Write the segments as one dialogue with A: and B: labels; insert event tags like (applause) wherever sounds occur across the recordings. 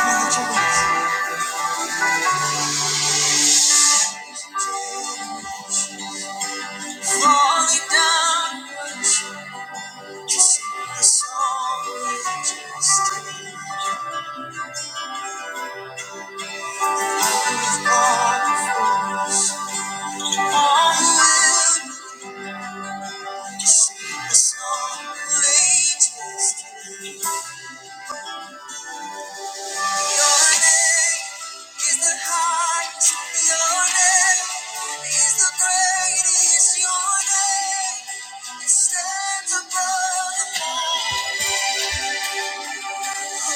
A: Falling down, to sing the song of majesty. All who've will, just sing the song, of majesty. Your name is the sing. Holy,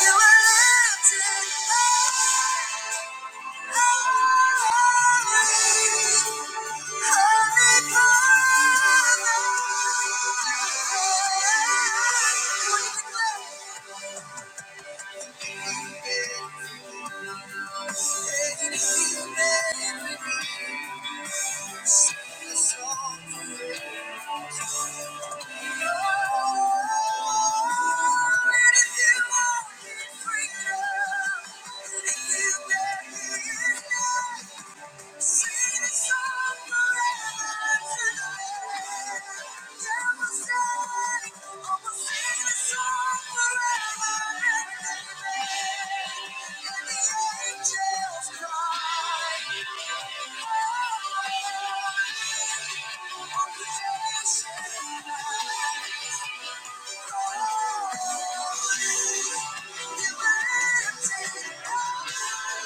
A: you are lifted high. Thank you. Oh,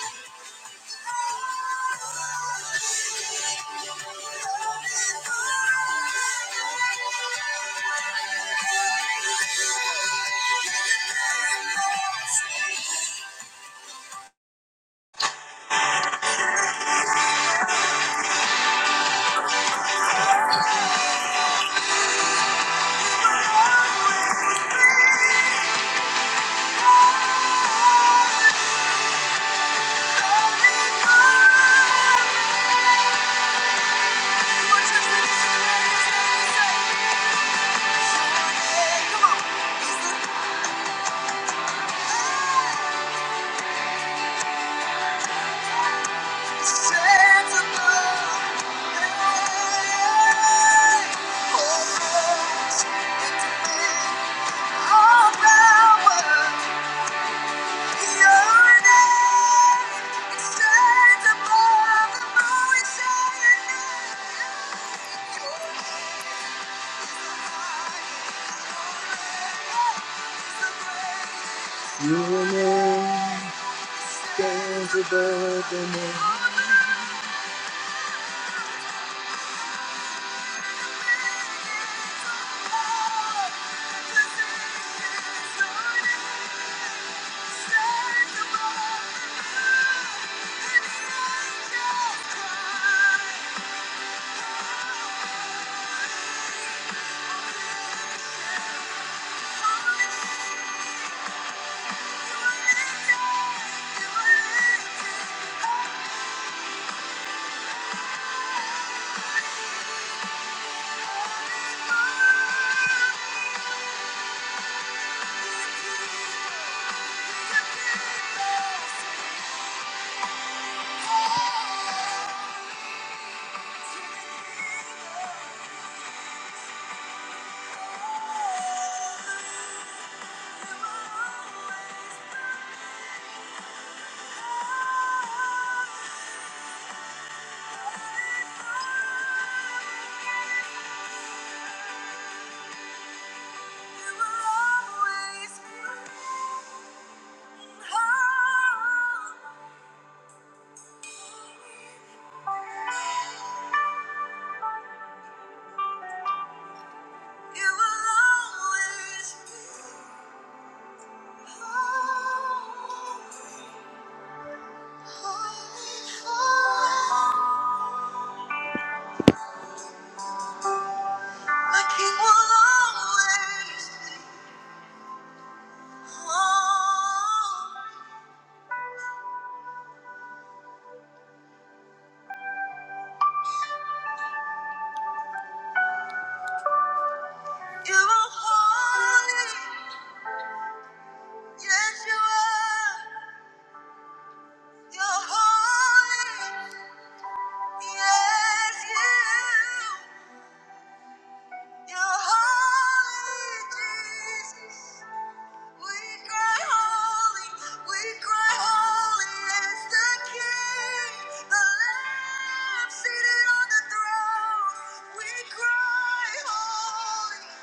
A: you all you. Your name stands above the name. Oh The king will always be holy. You are holy. Yes, you are. You're holy. Yes, you. You're holy, Jesus. We cry holy. We cry holy. Yes, the king, the lamb seated on the throne. We cry holy.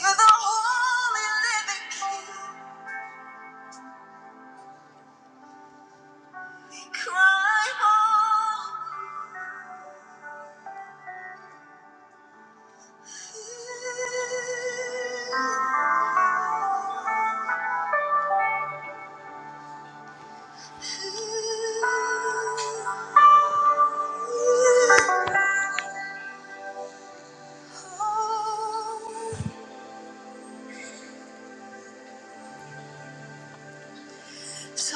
A: You're the holy living king. Cry holy. So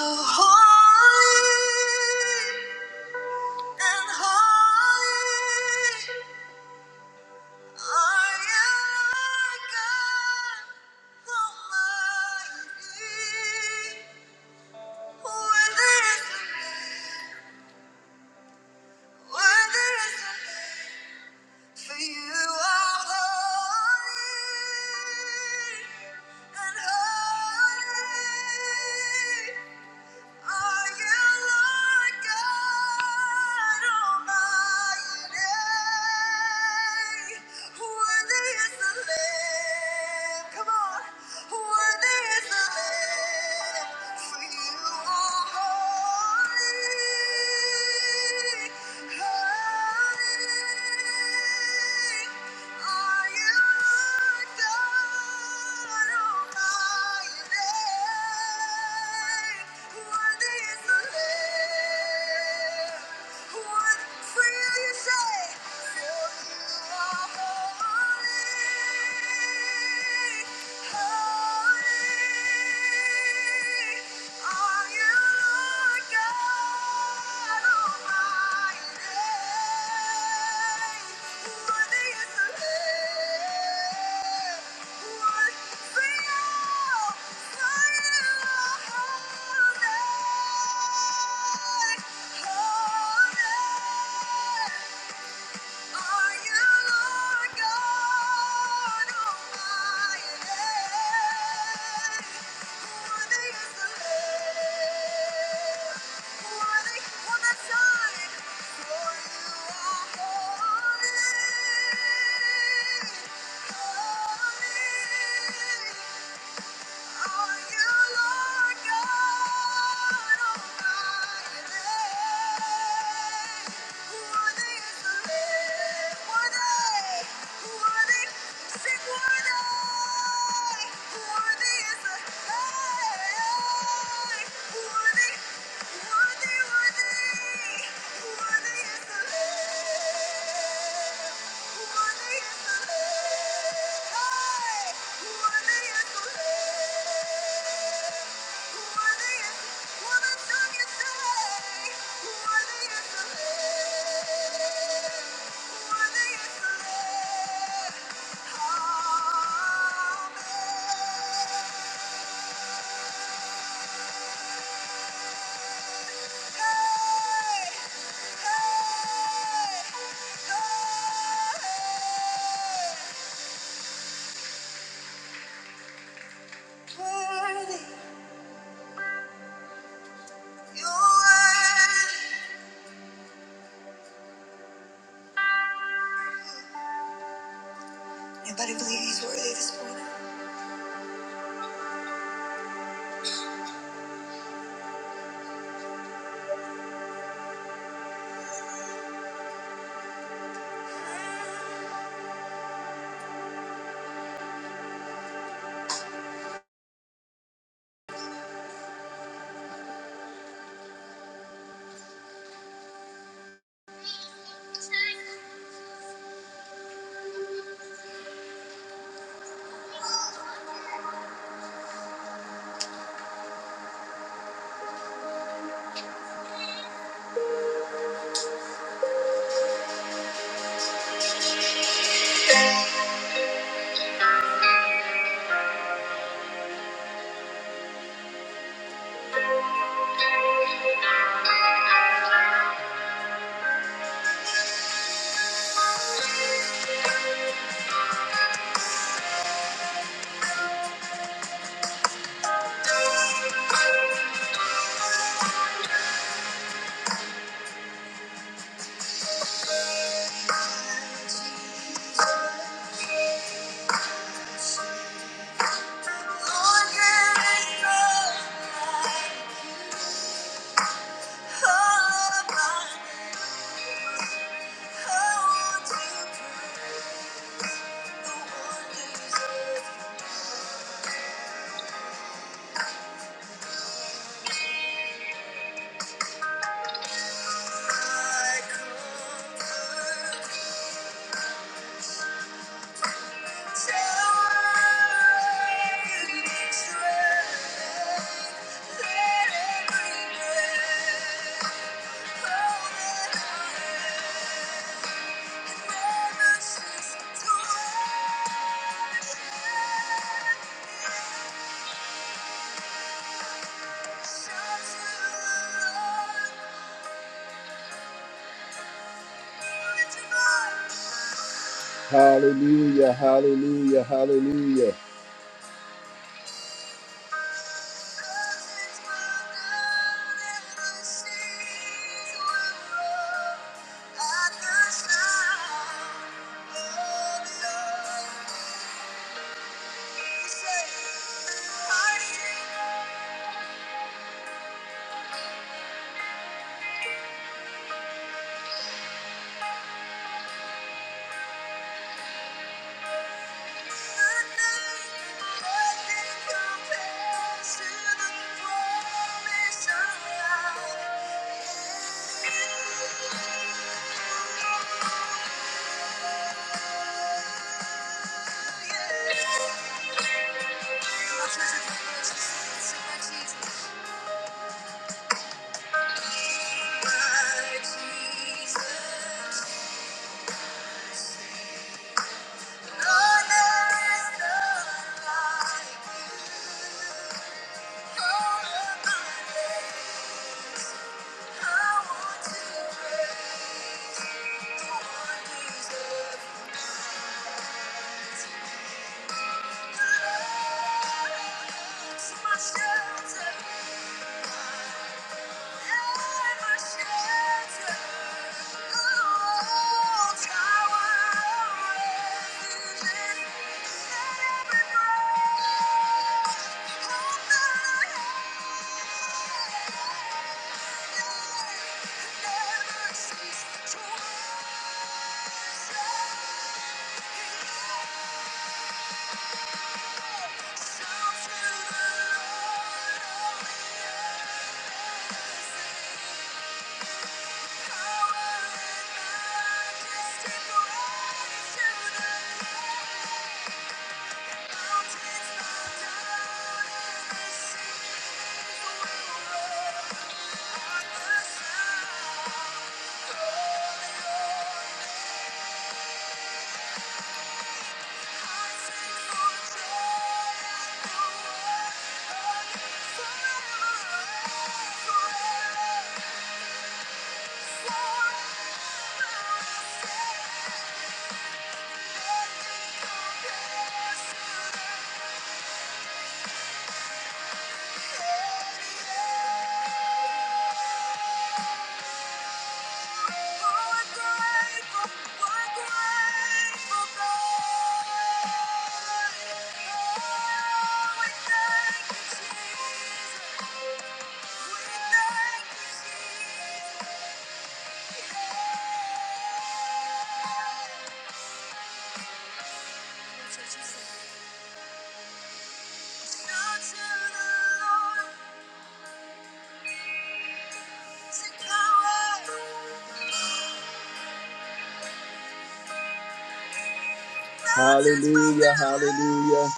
A: holy and holy are you, Lord God Almighty. Worthy is the Lamb. Worthy is the Lamb. For you are holy, and holy are you, Lord God Almighty. Worthy is the Lamb. Come on. Worthy is the Lamb. For you are holy, holy. Holy, holy. Yeah. Are you Lord God Almighty? Worthy is the Lamb. Worthy was the Son, for you are holy. Holy, Worthy, worthy, worthy is the Lamb. You're worthy. you are. Anybody believe he's worthy this morning? Lord, there is none like you. Oh, my, oh, to prove the wonders of my comfort. Hallelujah, hallelujah, hallelujah. Yeah. Shelter. the to shout the you. Forever, forever, forever. Thank you. Hallelujah, hallelujah.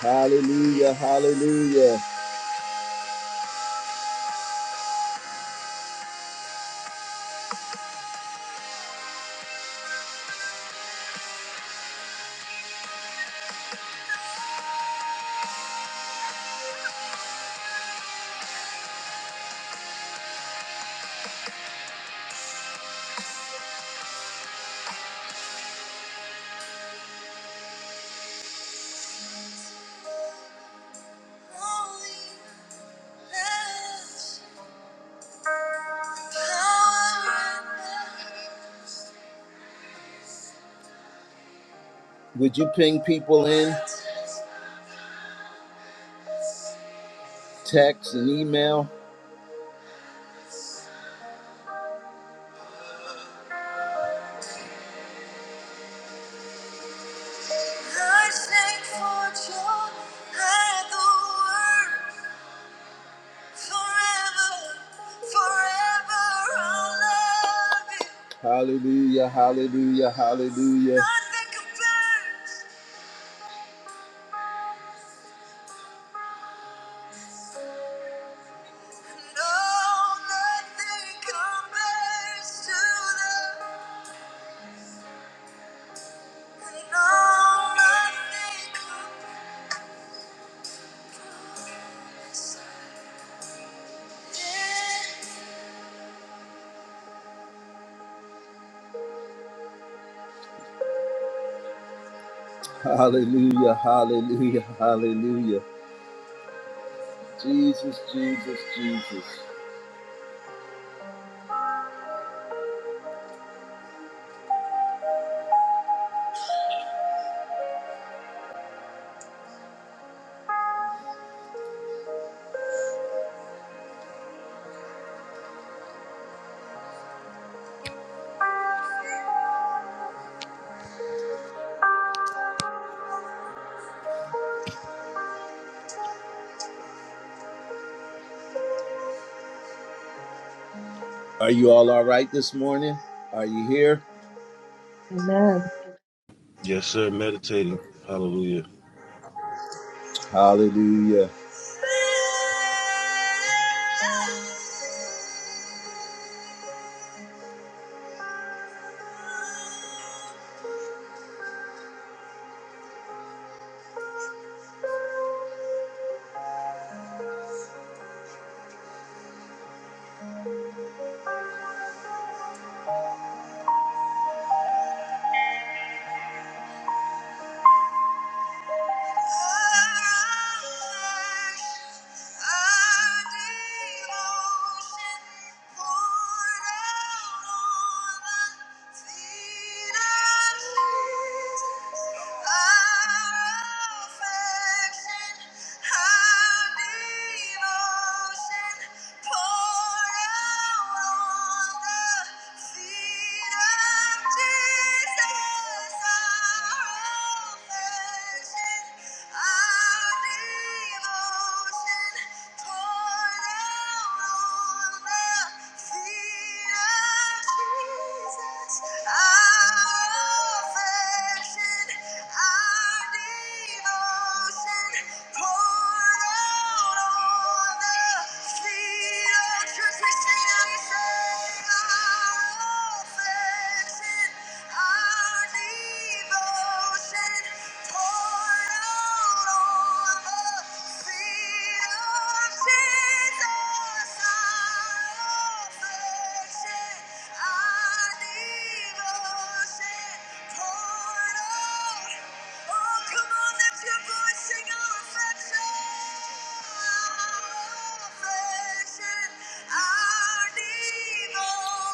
A: Hallelujah, hallelujah. Would you ping people in, text and email? Forever, forever I'll love you. Hallelujah, hallelujah, hallelujah. Nothing compares, no, nothing compares to the, no, nothing compares. Hallelujah, hallelujah, hallelujah. Jesus, Jesus, Jesus. Are you all all right this morning? Are you here?
B: Amen.
C: Yes, sir. Meditating. Hallelujah.
A: Hallelujah. Jesus. Thank you.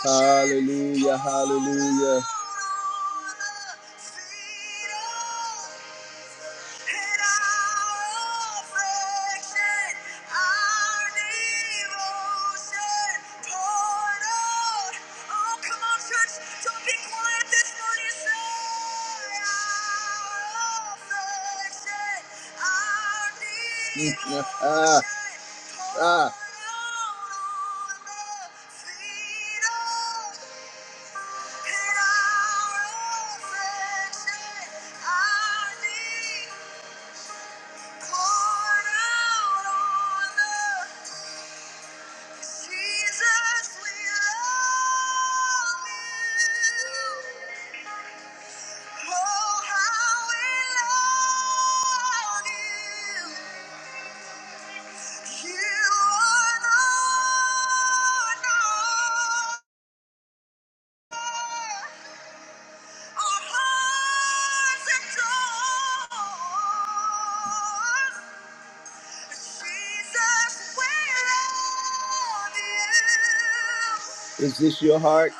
A: Hallelujah hallelujah, hallelujah. Ah, ah. Jesus, we love you. Oh, how we love you. You are the Lord. Is this your heart? Oh,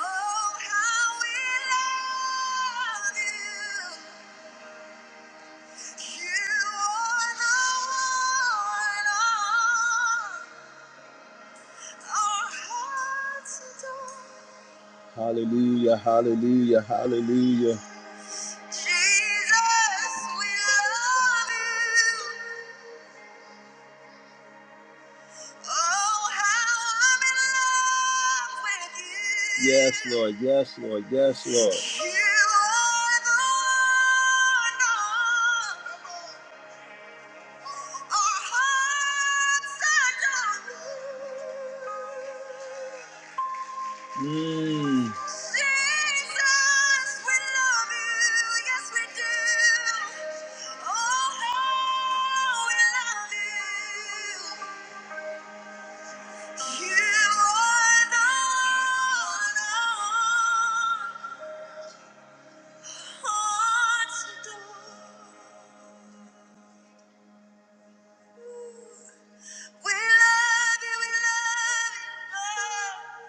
A: Hallelujah, hallelujah, hallelujah. Jesus, we love you. Oh, how I'm in love with you. Yes, Lord. Yes, Lord. Yes, Lord. You are the one. Our hearts are Mm. Jesus, we love you. Yes, we do. Oh, how we love you. You are the one hearts adore. We love you, we love you. Lord.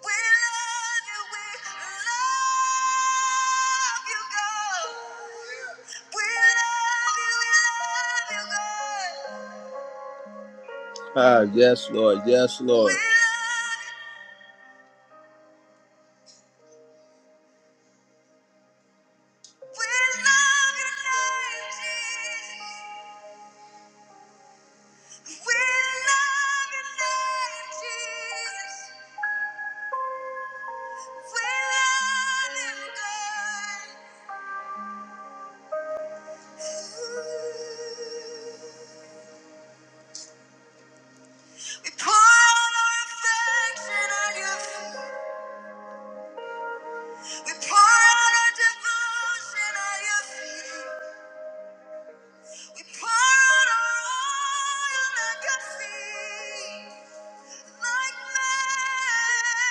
A: We love you, we love you, God. We love you, we love you, God. Ah, yes, Lord, yes, Lord. We love you, we love your name, Jesus. We love your name, Jesus. We love you, God. We pour out our affection at your feet. We pour out our devotion at your feet. We pour out our oil at your feet. Like Mary,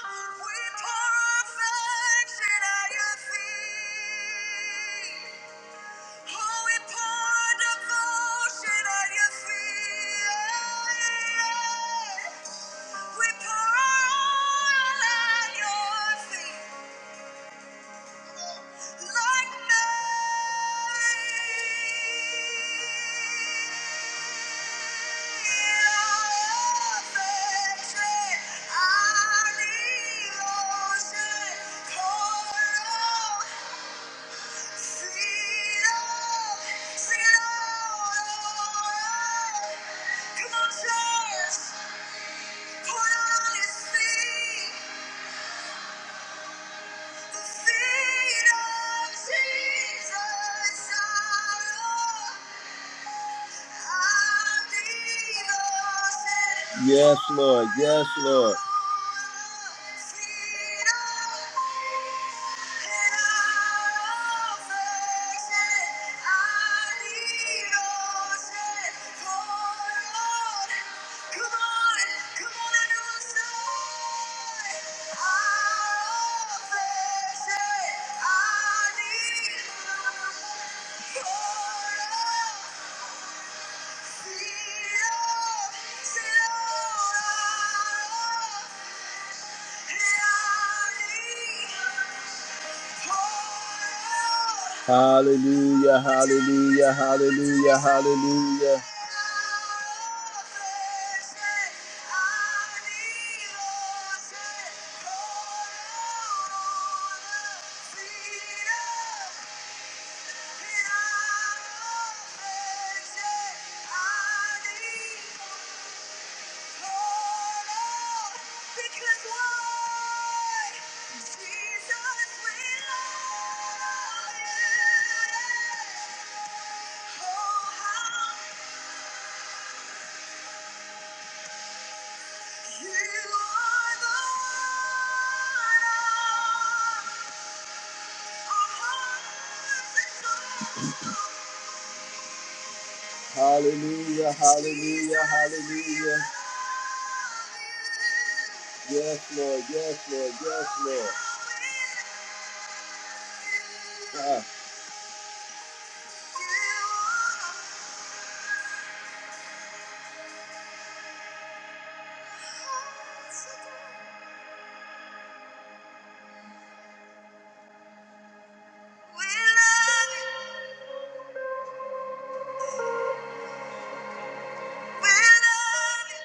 A: oh, we pour our affection at your feet. Oh, we pour our devotion at your feet. We pour all at your feet like Mary. Come on, church, put on his feet. Yes, Lord. Yes, Lord. Come come on, come on, Yeah. Hallelujah, hallelujah, hallelujah, hallelujah. Hallelujah, hallelujah, hallelujah. Yes, Lord, yes, Lord, yes, Lord. Ah. We love you. We love you.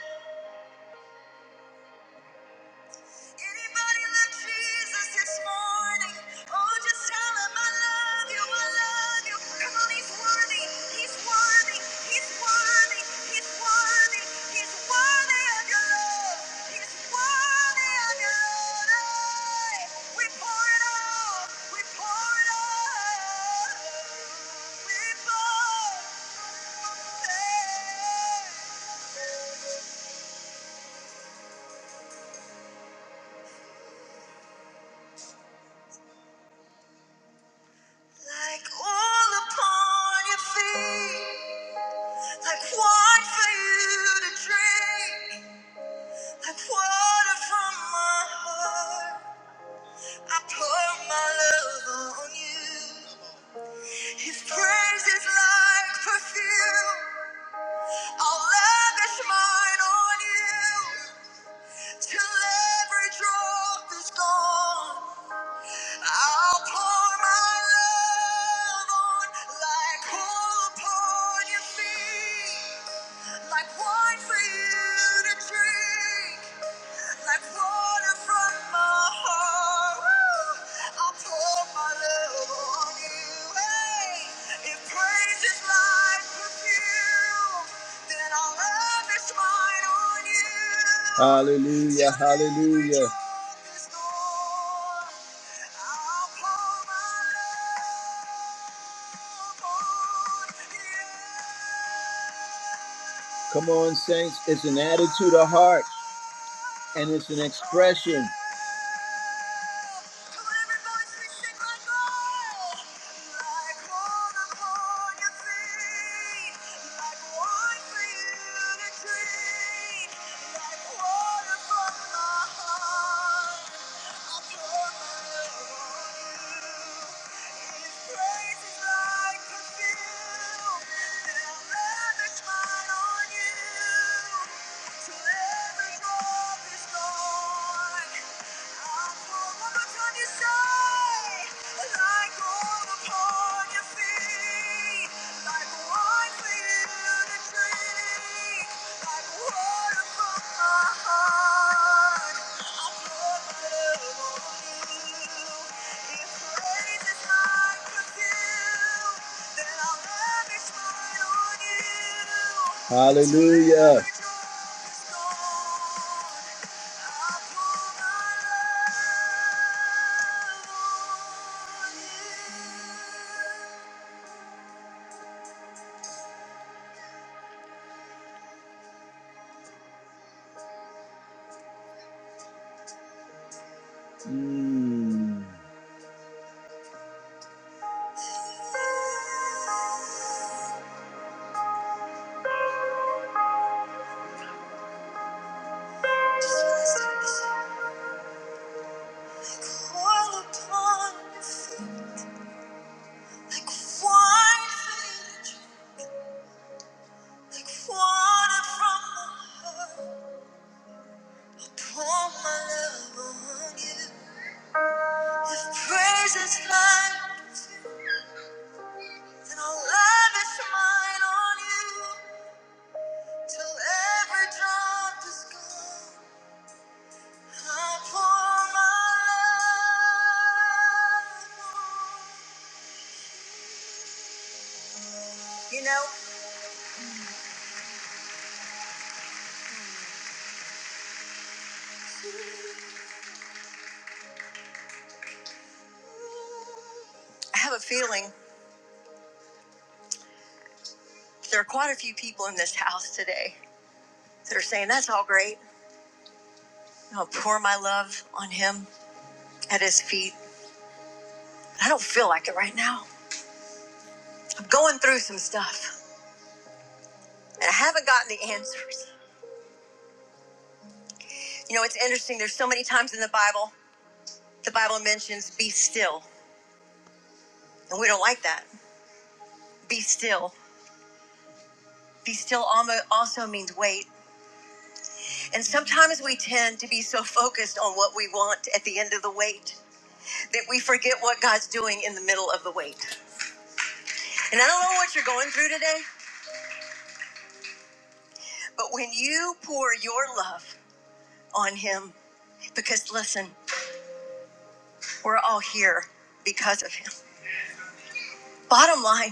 A: Anybody love Jesus this morning? Oh, just tell him I love you, I love you. Come on, he's worthy, he's worthy, he's worthy, he's worthy, he's worthy of your love. He's worthy of your love. Hey, We pour it all, we pour it all. We pour. Hey. Like all upon your feet, like wine for you to drink, like water from my heart. I pour my love on you. His praise is like perfume. I'll lavish mine on you till every drop is gone. I'll pour my love on like oil upon your feet, like wine for you to drink. Like water from my heart, woo, I'll pour my love on you. Hey, if praise is like perfume, then I'll lavish mine on you. Hallelujah, hallelujah. Come on, saints. It's an attitude of heart and it's an expression. To live love I'm my love on you. Hallelujah. Mm. Like water from the heart, I pour my love on you. Praise is mine, and I'll lavish mine on you till every drop is gone. I pour my love. You know, I have a feeling there are quite a few people in this house today that are saying that's all great. I'll pour my love on him at his feet. I don't feel like it right now. I'm going through some stuff and I haven't gotten the answers. You know, it's interesting. There's so many times in the Bible, the Bible mentions be still, and we don't like that. Be still. Be still almo- also means wait. And sometimes we tend to be so focused on what we want at the end of the wait that we forget what God's doing in the middle of the wait. And I don't know what you're going through today, but when you pour your love on Him, because listen, we're all here because of Him. Bottom line,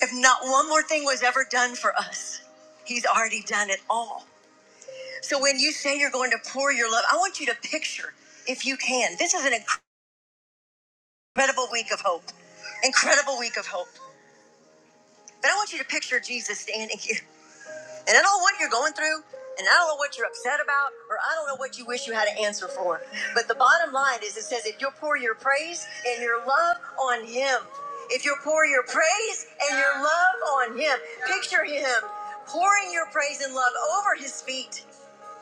A: If not one more thing was ever done for us, He's already done it all. So when you say you're going to pour your love, I want you to picture, if you can, this is an incredible week of hope. Incredible week of hope. But I want you to picture Jesus standing (laughs) here. And I don't know what you're going through, and I don't know what you're upset about, or I don't know what you wish you had an answer for. But the bottom line is it says if you'll pour your praise and your love on him, if you'll pour your praise and your love on him, picture him pouring your praise and love over his feet.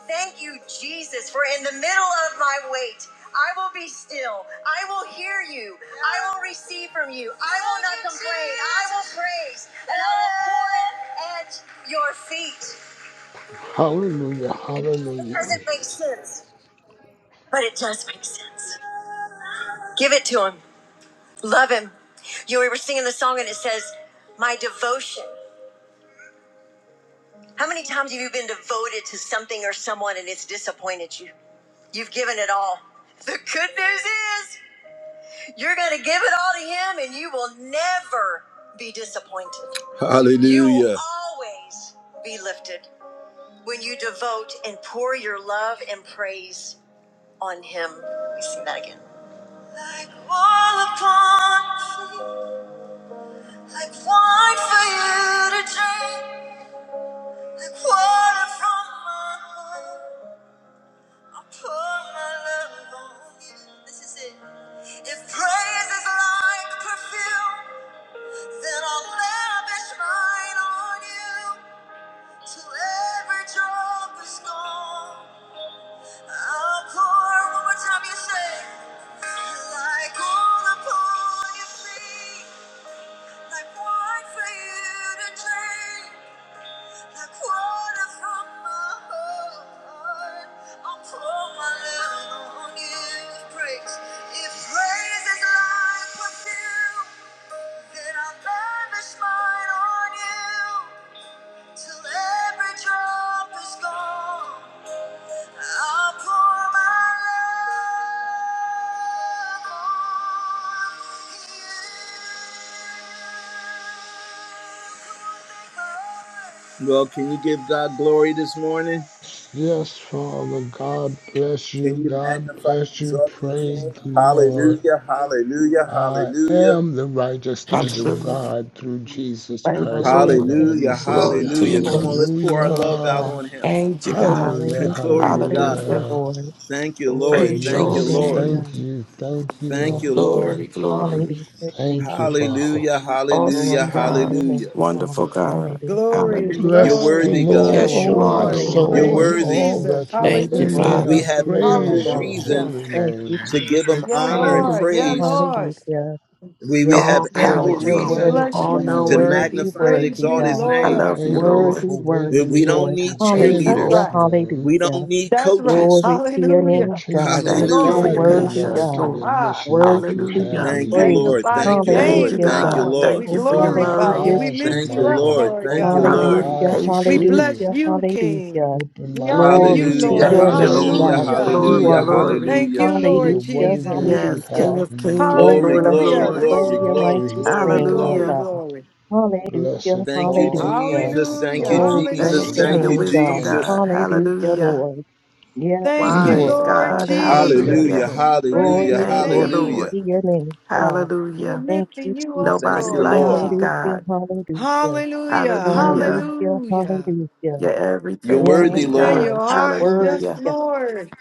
A: Thank you, Jesus, for in the middle of my wait, I will be still. I will hear you. I will receive from you. I will not complain. I will praise. And I will pour it at your feet.
D: Hallelujah,
A: It
D: hallelujah.
A: doesn't make sense, but it does make sense. Give it to him. Love him. You know, we were singing the song and it says, My devotion. How many times have you been devoted to something or someone and it's disappointed you? You've given it all. The good news is you're going to give it all to him and you will never be disappointed. Hallelujah. You will always be lifted when you devote and pour your love and praise on him. Let me sing that again. Like all upon me, like wine for you to drink, like water from my heart. I pour my love on you. This is it. If praise is like perfume, then I'll lavish mine on you. Till every drop is gone, I'll pour. One more time, you say. Like all upon your feet. Like like like Well, can you give God glory this morning?
D: Yes, Father, God bless you,
A: Can you
D: God
A: magnify and
D: bless you,
A: exalt the
D: praise
A: King?
D: the Lord.
A: Hallelujah, hallelujah,
D: I
A: hallelujah,
D: am the righteousness of
E: Hallelujah.
D: God through Jesus
E: Thank you,
D: Christ, my
B: Hallelujah,
E: Lord.
D: Lord
A: hallelujah,
D: and
B: Jesus.
D: Savior.
E: Glory to your
A: hallelujah. Come
B: Glory
A: on,
E: name.
A: let's
B: to
A: pour
B: your
A: our
B: name,
A: love out
D: Hallelujah,
B: God.
A: on him.
E: Thank you, God.
D: hallelujah,
A: (laughs)
B: Hallelujah,
A: Glory to God.
B: hallelujah,
E: Hallelujah.
D: hallelujah.
B: Lord.
A: Thank you, Lord.
B: Glory
E: Praise your
B: to
A: Thank
B: your
A: you,
E: holy
D: Yes,
B: name,
A: Lord.
E: name.
D: thank
B: God.
D: you, thank you,
A: Thank
D: Lord.
B: Yes,
A: you, Lord.
B: Lord.
E: Glory, glory.
B: Hallelujah,
D: Thank you,
B: Jesus.
D: Father.
A: Hallelujah,
B: Glory
A: hallelujah,
E: Awesome
B: to
E: God.
B: your name,
A: hallelujah.
E: Wonderful
B: God.
E: God.
B: Hallelujah.
F: Glory,
A: You're
E: Hallelujah.
D: Bless the
F: glory.
A: worthy,
B: Yes,
D: Lord,
A: God.
F: Yes,
E: Yes, you
B: Lord.
D: O
E: are,
D: my
F: Lord. We
E: Lord.
A: You're
B: Hallelujah,
D: soul,
F: praise
D: and
F: you,
A: worthy.
D: all
B: Jesus.
F: Jesus.
D: that's
E: Thank you,
D: within
F: Hallelujah.
B: Glory
D: me.
A: We
D: I
E: Father.
A: have
B: to your name,
A: ample
D: praise
B: God.
D: your
F: Hallelujah.
A: reason
D: holy
B: Thank you,
D: name.
A: to give him
B: Jesus.
F: Yeah,
A: honor and
F: Lord. Yeah,
B: Hallelujah,
A: praise.
F: Lord.
B: hallelujah.
A: We, we have
E: All
B: Yes, Lord.
A: ample
D: Thank you,
B: You're
F: We
E: powerful,
A: reason
D: thank
B: worthy,
F: bless
D: you,
E: all
B: God.
A: to
D: thank
F: you.
E: knowing.
F: We
B: Worthy,
D: you.
A: magnify and
F: praise
B: worthy,
A: exalt
F: you,
A: his
B: God.
E: I
A: name
F: Lord.
E: love you,
D: Thank you
E: Lord.
B: Worthy,
D: for
A: Eh,
B: worthy,
D: waking
A: We
D: me up
A: don't
B: Lord.
A: need
D: again
F: That's
E: Faithful.
B: Hallelujah,
D: this
A: cheerleaders.
F: right.
D: morning.
A: We don't
B: hallelujah.
A: need
F: That's right. (laughs)
A: coaches.
B: Glory to your name,
F: Hallelujah.
A: (laughs)
D: Continue
B: God.
D: to
B: You're
E: Thank you for
A: Hallelujah.
B: so
F: Glory
E: your
D: guide me,
B: worthy,
F: to
D: Lord,
E: patience,
D: to
B: God.
D: the
E: Lord.
F: God.
D: mission that
B: Worthy
D: you
B: to be
F: (laughs)
D: have
F: we
E: Hallelujah.
D: me
A: Thank you,
D: to
B: praised.
A: Lord.
F: magnify your
A: Thank
D: complete.
A: you,
E: Thank
A: Lord.
E: you,
F: name this
B: Hallelujah,
A: Thank you,
E: God.
B: God.
F: morning.
A: Lord.
F: We
E: Thank you for your
D: Open the
F: glorify
E: love.
F: you.
B: Hallelujah,
F: We
D: eyes of
F: lift
A: Thank
D: my
F: you
A: you,
B: Jesus.
F: up,
A: Lord.
D: heart.
F: Lord
A: Thank you,
D: Open
F: God.
D: my
A: Lord.
E: Kind,
B: Hallelujah,
D: eyes,
F: We
E: patient.
D: period.
F: bless
B: hallelujah,
F: you, King.
B: hallelujah.
D: Open
F: We
D: my
F: honor you,
B: Glory
D: ears
B: to
A: Hallelujah.
D: so I
F: Lord.
B: your
E: Thank
D: can
E: you,
B: name,
E: Lord.
A: Hallelujah.
D: see
B: God,
D: and
B: because
F: Hallelujah.
D: hear
B: you
E: Glory,
A: Hallelujah.
B: are
D: you,
E: glory.
B: worthy.
F: Thank
D: and
A: Hallelujah.
F: you,
D: hear
F: Lord
D: what
B: Hallelujah,
D: it
F: Jesus.
D: is you
E: Yes, King
D: have
B: hallelujah.
D: for
E: of
D: me to,
E: kings,
B: Oh,
A: Glory,
E: Lord of
B: bless
A: glory,
F: Hallelujah.
B: your
E: lords.
A: glory,
B: holy and
D: to
A: glory,
D: do.
B: righteous
F: Glory,
A: glory,
B: name, my
F: glory,
A: glory.
E: Hallelujah.
B: God.
F: glory.
B: Hallelujah,
D: Blessed
A: Thank you,
D: Lord,
B: hallelujah.
D: blessed
A: Jesus. Thank
F: Hallelujah.
A: you,
D: Lord,
B: Oh, bless
D: blessed
A: Jesus.
E: Thank you
B: your
E: for
A: Thank
F: Hallelujah.
E: your
A: you,
B: name,
D: Lord,
E: wisdom,
B: God.
D: thank
A: Jesus.
E: God.
B: Hallelujah,
E: Hallelujah.
B: Lord. Yes,
F: Thank
D: you.
F: you,
D: (clears throat)
E: Wise
B: Lord.
F: Lord
E: God.
B: Hallelujah.
D: Thank
A: Hallelujah.
F: Jesus.
E: Hallelujah.
D: you.
F: We
A: Hallelujah.
F: praise
B: Glory,
F: your
E: Thank you,
B: glory
E: Lord.
F: name.
A: Hallelujah.
B: to your name, God.
F: We're
E: Hallelujah.
B: Thank you,
F: lifting you up,
E: Nobody
A: Thank
B: Jesus.
A: you,
F: Lord
E: like
A: Lord.
E: you,
F: God.
B: Hallelujah,
E: God.
B: hallelujah.
F: Hallelujah.
A: Mm,
E: Hallelujah.
B: Hallelujah,
F: Hallelujah.
B: hallelujah.
E: You're
A: you're
E: everything to
B: Yes,
A: worthy,
E: me,
F: There
A: Lord.
E: God.
F: you
B: Lord. You're
F: are. Yes,
B: worthy,
E: Hallelujah.
B: God.
F: Lord.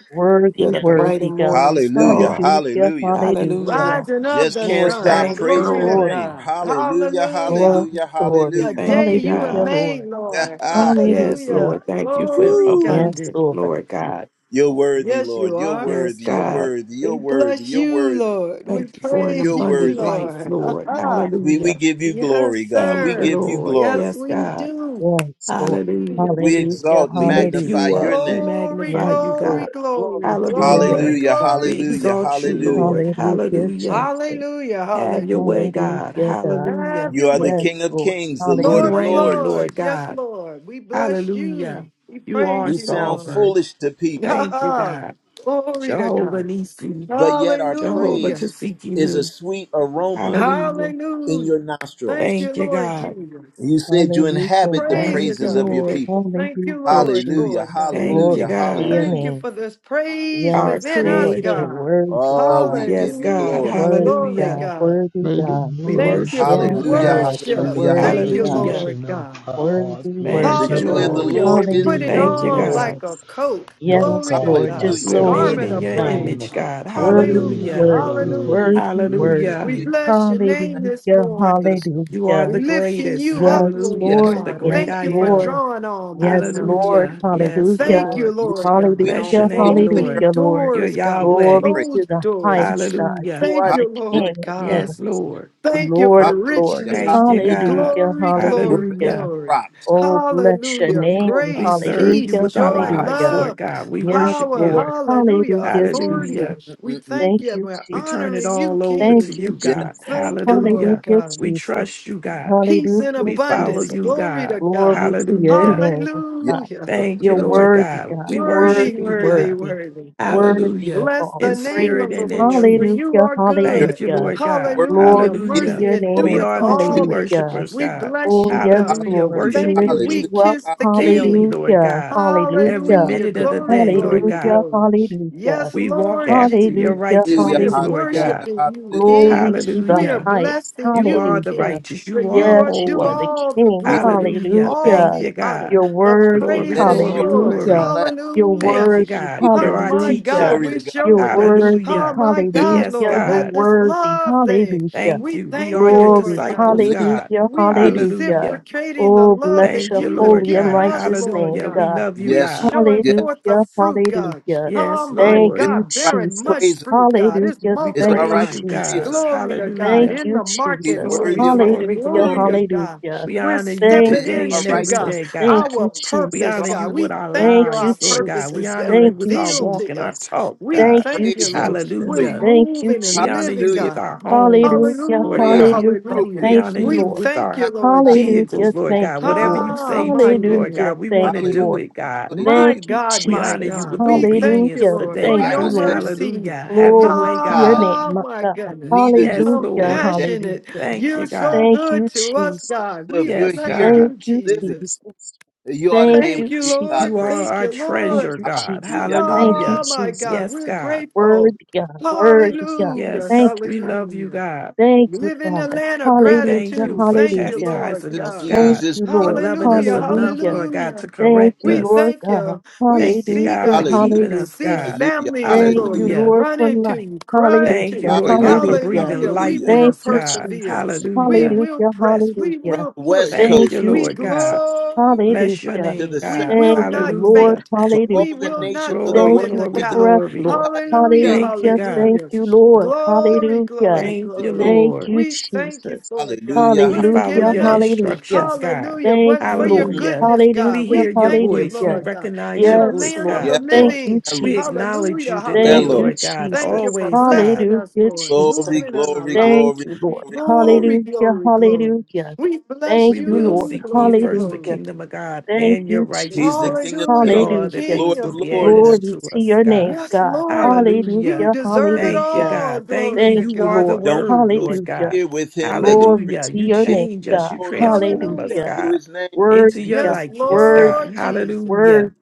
E: You're
B: Worthy,
E: the bright
B: worthy,
E: and
B: God.
E: morning
A: Hallelujah.
E: star.
B: Hallelujah,
A: Hallelujah.
B: hallelujah.
E: Hallelujah.
F: Rising of
A: Just
F: the
A: can't
B: Glory,
F: sun.
A: stop
E: Thank you,
A: praising
F: Glory
A: his
F: to
E: Lord.
B: glory,
A: name.
F: God.
A: Hallelujah,
F: Hallelujah.
B: glory,
A: hallelujah,
B: glory.
F: the
A: hallelujah.
E: Thank
F: day
E: you,
F: you were
E: God.
B: Hallelujah,
F: made,
B: Lord.
F: Lord.
A: (laughs)
E: Yes,
B: Hallelujah.
F: Hallelujah.
E: Lord. Thank you for
F: Glory God.
A: Woo!
B: Yes,
E: abundant,
B: Lord.
E: Lord God.
A: You're worthy,
F: Yes, you
A: Lord. You're
F: are.
E: Yes,
A: worthy. You're
E: God.
A: worthy. You're
F: We
A: worthy.
F: bless
A: You're
F: you,
A: worthy.
F: Lord. We
E: Thank you for an
F: praise
A: You're
F: you,
E: abundant
A: worthy.
E: life,
F: Lord.
E: Lord.
F: (laughs)
A: We we
E: Hallelujah.
A: give you
F: yes,
A: glory, God.
E: Thank
A: We
E: you,
F: sir.
A: give you
E: Lord.
F: Yes,
A: glory.
E: Yes,
F: we
E: God.
F: do.
B: Yes, Lord.
F: King of
E: Hallelujah.
A: We
F: kings,
B: Hallelujah.
A: exalt and
E: We lift
A: magnify
E: you
B: Hallelujah.
A: your
E: up. We
A: name.
F: Glory,
E: magnify
B: Yes,
E: you, God.
F: glory,
B: Lord.
F: glory,
B: Glory to your
F: glory,
E: Hallelujah.
B: name,
A: Hallelujah,
B: God.
E: We
F: glory to the
A: hallelujah,
E: exalt
F: King.
E: you,
A: hallelujah.
E: Lord.
B: Hallelujah,
E: Hallelujah.
B: Jesus.
F: Hallelujah,
E: Have your
F: hallelujah.
E: way, God.
B: Hallelujah, God.
E: Hallelujah.
F: Have
A: You
F: your
A: are the
B: Yes,
F: way.
A: King of
B: Lord.
A: Kings, the Lord
E: You
F: Lord
A: of
F: of
B: Hallelujah.
E: reign,
A: Lords.
F: Lords.
E: Lord
F: Yes,
E: God.
F: Lord. We bless
E: Hallelujah.
F: you. We
E: You are
A: We
F: praise you,
A: sound
F: Lord.
E: sovereign.
A: foolish to people,
E: Thank you,
F: Ah,
E: God.
F: glory to
E: Jehovah
F: God.
E: Nisi.
A: but yet our
E: Jehovah
F: Hallelujah.
E: to
A: praise
E: seek you
A: is a
E: new.
A: sweet aroma
E: Hallelujah.
A: in
F: Hallelujah.
A: your
F: Thank
A: nostrils.
F: you,
E: Thank you,
F: Lord
E: God.
F: Jesus.
A: You said you
B: Hallelujah,
A: inhabit the
B: God.
E: Thank
F: Praises
E: you,
A: praises
F: of
A: of
F: your
A: your
E: Lord.
F: people.
A: people.
F: Thank you,
B: Hallelujah,
F: Lord,
A: Hallelujah,
F: Lord
B: Jesus.
F: God.
E: Thank you,
A: hallelujah,
B: Glory to
E: God.
B: your
F: Thank
A: hallelujah.
F: you
B: name.
F: for this praise
E: Our
B: Yes,
F: within us,
B: Lord. You're
E: creator.
F: God.
B: worthy,
A: Oh,
B: God.
A: we
E: Yes,
A: give you
E: God.
F: Hallelujah.
A: glory.
B: Worthy,
F: Glory,
E: Hallelujah.
B: God.
F: God.
B: Worthy,
D: May the
B: God.
E: We
F: Thank
D: words
F: you
E: worship
D: of
F: for
E: you,
B: Yes,
D: my
A: Hallelujah,
E: God.
B: Lord.
D: mouth
B: You're
D: and
F: worship.
D: the
A: hallelujah,
F: Thank
B: worthy,
F: you,
B: God.
A: hallelujah.
E: Hallelujah.
F: Lord
D: meditation of
F: God.
D: my
B: Worthy,
D: heart be
E: Thank
A: The
E: you,
B: worthy,
A: joy of
B: God.
A: the
E: Lord.
D: acceptable
F: Hallelujah. We
A: Lord
D: unto
A: is
F: put
D: thee,
F: it
B: Hallelujah,
D: O
E: Thank you,
F: on
D: Lord,
E: God.
F: like a
B: Jesus.
F: coat.
D: my
B: Yes,
F: Glory to
A: hallelujah.
D: God,
B: Lord,
A: Thank
D: my
F: God.
B: just
E: We are
B: so
D: Christ,
E: made
B: worthy,
F: Garment
D: my
E: in
F: of
E: your
B: God.
D: Redeemer.
F: praise.
E: image, God.
B: Worthy,
D: Hallelujah,
F: Hallelujah.
E: Hallelujah.
B: worthy,
D: hallelujah,
F: Hallelujah.
B: worthy,
D: hallelujah.
E: Hallelujah.
F: We
A: you,
B: worthy.
F: bless your name this
B: Hallelujah,
F: morning.
A: Jesus.
E: You are the
B: hallelujah.
F: We lifting
E: greatest.
F: you up,
B: Yes,
F: Lord
E: Hallelujah.
A: Yes,
B: Lord,
E: The
F: God.
E: great
B: yes,
A: Lord.
F: Thank
E: I
F: you for
E: am.
B: Lord,
F: drawing all men
B: yes,
F: unto
B: Lord.
F: you.
E: Hallelujah. Yes,
B: Hallelujah,
F: Thank you,
E: Lord.
A: you
F: Lord
A: said we
F: God,
E: Bless
A: don't
E: your
B: hallelujah,
F: for
A: praise you
E: name,
A: the
F: opening
E: Lord.
A: very
B: hallelujah, Lord.
E: You're
F: doors,
A: good
F: God,
E: Yahweh.
B: Glory
A: praise.
B: to
F: closed
B: the
F: doors.
B: highest God.
E: Hallelujah.
B: You
F: Thank
B: are the
F: you,
B: King
F: Lord
B: of
A: Hallelujah,
F: God.
E: Yes,
B: kings,
E: Lord.
B: the
F: Thank you
B: Lord
F: for
B: of
A: hallelujah,
B: lords.
F: richness.
E: Thank you,
A: hallelujah.
E: God.
B: Hallelujah,
F: Glory,
A: We're
F: glory,
A: better
B: hallelujah.
E: Hallelujah.
A: than
F: glory.
A: rocks.
B: Oh, bless your
F: Hallelujah.
A: Glory
B: name.
A: to
E: We
A: God.
F: Grace,
E: serve you
F: peace,
B: Hallelujah,
E: with our
F: joy,
A: Ha-
E: lives,
B: hallelujah.
E: Lord
F: love,
E: God. We
B: Yes,
E: worship
F: power.
E: you.
B: Lord.
F: Hallelujah.
B: Hallelujah,
F: Authority.
B: Jesus.
E: Hallelujah.
A: mm,
F: We
A: mm, mm.
F: thank
B: Thank
F: you.
B: you,
F: We're
E: We turn it
F: honoring
B: Jesus.
F: you,
E: all over
B: Thank
E: to
F: King.
B: you,
E: you,
A: Yes,
E: God.
B: Jesus.
F: Thank you, Lord
E: Hallelujah.
B: Hallelujah,
F: God.
E: We
B: Jesus.
E: trust you, God.
F: Peace in
B: Hallelujah,
E: We follow
F: abundance.
B: Jesus.
E: you,
F: Glory to
E: God.
F: God.
B: Glory to your
E: Hallelujah.
B: name,
A: yes,
B: God.
F: Hallelujah.
A: Lord. Yes,
E: Thank you,
B: You're
A: Lord.
E: Lord
B: worthy,
E: God.
F: (laughs)
B: God.
A: Yes,
E: We
A: Lord.
E: worship
F: Worthy,
B: Worthy,
E: you,
F: worthy,
E: God.
B: worthy.
F: worthy.
B: Worthy
E: Hallelujah.
B: of
F: Bless
B: all
E: In
F: the
B: praise.
F: name
E: spirit
F: of the
E: and in
F: Lord, for
E: truth.
F: you
B: Hallelujah,
F: are
A: You're
E: Thank
F: good.
E: you,
A: not
B: hallelujah.
E: Lord
A: enough
E: God.
A: worthy.
F: Hallelujah.
B: Glory
A: Give
B: to
A: you
E: Hallelujah.
F: Mercy
B: your
F: and
A: the
F: do
E: We
B: name.
F: it for
E: are the true
F: all it.
A: glory.
B: Hallelujah.
E: worshipers,
F: We
E: God.
F: bless
B: Oh,
F: you,
B: yes,
F: God.
E: Hallelujah.
B: Lord.
A: Hallelujah.
B: We
F: Thank
B: lift
E: Worshiping
F: you.
E: you
F: We
B: you up.
F: kiss the
A: Hallelujah.
E: daily,
F: King.
E: Lord
B: Hallelujah.
E: God. Every
B: Hallelujah.
F: Hallelujah.
E: minute of
A: Hallelujah.
E: the
F: Glory,
E: day, Lord
F: glory,
E: God.
B: Hallelujah.
F: glory.
B: Hallelujah.
F: Yes,
E: We walk
F: Lord
E: after your
F: Jesus.
B: Hallelujah.
A: Hallelujah.
F: We are
E: righteousness, Lord
B: Hallelujah.
A: Hallelujah.
E: God.
F: worshiping you,
A: Hallelujah.
F: King.
B: Glory to the
F: We are
E: Hallelujah.
B: highest.
F: blessing
E: You are
F: you,
E: the
B: Hallelujah.
F: King.
E: righteous.
F: For
E: You are
F: you
B: Yes,
F: are
B: you
F: due
B: are
E: holy.
B: the
F: all the
B: King.
A: We thank
F: glory,
A: the
E: Hallelujah.
A: Lord.
F: all
E: Thank
B: Hallelujah.
F: the
E: you,
F: honor.
E: God.
B: You're
F: The
B: worthy.
E: Glory,
F: praise
A: Yes,
F: is
E: glory,
A: Lord.
F: yours.
E: glory.
B: Hallelujah.
A: Bless.
B: You're
F: Hallelujah.
E: Thank you,
B: worthy.
E: God.
A: Keep
E: You're
F: Oh
E: our
F: my
B: Hallelujah.
F: God,
E: teacher.
A: Glory to
F: we're
A: God.
B: You're
F: showing this.
B: worthy.
F: Oh
E: Hallelujah.
F: my
A: Good.
F: God,
E: Yes,
B: Hallelujah.
F: Lord,
B: You're
E: God.
F: let this
B: worthy.
F: love thing.
B: Hallelujah.
E: Thank
F: We
E: you. We
F: thank
E: are
F: you,
E: your
F: Lord
B: Glory.
F: God.
E: disciples,
A: Hallelujah.
E: God.
B: Hallelujah.
F: We
A: Hallelujah.
B: Hallelujah.
E: Hallelujah.
F: reciprocating the
B: Oh,
F: love
B: bless
F: that
E: Thank
B: your
E: you,
F: you have
E: Lord
B: holy and
F: given
E: God.
F: us,
B: righteous
F: Lord
B: name,
E: Hallelujah.
F: God.
E: We
B: God.
E: love you,
F: We
A: Yes,
E: God.
A: Lord.
F: showing
A: Yes,
F: forth the
B: Hallelujah,
F: fruit,
A: Lord.
F: God.
B: hallelujah.
F: Oh
E: Yes,
F: my
B: Thank
E: Lord.
A: It's
B: you,
F: God,
A: all right
F: bearing
A: to
B: Jesus.
F: much
A: praise him.
F: fruit, God. It's
B: Hallelujah,
E: We
A: It's
B: thank
A: all
B: you,
A: right
E: praise
F: multiplying.
E: you,
A: to praise
E: God.
A: him.
B: Jesus.
F: Glory to God
B: Thank
E: Hallelujah.
F: in
B: you,
F: the
A: He's
B: Jesus.
E: Glory,
A: worthy of
F: marketplace.
A: honor and
E: glory,
B: Hallelujah,
F: Glory to
A: glory.
E: glory.
F: God.
B: hallelujah.
E: We
F: We're
E: honor you
B: Thank
F: stepping
A: It's
B: you,
E: today
A: all
E: and
F: into
A: right
E: every
A: to
F: God
B: Jesus.
E: day, God.
B: Thank
F: our
B: you,
A: magnify
E: We
F: purpose,
E: honor
B: Jesus.
E: you
F: God.
A: him.
E: with
F: We
E: our
F: thank
B: Thank
F: you. Our
B: you,
E: lives, Lord
F: purpose
E: God. We
F: is
B: Jesus.
E: honor you
B: Thank
E: with
B: you,
E: our
F: revealed
E: walk
F: to
E: and our
F: us.
B: Jesus.
E: talk,
F: We
B: Thank
E: God.
B: you,
F: thank you,
A: Praise is
F: Lord. We're
B: Jesus.
A: complete.
E: Hallelujah.
B: Thank you,
F: moving
E: We
F: and
E: honor
F: living,
E: you
B: Jesus.
A: Hallelujah.
E: with
F: God.
E: our homes,
B: Hallelujah,
E: Lord
F: Hallelujah,
A: Praise
E: God.
A: is
B: hallelujah.
F: hallelujah.
E: We
A: appropriate.
B: Thank
E: honor
B: you,
F: We
E: you
B: Lord.
E: with
F: thank
E: our
F: you,
A: (laughs)
F: Lord
B: Hallelujah,
E: vehicles,
F: Jesus.
E: Lord
B: thank
E: God.
B: you,
E: Whatever
B: Lord.
E: you
F: Ah,
E: say,
F: my
E: do, Lord
F: goodness.
B: Hallelujah,
E: God. We want
B: thank
E: to
B: you,
A: Hallelujah.
B: Lord.
E: do it, God.
F: My
B: Thank
A: Hallelujah.
B: you,
F: God,
E: We
F: my
E: honor you
B: Jesus.
F: God.
E: with
F: We thank you,
E: obedience
B: Hallelujah.
F: Lord,
A: The
E: today,
F: for
B: Thank you,
F: your
A: Bible
E: God.
A: says
B: Lord.
A: that
F: mercy.
E: Hallelujah. Have
A: praise
E: your
B: Glory
E: way,
B: to your
E: God.
A: God,
B: name,
F: Ah,
B: my
F: my
B: God.
F: goodness.
A: neither do
E: Yes,
B: Hallelujah.
E: Lord.
A: they.
F: Compassionate.
B: Hallelujah.
E: Thank you,
F: You're so
E: God.
B: Thank
F: good
B: you,
F: to us,
B: Jesus.
F: God.
A: So if
F: We
A: you're
E: Yes,
F: bless
A: here and
B: Thank
E: God.
F: you,
B: you,
A: living,
F: Jesus.
B: Jesus.
A: you ought to be
B: Thank
A: able to
F: Thank
B: you,
F: you,
A: give God
E: You
F: Lord.
A: praise.
E: are
B: Jesus.
F: Thank
E: our
F: you,
B: Thank
F: Lord.
E: treasure,
B: you,
E: God.
B: Jesus.
A: Hallelujah.
B: Thank
A: Hallelujah.
B: you,
F: Oh,
E: Hallelujah.
F: my God.
B: Jesus.
E: Yes,
F: We're
E: God.
B: Word
F: grateful.
B: God. Word God.
F: Hallelujah.
B: Thank
E: Yes, we love you,
F: Hallelujah.
E: God.
B: you. Thank
F: We
B: you,
F: live in the
B: Father.
F: land of
E: We thank
B: Hallelujah.
E: you
F: gratitude.
E: for
F: Thank you,
B: Hallelujah.
F: Lord
E: chastising
A: Jesus,
E: us,
F: God.
B: Thank
E: God,
A: Jesus,
B: you,
E: for
A: Jesus.
B: Lord.
E: loving us
F: Hallelujah,
E: enough,
B: Hallelujah.
E: Lord God, to
F: hallelujah.
B: Thank
E: correct
B: you,
F: We
E: us.
B: Lord
F: thank
B: God.
F: you. We
E: Thank you,
B: Hallelujah.
F: see
E: God, for
F: God,
A: Hallelujah.
E: keeping us,
F: see
B: Hallelujah.
E: God.
A: Hallelujah.
F: families,
B: Thank you,
A: Hallelujah.
F: glory,
E: Hallelujah.
B: Lord,
F: run
B: for
F: into
B: life.
F: you, cry to
E: Thank you,
F: you.
B: Hallelujah.
E: Lord God, for
A: Hallelujah.
B: Hallelujah.
F: Hallelujah.
E: breathing
F: We
E: life
A: Hallelujah.
E: in
F: will
B: Thank
E: us,
B: you,
E: God.
F: persevere.
B: Jesus.
F: We
E: Hallelujah.
F: will
B: Hallelujah.
F: press. We
A: From
B: Hallelujah.
F: will
A: the west
F: push.
E: Thank
B: Thank
E: you,
A: coast
B: you,
F: We
A: to the,
E: Lord God.
B: Jesus.
E: Bless your
F: glorify.
B: Hallelujah.
F: you.
A: to
E: name,
A: the south,
F: We
E: God.
F: will
B: Thank you,
F: not
B: Lord.
E: Hallelujah.
F: faint.
A: to
F: We
A: all
B: Hallelujah.
A: the
F: will
A: nations
F: not
A: of the
E: Glory,
F: throw
B: Thank
A: world,
F: in
B: you
F: the
E: glory,
B: for
A: where the
F: towel.
B: breath,
E: glory.
B: Lord.
A: God may
F: Hallelujah,
A: be.
E: Thank you,
B: Hallelujah.
E: God.
B: Thank
F: hallelujah.
B: you, Lord.
A: but
F: Glory,
B: Hallelujah.
F: glory,
A: Jesus,
E: Thank
A: his
E: you,
F: glory.
A: people.
B: Thank
E: Lord.
B: you,
F: We thank you
B: Jesus.
F: for it, God.
A: Hallelujah.
E: We
F: Would have
E: follow
B: Hallelujah.
F: given
E: your
A: Hallelujah.
F: up.
B: Hallelujah.
E: instructions, God.
F: Hallelujah. If it
B: Thank
F: Wasn't
B: you,
F: for your
B: Lord.
A: Mm,
E: Hallelujah.
F: goodness,
E: We
F: God.
B: Hallelujah.
F: We
E: hear your
F: thank you,
E: voice. We
B: Hallelujah.
F: Lord God.
E: recognize
F: In
E: your
F: the
B: Yes,
E: voice,
F: land of
B: Lord.
A: Yeah,
F: the
E: God.
B: Thank
A: Lord.
B: you,
F: living.
A: Yeah,
E: We
A: Lord.
B: Jesus.
E: acknowledge you
F: Hallelujah.
A: Yeah,
E: today,
B: Thank
A: Lord.
B: you,
F: Hallelujah.
E: Lord God.
F: Thank you
B: Jesus.
F: for
E: Always, God.
F: blessing us,
B: Hallelujah,
F: Lord,
A: Glory,
B: Jesus.
F: moving in our
A: glory,
B: Thank
F: lives.
A: glory,
B: you, Lord.
A: glory, glory.
F: Glory,
B: Hallelujah.
F: glory, glory.
B: Hallelujah.
F: We bless
B: Thank
E: We
B: you,
E: will
B: Lord.
F: you.
E: seek ye
F: Glory,
E: first the
B: Hallelujah.
F: glory.
E: kingdom of God
B: Thank
E: and your
B: you,
A: He's the
E: righteousness,
B: Jesus.
A: King of
E: that
F: Hallelujah.
A: Kings.
E: all
F: The
A: He's
E: other
A: the
B: Hallelujah.
A: Lord
F: King
E: things will
A: of
F: of
E: be added
A: Lords.
F: Kings.
B: Glory
E: unto
B: to
E: us,
B: your name,
E: God.
F: Yes,
B: God.
F: Lord. You
E: Hallelujah.
B: Hallelujah.
F: deserve it
E: Thank you,
B: Hallelujah.
F: all.
E: God. Thank you.
F: Glory to
B: Thank
E: You
B: you,
E: are the
B: Lord.
F: God.
A: Don't be
E: word,
A: so
E: Lord
B: Hallelujah.
E: God.
A: familiar with him that you
B: Glory
A: forget
E: Hallelujah.
B: to
E: You
B: your
A: the
B: name,
E: change us, you
B: God.
A: glory and honor
E: transform
A: that
E: us,
F: Hallelujah.
B: Hallelujah.
A: do
E: God,
A: his name.
B: Word
E: into
B: be
E: your
B: God.
F: Yes,
E: likeness,
B: Word be
E: God.
F: Lord
B: God.
F: Jesus.
B: Word
E: Hallelujah.
B: be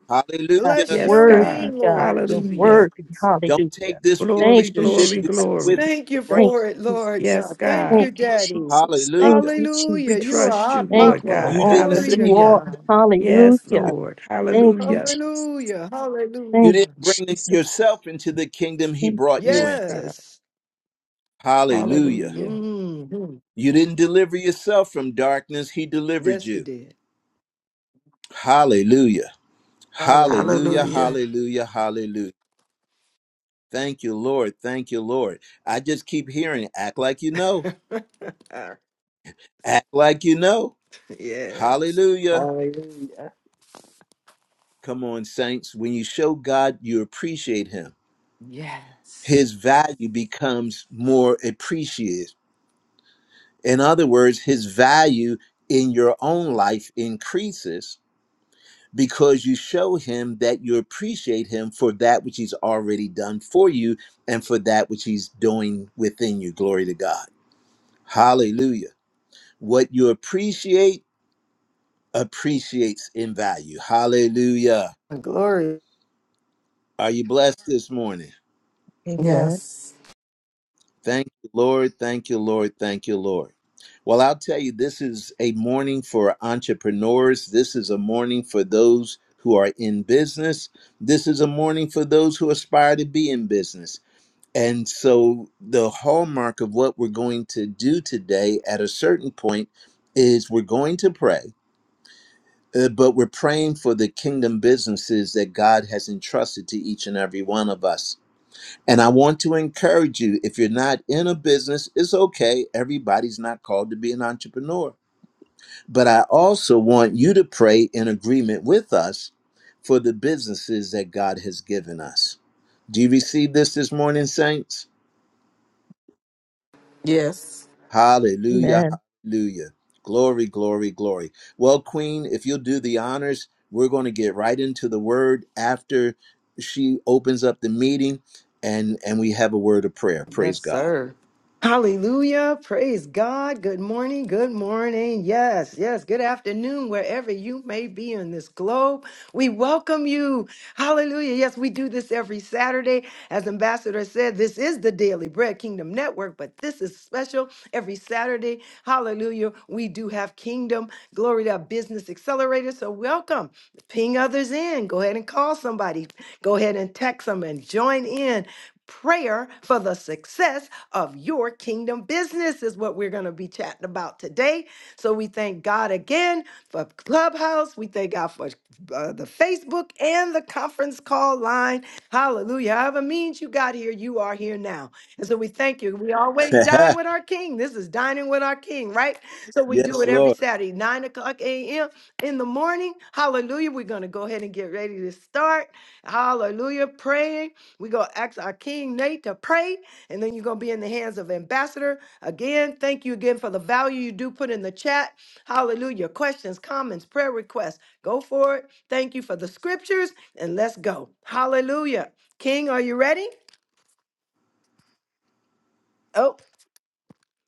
B: God.
F: Bless
A: Hallelujah.
E: Yes,
F: your
B: Word
F: name,
B: be
E: God.
B: God.
F: Lord
B: Your
F: Jesus.
E: Hallelujah.
B: word be
A: Don't
B: hallelujah.
A: take this
B: Thank
E: Glory,
B: you,
A: relationship
E: glory,
A: you have
B: Jesus.
A: with
E: glory.
A: him
F: Thank
A: for
F: you
A: granted.
B: Thank you,
F: for it, Lord
B: Jesus.
E: Yes,
F: God. Thank
E: God.
F: you,
B: Thank you,
F: Daddy.
B: Jesus. Thank
A: Hallelujah.
B: you,
E: We
F: Hallelujah. You are
B: Jesus.
E: trust you,
F: our
B: Thank
E: Lord
B: you for
F: Papa.
E: God.
A: You
B: all
A: didn't
B: that
F: Glory
A: save
F: to
B: you
A: you.
B: are.
E: Hallelujah.
F: God.
E: Yes,
B: Hallelujah.
E: Lord.
B: Thank you,
E: Hallelujah.
B: Jesus.
F: Hallelujah.
A: You
B: Thank
A: didn't
B: you,
F: Hallelujah.
A: bring
B: Jesus.
A: yourself into the kingdom he
B: Thank you,
A: brought you
B: Jesus.
E: Yes,
A: in.
E: God.
F: Yes.
A: Hallelujah.
E: Hallelujah.
F: hmm
A: You didn't deliver yourself from darkness. He delivered
F: Yes, you
A: you.
F: did.
A: Hallelujah. Hallelujah,
F: Hallelujah.
E: Hallelujah.
A: hallelujah, hallelujah. Thank you, Lord. Thank you, Lord. I just keep hearing, act like you know,
F: (laughs)
A: act like you know.
F: yes.
A: Hallelujah.
F: Hallelujah.
A: Come on, saints. When you show God you appreciate Him,
F: Yes.
A: His value becomes more appreciated. In other words, His value in your own life increases because you show Him that you appreciate Him for that which He's already done for you and for that which He's doing within you. Glory to God. Hallelujah. What you appreciate appreciates in value. Hallelujah.
F: Glory
A: Are you blessed this morning?
B: Amen.
E: Yes.
A: Thank you, Lord. Thank you, Lord. Thank you, Lord. Well, I'll tell you, this is a morning for entrepreneurs. This is a morning for those who are in business. This is a morning for those who aspire to be in business. And so, the hallmark of what we're going to do today at a certain point is we're going to pray Uh, but we're praying for the kingdom businesses that God has entrusted to each and every one of us. And I want to encourage you if you're not in a business, it's okay. Everybody's not called to be an entrepreneur. But I also want you to pray in agreement with us for the businesses that God has given us. Do you receive this this morning, Saints?
E: Yes.
A: Hallelujah.
B: Amen.
A: Hallelujah. Glory, glory, glory. Well, Queen, if you'll do the honors, we're going to get right into the word after she opens up the meeting and and we have a word of prayer. Praise
F: Yes,
A: God.
F: sir. Hallelujah. Praise God. Good morning. Good morning. Yes, yes. Good afternoon, wherever you may be in this globe. We welcome you. Hallelujah. Yes, we do this every Saturday. As Ambassador said, this is the Daily Bread Kingdom Network, but this is special every Saturday. Hallelujah. We do have Kingdom Glory to Business Accelerator. So welcome. Ping others in. Go ahead and call somebody. Go ahead and text them and join in. Prayer for the success of your kingdom business is what we're going to be chatting about today. So we thank God again for Clubhouse. We thank God for uh, the Facebook and the conference call line. Hallelujah. However means you got here, you are here now. And so we thank you. We
A: (laughs)
F: always dine with our King. This is dining with our King, right? So we do
A: yes,
F: it every
A: Lord.
F: Saturday, 9 o'clock a.m. in the morning. Hallelujah. We're going to go ahead and get ready to start. Hallelujah. Praying. We're going to ask our King Nate to pray, and then you're going to be in the hands of Ambassador. Again, thank you again for the value you do put in the chat. Hallelujah. Questions, comments, prayer requests. Go for it. Thank you for the scriptures, and let's go. Hallelujah. King, are you ready? Oh,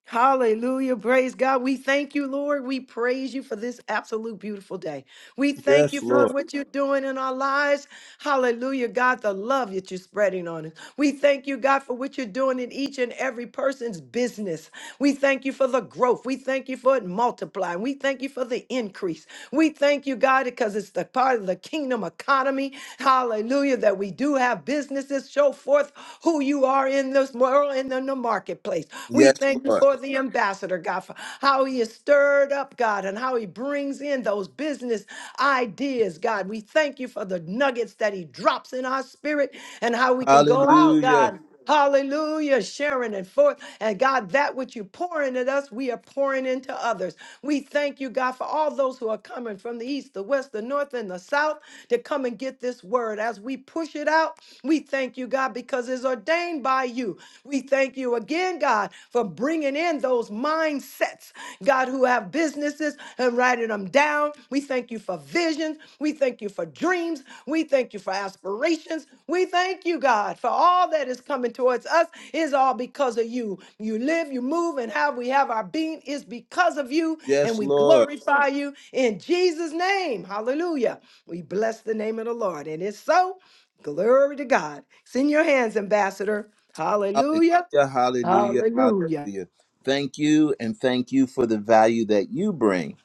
F: Hallelujah. Praise God. We thank you, Lord. We praise you for this absolute beautiful day. We thank
A: Yes,
F: you for
A: Lord.
F: what you're doing in our lives. Hallelujah, God, the love that you're spreading on us. We thank you, God, for what you're doing in each and every person's business. We thank you for the growth. We thank you for it multiplying. We thank you for the increase. We thank you, God, because it's the part of the kingdom economy. Hallelujah. That we do have businesses show forth who you are in this world and in the marketplace. We
A: Yes,
F: thank you
A: Lord.
F: for the ambassador, God, for how he is stirred up, God, and how he brings in those business ideas, God. We thank you for the nuggets that he drops in our spirit and how we can go out,
A: Hallelujah.
F: God. Hallelujah, sharing it forth. And God, that which you pour into us, we are pouring into others. We thank you, God, for all those who are coming from the east, the west, the north, and the south to come and get this word. As we push it out, we thank you, God, because it's ordained by you. We thank you again, God, for bringing in those mindsets, God, who have businesses and writing them down. We thank you for visions. We thank you for dreams. We thank you for aspirations. We thank you, God, for all that is coming towards us is all because of you. You live, you move, and how we have our being is because of you, and
A: Yes,
F: we
A: Lord.
F: glorify you in Jesus' name. Hallelujah. We bless the name of the Lord. And it's so. Glory to God. It's in your hands, Ambassador. Hallelujah.
A: Hallelujah, hallelujah, hallelujah. Thank you, and thank you for the value that you bring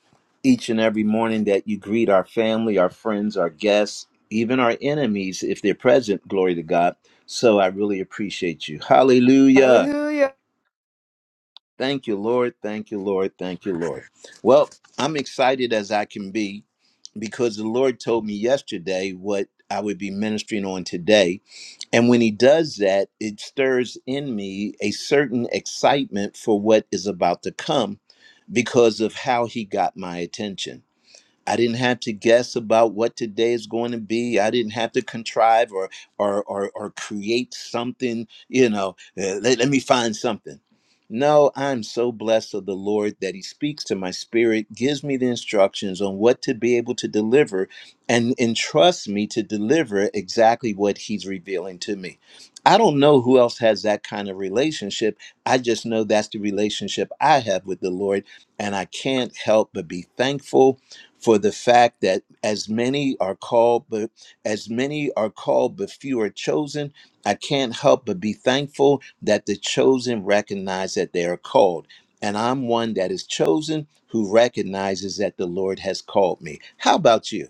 A: each and every morning that you greet our family, our friends, our guests, even our enemies if they're present. Glory to God. So I really appreciate you. Hallelujah.
F: Hallelujah.
A: Thank you, Lord. Thank you, Lord. Thank you, Lord. Well, I'm excited as I can be because the Lord told me yesterday what I would be ministering on today. And when He does that, it stirs in me a certain excitement for what is about to come because of how He got my attention. I didn't have to guess about what today is going to be. I didn't have to contrive or or or, or create something. You know, uh, let, let me find something. No, I'm so blessed of the Lord that He speaks to my spirit, gives me the instructions on what to be able to deliver, and entrusts me to deliver exactly what He's revealing to me. I don't know who else has that kind of relationship. I just know that's the relationship I have with the Lord, and I can't help but be thankful for the fact that as many are called but as many are called but few are chosen i can't help but be thankful that the chosen recognize that they are called and i'm one that is chosen who recognizes that the lord has called me how about you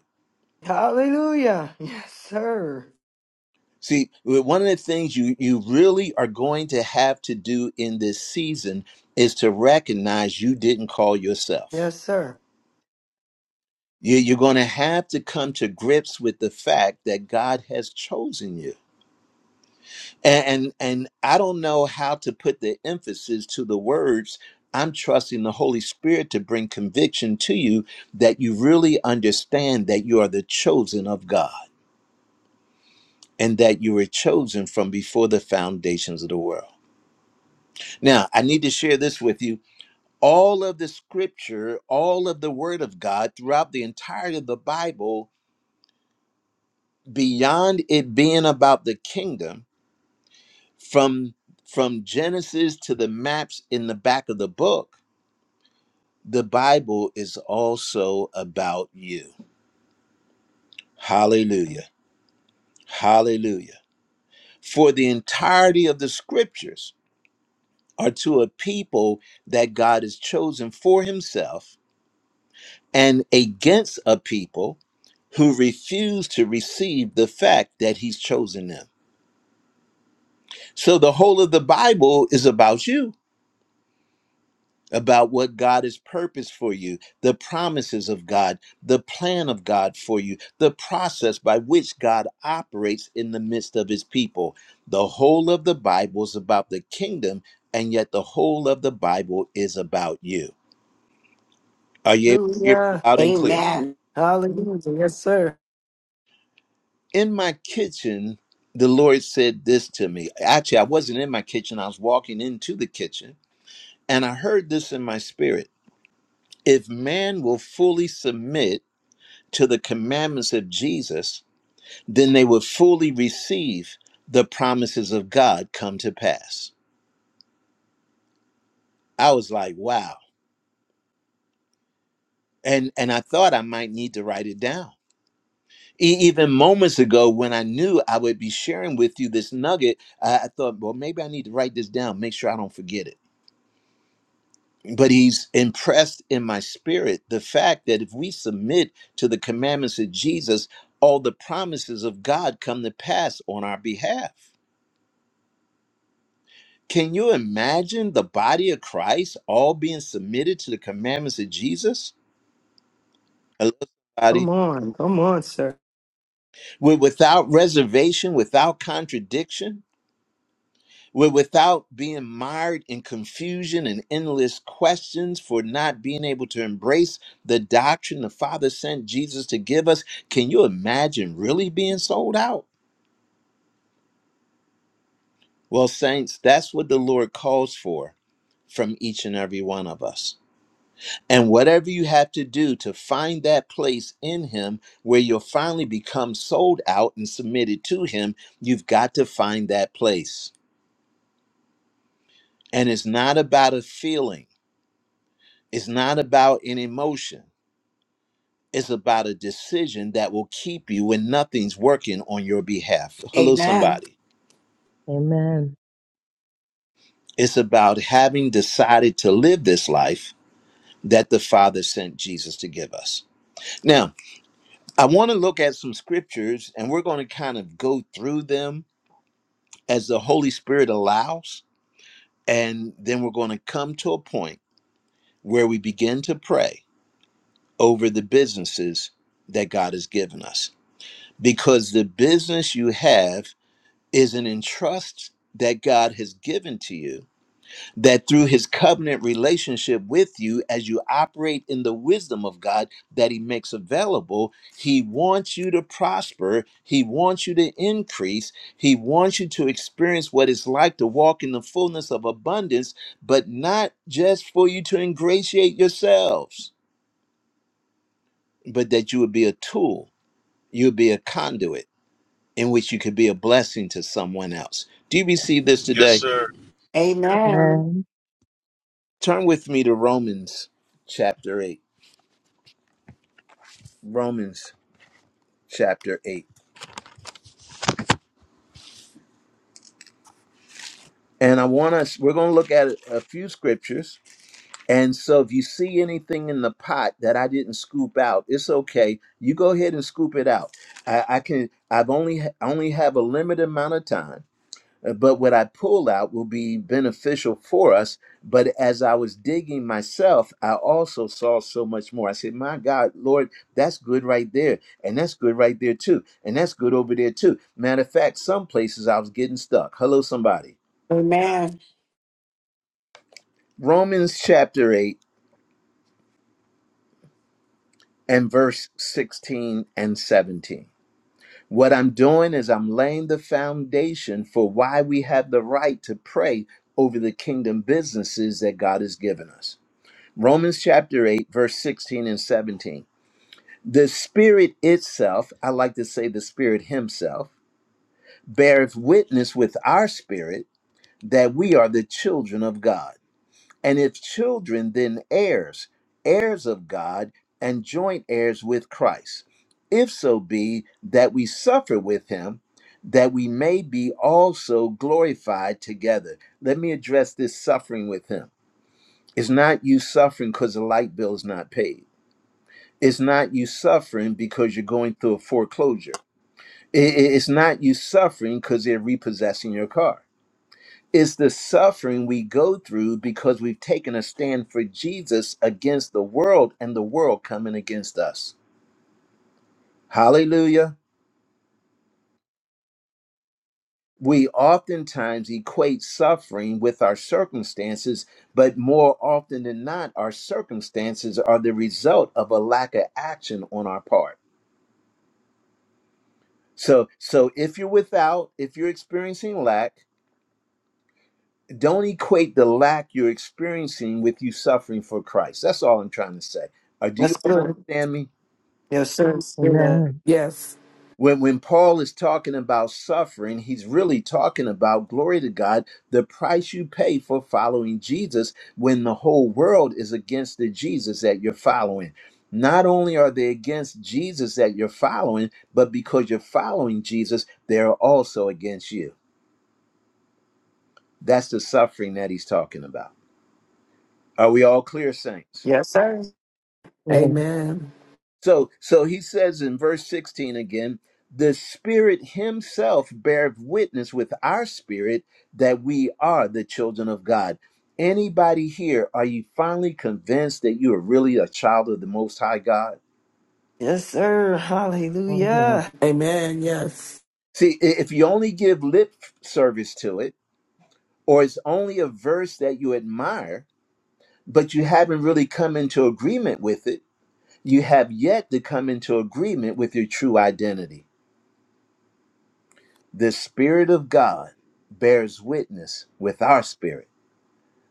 F: Hallelujah. Yes, sir.
A: see one of the things you you really are going to have to do in this season is to recognize you didn't call yourself
F: Yes, sir.
A: You- you're going to have to come to grips with the fact that god has chosen you And, and I don't know how to put the emphasis to the words. I'm trusting the Holy Spirit to bring conviction to you that you really understand that you are the chosen of God and that you were chosen from before the foundations of the world. Now, I need to share this with you. All of the scripture, all of the word of God throughout the entirety of the Bible, beyond it being about the kingdom, from from Genesis to the maps in the back of the book the Bible is also about you. Hallelujah. Hallelujah. For the entirety of the scriptures are to a people that God has chosen for himself and against a people who refuse to receive the fact that he's chosen them. So the whole of the Bible is about you. about what God has purposed for you, the promises of God, the plan of God for you, the process by which God operates in the midst of his people. The whole of the Bible is about the kingdom, and yet the whole of the Bible is about you. Are you able to hear me
F: Hallelujah.
A: loud and clear?
G: Amen.
F: Hallelujah. Yes, sir.
A: In my kitchen, the Lord said this to me. Actually, I wasn't in my kitchen, I was walking into the kitchen, and I heard this in my spirit. If man will fully submit, to the commandments of Jesus, then they would fully receive the promises of God come to pass. I was like, wow. And and I thought I might need to write it down. E- even moments ago, when I knew I would be sharing with you this nugget, I, I thought, well, maybe I need to write this down, make sure I don't forget it. But he's impressed in my spirit the fact that if we submit to the commandments of Jesus, all the promises of God come to pass on our behalf. Can you imagine the body of Christ all being submitted to the commandments of Jesus? Hello,
F: Come
A: somebody.
F: on. Come on, sir.
A: We're without reservation, without contradiction, We're without being mired in confusion and endless questions for not being able to embrace the doctrine the Father sent Jesus to give us. Can you imagine really being sold out? Well, saints, that's what the Lord calls for from each and every one of us. And whatever you have to do to find that place in Him where you'll finally become sold out and submitted to Him, you've got to find that place. And it's not about a feeling, it's not about an emotion, it's about a decision that will keep you when nothing's working on your behalf. Hello,
G: Amen.
A: somebody.
B: Amen.
A: It's about having decided to live this life that the Father sent Jesus to give us. Now, I want to look at some scriptures and we're going to kind of go through them as the Holy Spirit allows. And then we're going to come to a point where we begin to pray over the businesses that God has given us. Because the business you have is an entrust that God has given to you that through his covenant relationship with you, as you operate in the wisdom of God that he makes available, he wants you to prosper. He wants you to increase. He wants you to experience what it's like to walk in the fullness of abundance, but not just for you to ingratiate yourselves, but that you would be a tool, you would be a conduit in which you could be a blessing to someone else. Do you receive this
C: Yes,
A: today?
C: sir.
G: Amen.
B: Amen.
A: Turn with me to Romans chapter 8. Romans chapter 8. And I want us, we're going to look at a few scriptures. And so if you see anything in the pot that I didn't scoop out, it's okay. You go ahead and scoop it out. I, I can, I've only, I only have a limited amount of time, uh, but what I pull out will be beneficial for us. But as I was digging myself, I also saw so much more. I said, my God, Lord, that's good right there. And that's good right there too. And that's good over there too. Matter of fact, some places I was getting stuck. Hello, somebody.
G: Amen.
A: Romans chapter 8 and verse 16 and 17. What I'm doing is I'm laying the foundation for why we have the right to pray over the kingdom businesses that God has given us. Romans chapter 8, verse 16 and 17. The Spirit itself, I like to say the Spirit Himself, beareth witness with our spirit that we are the children of God. And if children, then heirs, heirs of God, and joint heirs with Christ, if so be that we suffer with him, that we may be also glorified together. Let me address this suffering with him. It's not you suffering because the light bill is not paid. It's not you suffering because you're going through a foreclosure. I- i- It's not you suffering because they're repossessing your car. It's the suffering we go through because we've taken a stand for Jesus against the world and the world coming against us. Hallelujah. We oftentimes equate suffering with our circumstances, but more often than not, our circumstances are the result of a lack of action on our part. So, so if you're without, if you're experiencing lack, don't equate the lack you're experiencing with you suffering for Christ. That's all I'm trying to say. Uh, do you
F: That's
A: all
F: good.
A: understand me?
F: Yes, sir. That's good.
B: Amen. Yes,
E: Yes.
A: When, when Paul is talking about suffering, he's really talking about, glory to God, the price you pay for following Jesus when the whole world is against the Jesus that you're following. Not only are they against Jesus that you're following, but because you're following Jesus, they're also against you. That's the suffering that he's talking about. Are we all clear, saints?
F: Yes, sir.
E: Amen.
A: So so he says in verse 16 again, the spirit himself beareth witness with our spirit that we are the children of God. Anybody here, are you finally convinced that you are really a child of the most high God?
F: Yes, sir.
B: Amen.
F: Hallelujah.
E: Amen. Yes.
A: See, i- if you only give lip service to it, or it's only a verse that you admire, but you haven't really come into agreement with it, you have yet to come into agreement with your true identity. The Spirit of God bears witness with our spirit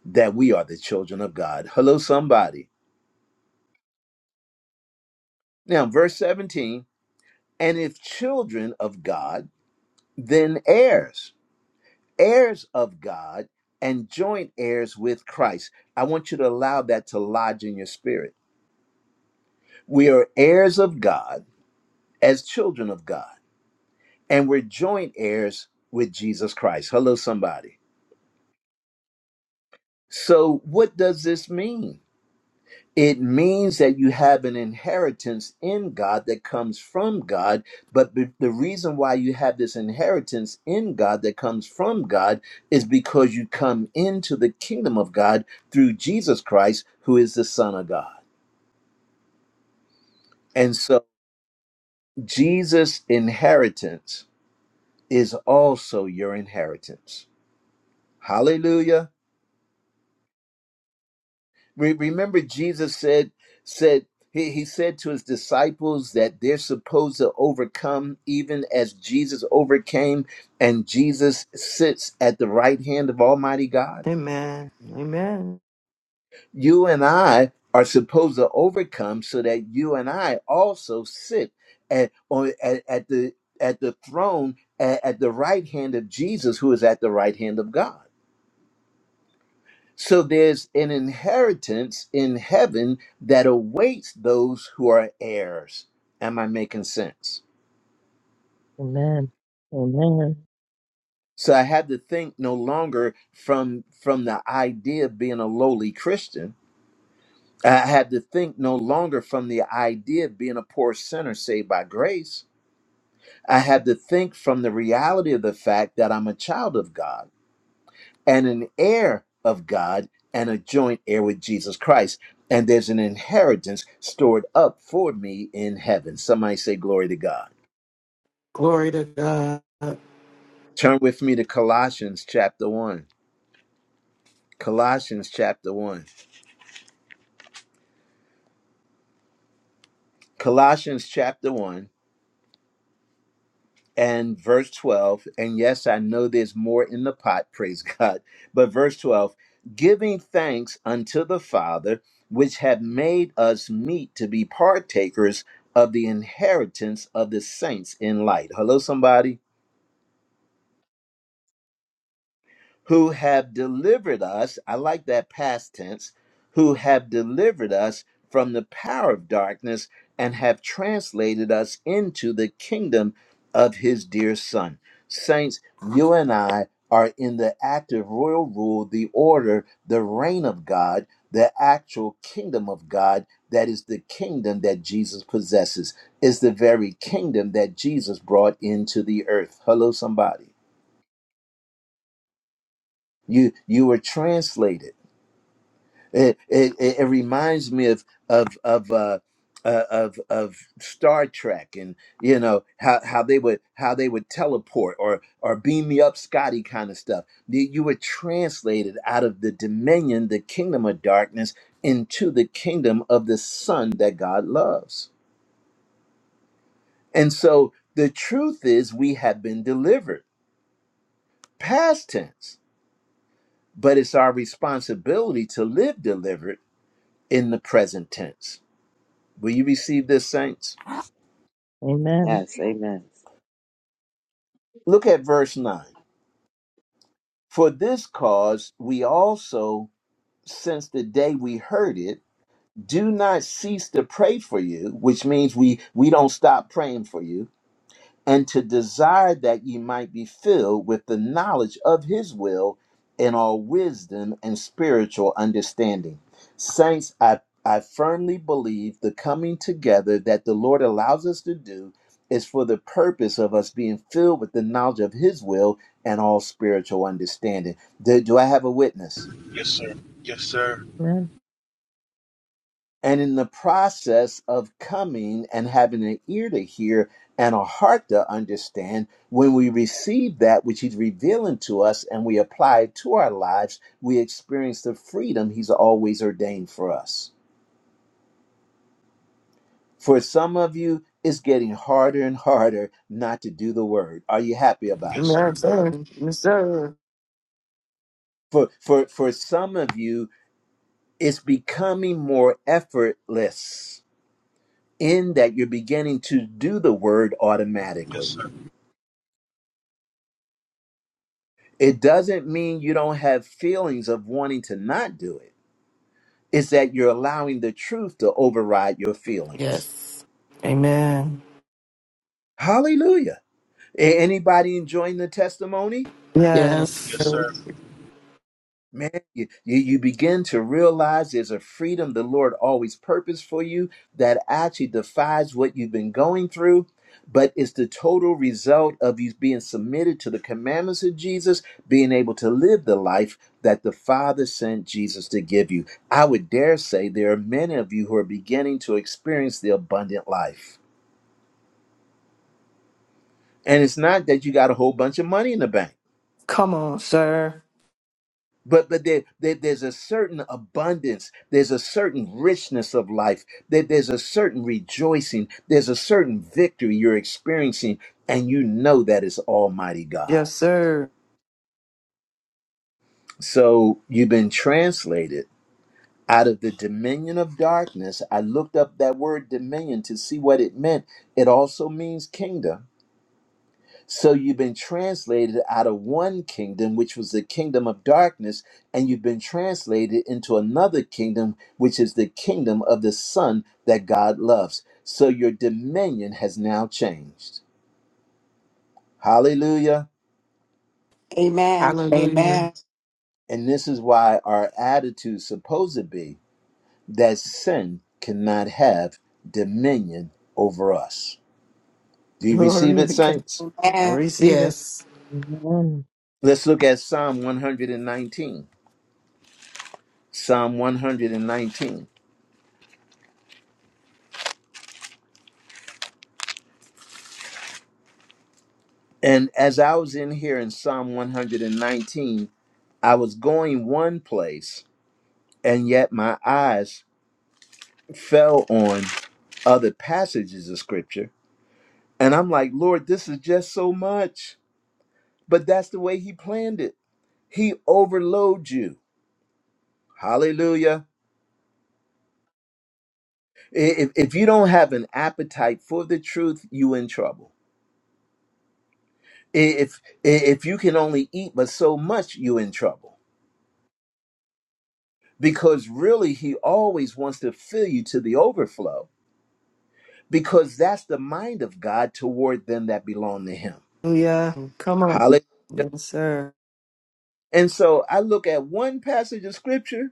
A: that we are the children of God. Hello, somebody. Now, verse 17, and if children of God, then heirs, heirs of God, and joint heirs with Christ. I want you to allow that to lodge in your spirit. We are heirs of God as children of God, and we're joint heirs with Jesus Christ. Hello, somebody. So, what does this mean? It means that you have an inheritance in God that comes from God. But the the reason why you have this inheritance in God that comes from God is because you come into the kingdom of God through Jesus Christ, who is the Son of God. And so Jesus' inheritance is also your inheritance. Hallelujah. Re- remember jesus said said he, he said to his disciples that they're supposed to overcome even as jesus overcame and jesus sits at the right hand of almighty god
F: Amen. Amen.
A: you and i are supposed to overcome so that you and i also sit at on at, at the at the throne at, at the right hand of jesus who is at the right hand of god So there's an inheritance in heaven that awaits those who are heirs. Am I making sense?
B: Amen. Amen.
A: So I had to think no longer from from the idea of being a lowly Christian. I had to think no longer from the idea of being a poor sinner saved by grace. I had to think from the reality of the fact that I'm a child of God and an heir of God and a joint heir with Jesus Christ. And there's an inheritance stored up for me in heaven. Somebody say, Glory to God.
E: Glory to God.
A: Turn with me to Colossians chapter 1. Colossians chapter 1. Colossians chapter 1. and verse 12 and yes i know there's more in the pot (laughs) praise god but verse 12 giving thanks unto the father which have made us meet to be partakers of the inheritance of the saints in light hello somebody who have delivered us, I like that past tense, who have delivered us from the power of darkness and have translated us into the kingdom of his dear son. Saints, you and I are in the active royal rule, the order, the reign of God, the actual kingdom of God. That is the kingdom that Jesus possesses, is the very kingdom that Jesus brought into the earth. Hello, somebody. You you were translated It it, it it reminds me of of of uh, uh, of of Star Trek, and you know how how they would how they would teleport or or beam me up, Scotty, kind of stuff. You you were translated out of the dominion, the kingdom of darkness, into the kingdom of the Son that God loves. And so the truth is, we have been delivered, past tense, but it's our responsibility to live delivered in the present tense. Will you receive this, saints?
B: Amen.
H: Yes, amen.
A: Look at verse 9. For this cause we also, since the day we heard it, do not cease to pray for you, which means we, we don't stop praying for you and to desire that ye might be filled with the knowledge of his will in all wisdom and spiritual understanding. Saints, I, I firmly believe the coming together that the Lord allows us to do is for the purpose of us being filled with the knowledge of his will and all spiritual understanding. Do, do I have a witness?
C: Yes, sir. Yes, sir.
A: And in the process of coming and having an ear to hear and a heart to understand, when we receive that which He's revealing to us and we apply it to our lives, we experience the freedom He's always ordained for us. For some of you, it's getting harder and harder not to do the word. Are you happy about
C: Yes,
A: it?
C: sir.
F: Amen, sir. Yes, sir.
A: For, for, for some of you, it's becoming more effortless in that you're beginning to do the word
C: Yes,
A: automatically
C: sir.
A: It doesn't mean you don't have feelings of wanting to not do it. It's that you're allowing the truth to override your feelings.
E: Yes. Amen.
A: Hallelujah. A- Anybody enjoying the testimony?
F: Yes.
C: Yes,
E: Yes.
C: sir.
A: Man, you, you you begin to realize there's a freedom the Lord always purposed for you that actually defies what you've been going through, but it's the total result of you being submitted to the commandments of Jesus, being able to live the life that the Father sent Jesus to give you. I would dare say there are many of you who are beginning to experience the abundant life. And it's not that you got a whole bunch of money in the bank.
F: Come on, sir.
A: but but there, there- there's a certain abundance there's a certain richness of life that there's a certain rejoicing there's a certain victory you're experiencing and you know that is almighty god
F: Yes, sir.
A: so you've been translated out of the dominion of darkness i looked up that word dominion to see what it meant it also means kingdom So you've been translated out of one kingdom, which was the kingdom of darkness, and you've been translated into another kingdom, which is the kingdom of the Son that God loves. So your dominion has now changed. Hallelujah.
G: Amen.
E: Hallelujah.
G: Amen.
A: And this is why our attitude is supposed to be that sin cannot have dominion over us. Do you receive
F: Glory
A: it,
F: to God.
A: saints?
F: I
G: Amen.
F: receive it.
E: Yes.
B: Amen.
A: Let's look at Psalm 119. Psalm 119. And as I was in here in Psalm 119, I was going one place, and yet my eyes fell on other passages of scripture. And I'm like, Lord, this is just so much. But that's the way He planned it. He overloads you. Hallelujah. If, if you don't have an appetite for the truth, you in trouble. If if you can only eat but so much, you in trouble. Because really, he always wants to fill you to the overflow because that's the mind of God toward them that belong to him.
F: Hallelujah. Come on.
A: Hallelujah.
F: Yes, sir.
A: And so I look at one passage of scripture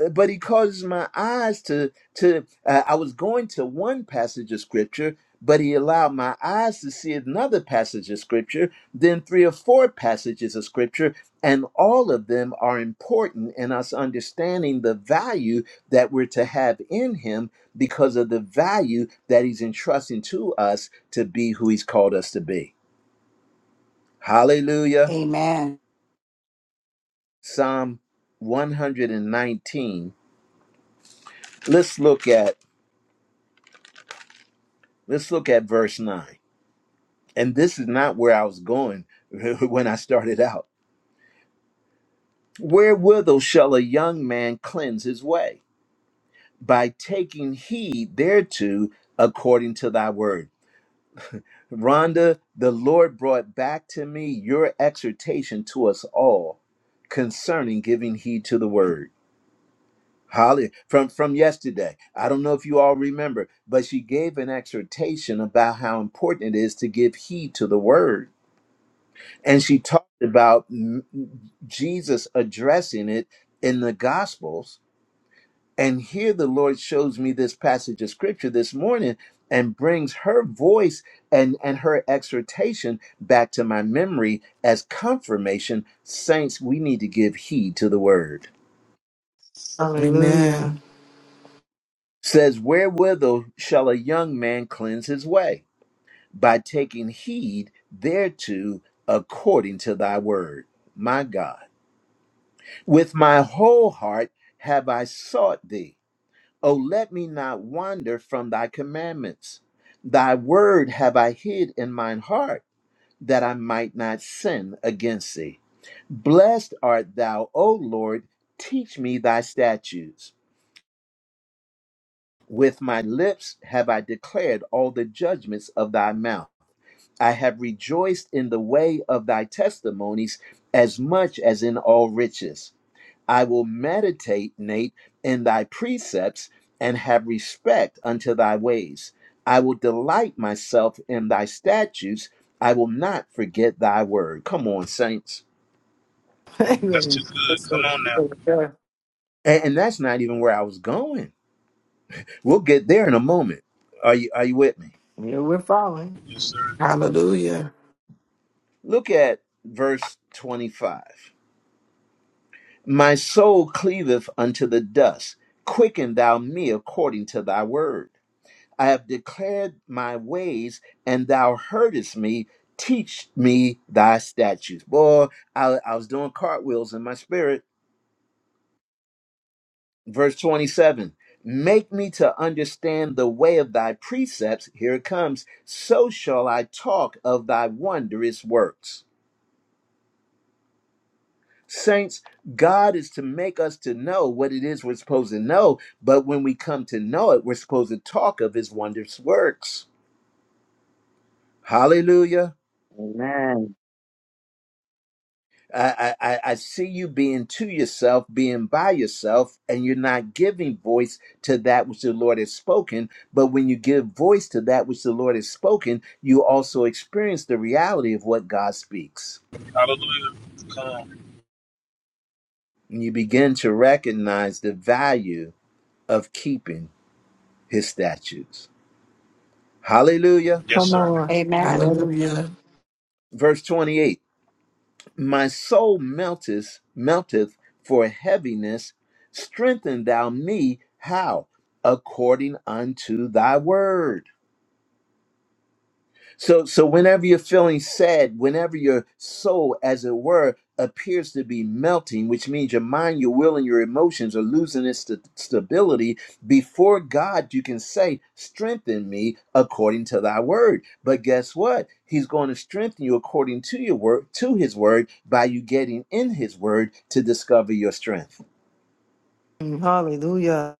A: Uh, but he causes my eyes to to uh, i was going to one passage of scripture but he allowed my eyes to see another passage of scripture then three or four passages of scripture and all of them are important in us understanding the value that we're to have in him because of the value that he's entrusting to us to be who he's called us to be hallelujah
G: Amen.
A: psalm 119 let's look at let's look at verse 9 And this is not where I was going (laughs) when I started out. Wherewithal shall a young man cleanse his way? By taking heed thereto according to thy word. Rhonda, the Lord brought back to me your exhortation to us all concerning giving heed to the word. Holly, from, from yesterday, I don't know if you all remember, but she gave an exhortation about how important it is to give heed to the word and she talked about m- Jesus addressing it in the Gospels. And here the Lord shows me this passage of scripture this morning and brings her voice and, and her exhortation back to my memory as confirmation. Saints, we need to give heed to the word.
F: Hallelujah.
E: Amen.
A: Says, Wherewithal shall a young man cleanse his way? By taking heed thereto according to thy word. My God. With my whole heart have I sought thee. O let me not wander from thy commandments. Thy word have I hid in mine heart, that I might not sin against thee. Blessed art thou, O Lord, teach me thy statutes. With my lips have I declared all the judgments of thy mouth. I have rejoiced in the way of thy testimonies as much as in all riches. I will meditate, Nate, in thy precepts and have respect unto thy ways. I will delight myself in thy statutes. I will not forget thy word. Come on, saints.
C: That's
F: Amen.
C: too
F: That's
C: good. Come
F: a-
C: on now.
F: that's a-
A: And, and that's not even where I was going. We'll get there in a moment. Are you are you with me?
F: Yeah, we're following.
C: Yes, sir.
E: Hallelujah.
A: Look at verse 25. My soul cleaveth unto the dust. Quicken thou me according to thy word. I have declared my ways, and thou heardest me. Teach me thy statutes. Boy, I, I was doing cartwheels in my spirit. Verse 27 Make me to understand the way of thy precepts. Here it comes. So shall I talk of thy wondrous works. Saints, God is to make us to know what it is we're supposed to know, but when we come to know it, we're supposed to talk of his wondrous works. Hallelujah.
H: Amen.
A: I, I, I I see you being to yourself, being by yourself, and you're not giving voice to that which the Lord has spoken. But when you give voice to that which the Lord has spoken, you also experience the reality of what God speaks.
C: Hallelujah. Come on.
A: And you begin to recognize the value of keeping his statutes. Hallelujah.
C: Yes,
F: Come
C: sir.
F: on.
G: Amen.
F: Amen.
E: Hallelujah.
A: verse 28 my soul melteth melteth for heaviness strengthen thou me how according unto thy word so, so whenever you're feeling sad, whenever your soul, as it were, appears to be melting, which means your mind, your will, and your emotions are losing its st- stability, before God, you can say, Strengthen me according to thy word. But guess what? He's going to strengthen you according to your word, to his word, by you getting in his word to discover your strength.
F: Hallelujah.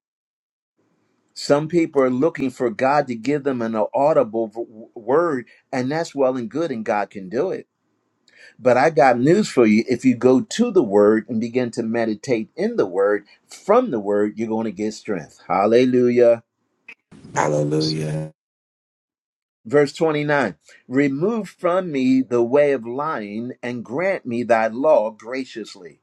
A: Some people are looking for God to give them an audible v- word, and that's well and good, and God can do it But I got news for you. If you go to the word and begin to meditate in the word, from the word, you're going to get strength. Hallelujah.
C: Yes, sir.
E: Hallelujah.
A: Verse 29 Remove from me the way of lying and grant me thy law graciously.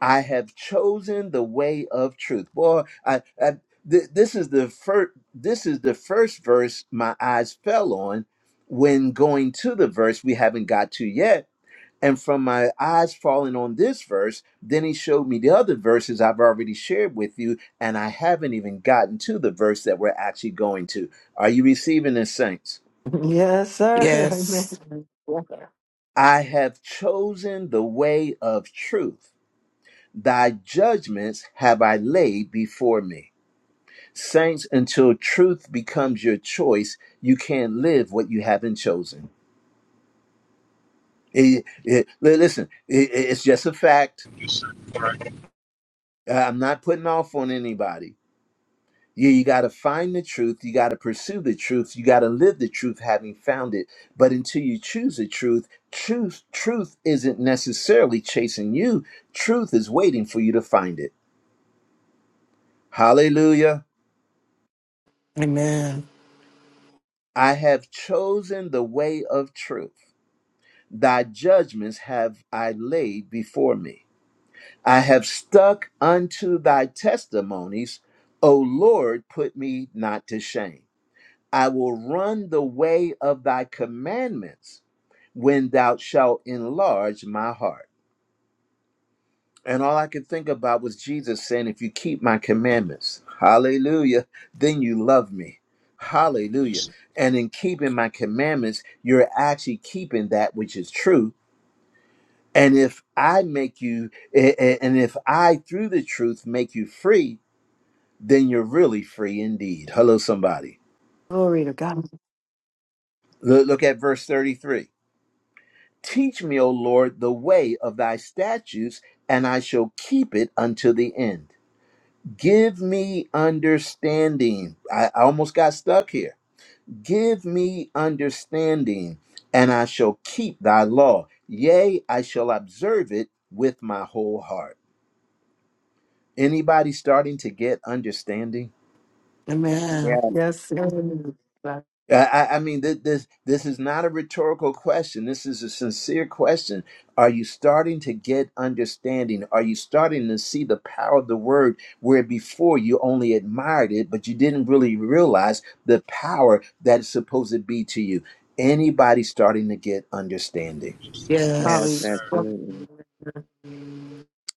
A: I have chosen the way of truth. Boy, I, I, th- this is the first. This is the first verse my eyes fell on. When going to the verse we haven't got to yet, And from my eyes falling on this verse, then he showed me the other verses I've already shared with you, and I haven't even gotten to the verse that we're actually going to. Are you receiving this, saints?
F: Yes, sir. (laughs) Amen.
E: Yes.
A: I have chosen the way of truth. Thy judgments have I laid before me. Saints, until truth becomes your choice, you can't live what you haven't chosen. It- it- li- listen, it- it's just a fact.
C: Yes, sir. All right.
A: I'm not putting off on anybody You, you got to find the truth. You got to pursue the truth. You got to live the truth having found it. But until you choose the truth, truth, truth isn't necessarily chasing you. Truth is waiting for you to find it. Hallelujah.
E: Amen.
A: I have chosen the way of truth. Thy judgments have I laid before me. I have stuck unto thy testimonies. O Lord, put me not to shame. I will run the way of thy commandments when thou shalt enlarge my heart. And all I could think about was Jesus saying, If you keep my commandments, hallelujah, then you love me.
C: Yes,
A: Hallelujah.
C: sir.
A: And in keeping my commandments, you're actually keeping that which is true. And if I make you, a- a- and if I, through the truth, make you free, then you're really free indeed. Hello, somebody.
F: Glory to God.
A: Look look at verse 33. Teach me, O Lord, the way of thy statutes, and I shall keep it unto the end. Give me understanding. I I almost got stuck here. Give me understanding, and I shall keep thy law. Yea, I shall observe it with my whole heart. Anybody starting to get understanding?
E: Amen.
H: Yes,
F: Yes, sir.
A: I, I I mean, th- this this is not a rhetorical question. This is a sincere question. Are you starting to get understanding? Are you starting to see the power of the word where before you only admired it, but you didn't really realize the power that it's supposed to be to you? Anybody starting to get understanding?
C: Yes, sir.
H: yes,
C: Yes,
F: Hallelujah.
E: Yes.
C: sir.
H: absolutely.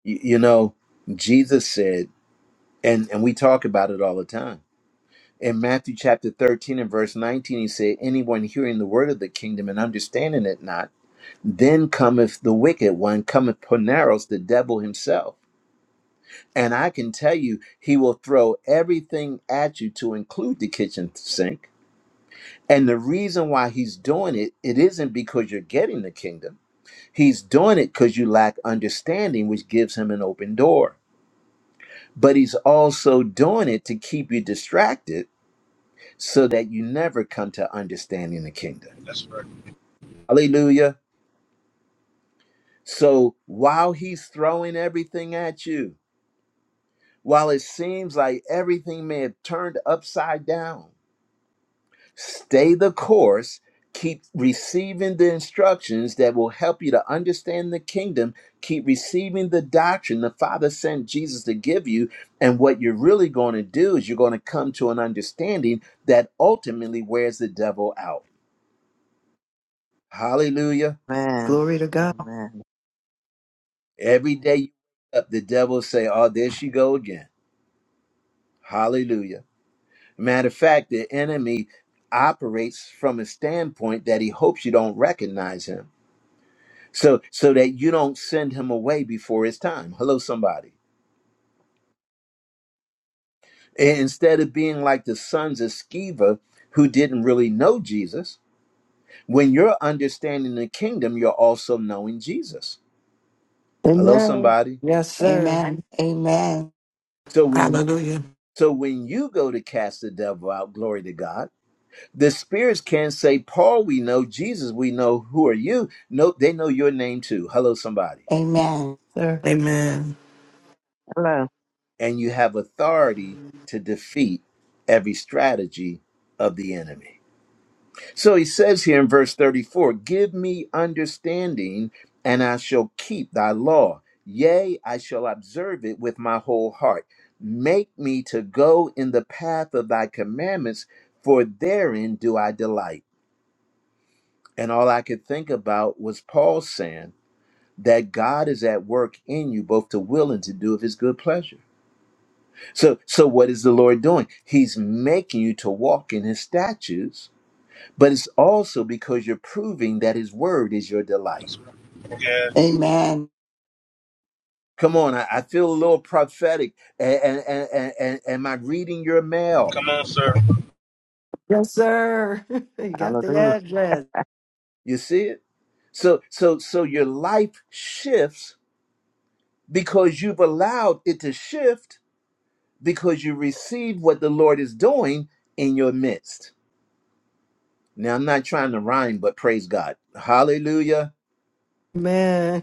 A: You, you know, Jesus said, and and we talk about it all the time. In Matthew chapter 13 and verse 19, he said, Anyone hearing the word of the kingdom and understanding it not Then cometh the wicked one, cometh Poneros, the devil himself. And I can tell you, he will throw everything at you to include the kitchen sink. And the reason why he's doing it, it isn't because you're getting the kingdom. He's doing it because you lack understanding, which gives him an open door. But he's also doing it to keep you distracted so that you never come to understanding the kingdom.
C: That's right.
A: Hallelujah. So while he's throwing everything at you, While it seems like everything may have turned upside down, stay the course, keep receiving the instructions that will help you to understand the kingdom, keep receiving the doctrine the Father sent Jesus to give you. And what you're really going to do is you're going to come to an understanding that ultimately wears the devil out. Hallelujah.
H: Amen.
F: Glory to God.
H: Amen.
A: Every day you wake up, the devil say, Oh, there she go again. Hallelujah. Matter of fact, the enemy operates from a standpoint that he hopes you don't recognize him. So so that you don't send him away before his time. Hello, somebody. And Instead of being like the sons of Sceva who didn't really know Jesus, when you're understanding the kingdom, you're also knowing Jesus. Hello,
F: Amen.
A: somebody.
F: Yes, sir.
G: Amen. Amen.
A: So when
E: Hallelujah.
A: so when you go to cast the devil out, glory to God The spirits can say, Paul, we know, Jesus, we know, who are you? No, they know your name too. Hello, somebody.
G: Amen.
F: Sir.
E: Amen.
H: Hello.
A: And you have authority to defeat every strategy of the enemy. So he says here in verse 34 Give me understanding, and I shall keep thy law. Yea, I shall observe it with my whole heart. Make me to go in the path of thy commandments, for therein do I delight. And all I could think about was Paul saying, that God is at work in you both to will and to do of his good pleasure. So so what is the Lord doing? He's making you to walk in his statutes, but it's also because you're proving that his word is your delight.
C: That's right. Yes.
G: Amen.
A: Come on, I, I feel a little prophetic. And, and, and, and, and am I reading your mail?
C: Come on, sir.
F: Yes, sir. (laughs) You got the
H: Hallelujah.
F: address.
A: You see it? So so so your life shifts because you've allowed it to shift because you receive what the Lord is doing in your midst. Now I'm not trying to rhyme, but praise God. Hallelujah.
F: Amen.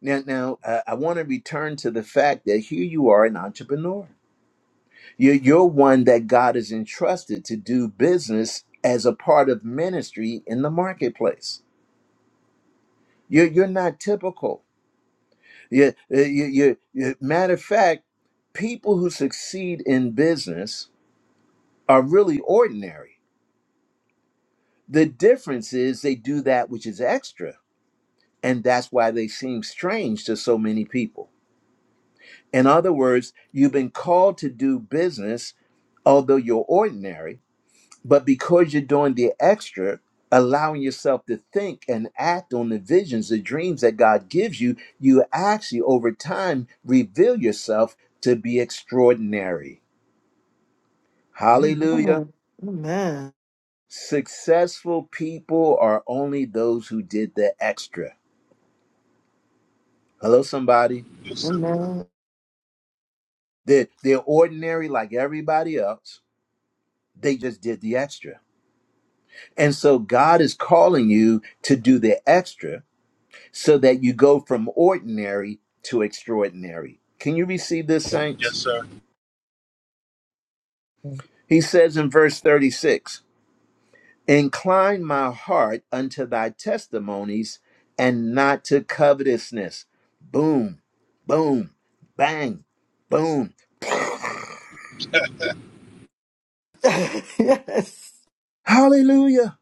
A: Now, now uh, I want to return to the fact that here you are an entrepreneur. You're, you're one that God has entrusted to do business as a part of ministry in the marketplace. You're, you're not typical. You, you, you, you, matter of fact, people who succeed in business are really ordinary. The difference is they do that which is extra, and that's why they seem strange to so many people. In other words, you've been called to do business, although you're ordinary, but because you're doing the extra, allowing yourself to think and act on the visions, the dreams that God gives you, you actually over time reveal yourself to be extraordinary. Hallelujah.
F: Amen. Amen.
A: Successful people are only those who did the extra. Hello, somebody.
C: Yes, sir.
F: Amen.
A: They're, they're ordinary like everybody else. They just did the extra. And so God is calling you to do the extra so that you go from ordinary to extraordinary. Can you receive this, saints?
C: Yes, sir.
B: Amen.
A: He says in verse 36 Incline my heart unto thy testimonies and not to covetousness. Boom, boom, bang, boom.
F: (laughs) yes.
A: Hallelujah.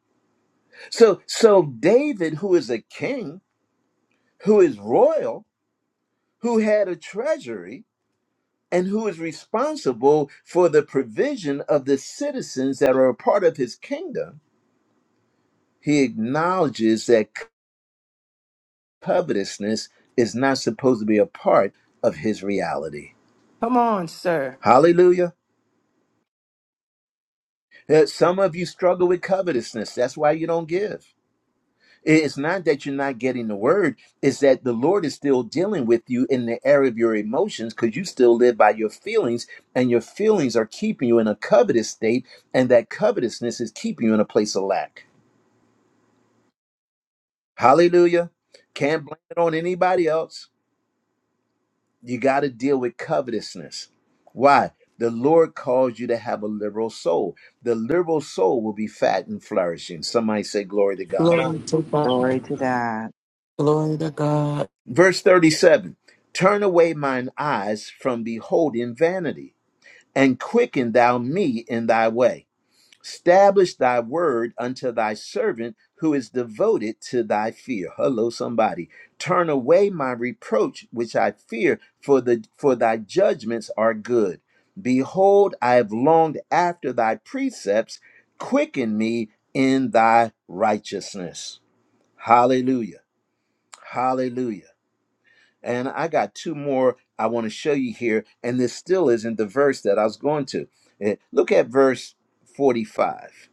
A: So so David who is a king, who is royal, who had a treasury, and who is responsible for the provision of the citizens that are a part of his kingdom, he acknowledges that covetousness is not supposed to be a part of his reality.
F: Come on, sir.
A: Hallelujah. Uh, Some of you struggle with covetousness. That's why you don't give. It's not that you're not getting the word, it's that the Lord is still dealing with you in the area of your emotions because you still live by your feelings, and your feelings are keeping you in a covetous state, and that covetousness is keeping you in a place of lack. Hallelujah. Can't blame it on anybody else. You got to deal with covetousness. Why? The Lord calls you to have a liberal soul. The liberal soul will be fat and flourishing. Somebody say, Glory to God.
C: Come
G: Glory
C: on.
G: to God.
C: Lord.
H: Glory to God.
E: Glory to God.
A: Verse 37 Turn away mine eyes from beholding vanity and quicken thou me in thy way. Establish thy word unto thy servant who is devoted to thy fear. Hello, somebody. Turn away my reproach which I fear, for the for thy judgments are good. Behold, I have longed after thy precepts, quicken me in thy righteousness. Hallelujah. Hallelujah. And I got two more I want to show you here, and this still isn't the verse that I was going to. Eh, Look at verse 45.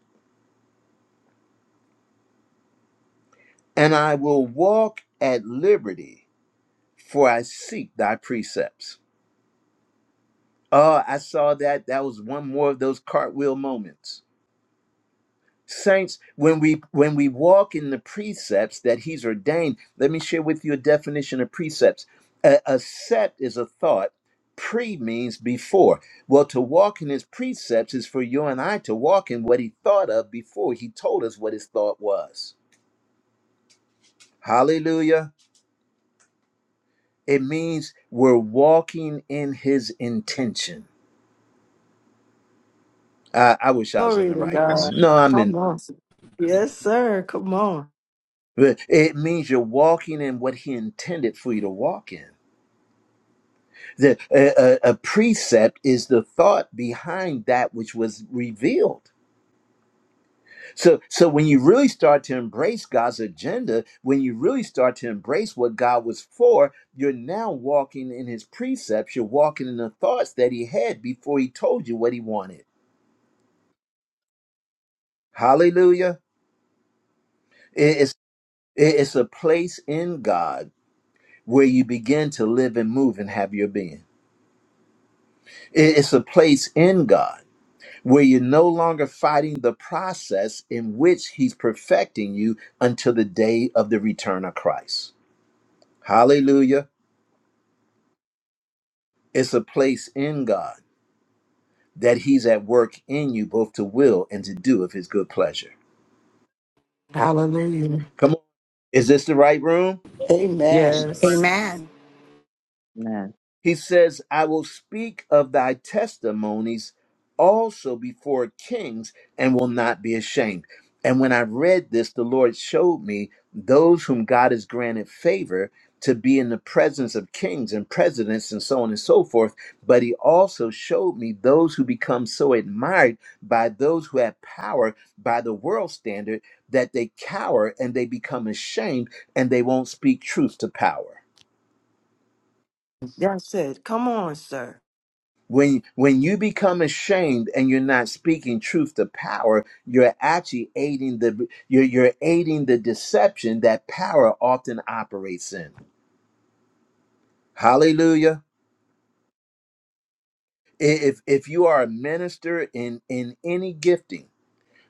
A: and I will walk at liberty, for I seek thy precepts. Oh, I saw that. That was one more of those cartwheel moments. Saints, when we when we walk in the precepts that he's ordained, let me share with you a definition of precepts. A, a set is a thought. Pre means before. Well, to walk in his precepts is for you and I to walk in what he thought of before he told us what his thought was. Hallelujah. It means we're walking in his intention. I, I wish I was in
F: Glory
A: the
F: to
A: right
C: That's
F: God.
A: room.
C: it.
A: No, I'm in.
F: Come on. Yes, sir. Come on.
A: It means you're walking in what he intended for you to walk in. The, a, a a precept is the thought behind that which was revealed. So, so when you really start to embrace God's agenda, when you really start to embrace what God was for, you're now walking in His precepts. You're walking in the thoughts that He had before He told you what He wanted. Hallelujah! It- It's It's a place in God where you begin to live and move and have your being. It's a place in God where you're no longer fighting the process in which He's perfecting you until the day of the return of Christ. Hallelujah. It's a place in God that He's at work in you both to will and to do of His good pleasure.
E: Hallelujah.
A: Come on. Is this the right room?
C: Yes,
G: Amen.
C: sir. Right.
E: Yes.
G: Amen.
H: Amen.
A: He says, I will speak of thy testimonies also before kings and will not be ashamed. And when I read this, the Lord showed me those whom God has granted favor to be in the presence of kings and presidents and so on and so forth. But he also showed me those who become so admired by those who have power by the world standard that they cower and they become ashamed and they won't speak truth to power.
F: That's it. Come on, sir.
A: When when you become ashamed and you're not speaking truth to power, you're actually aiding the you're you're aiding the deception that power often operates in. Hallelujah. If if you are a minister in in any gifting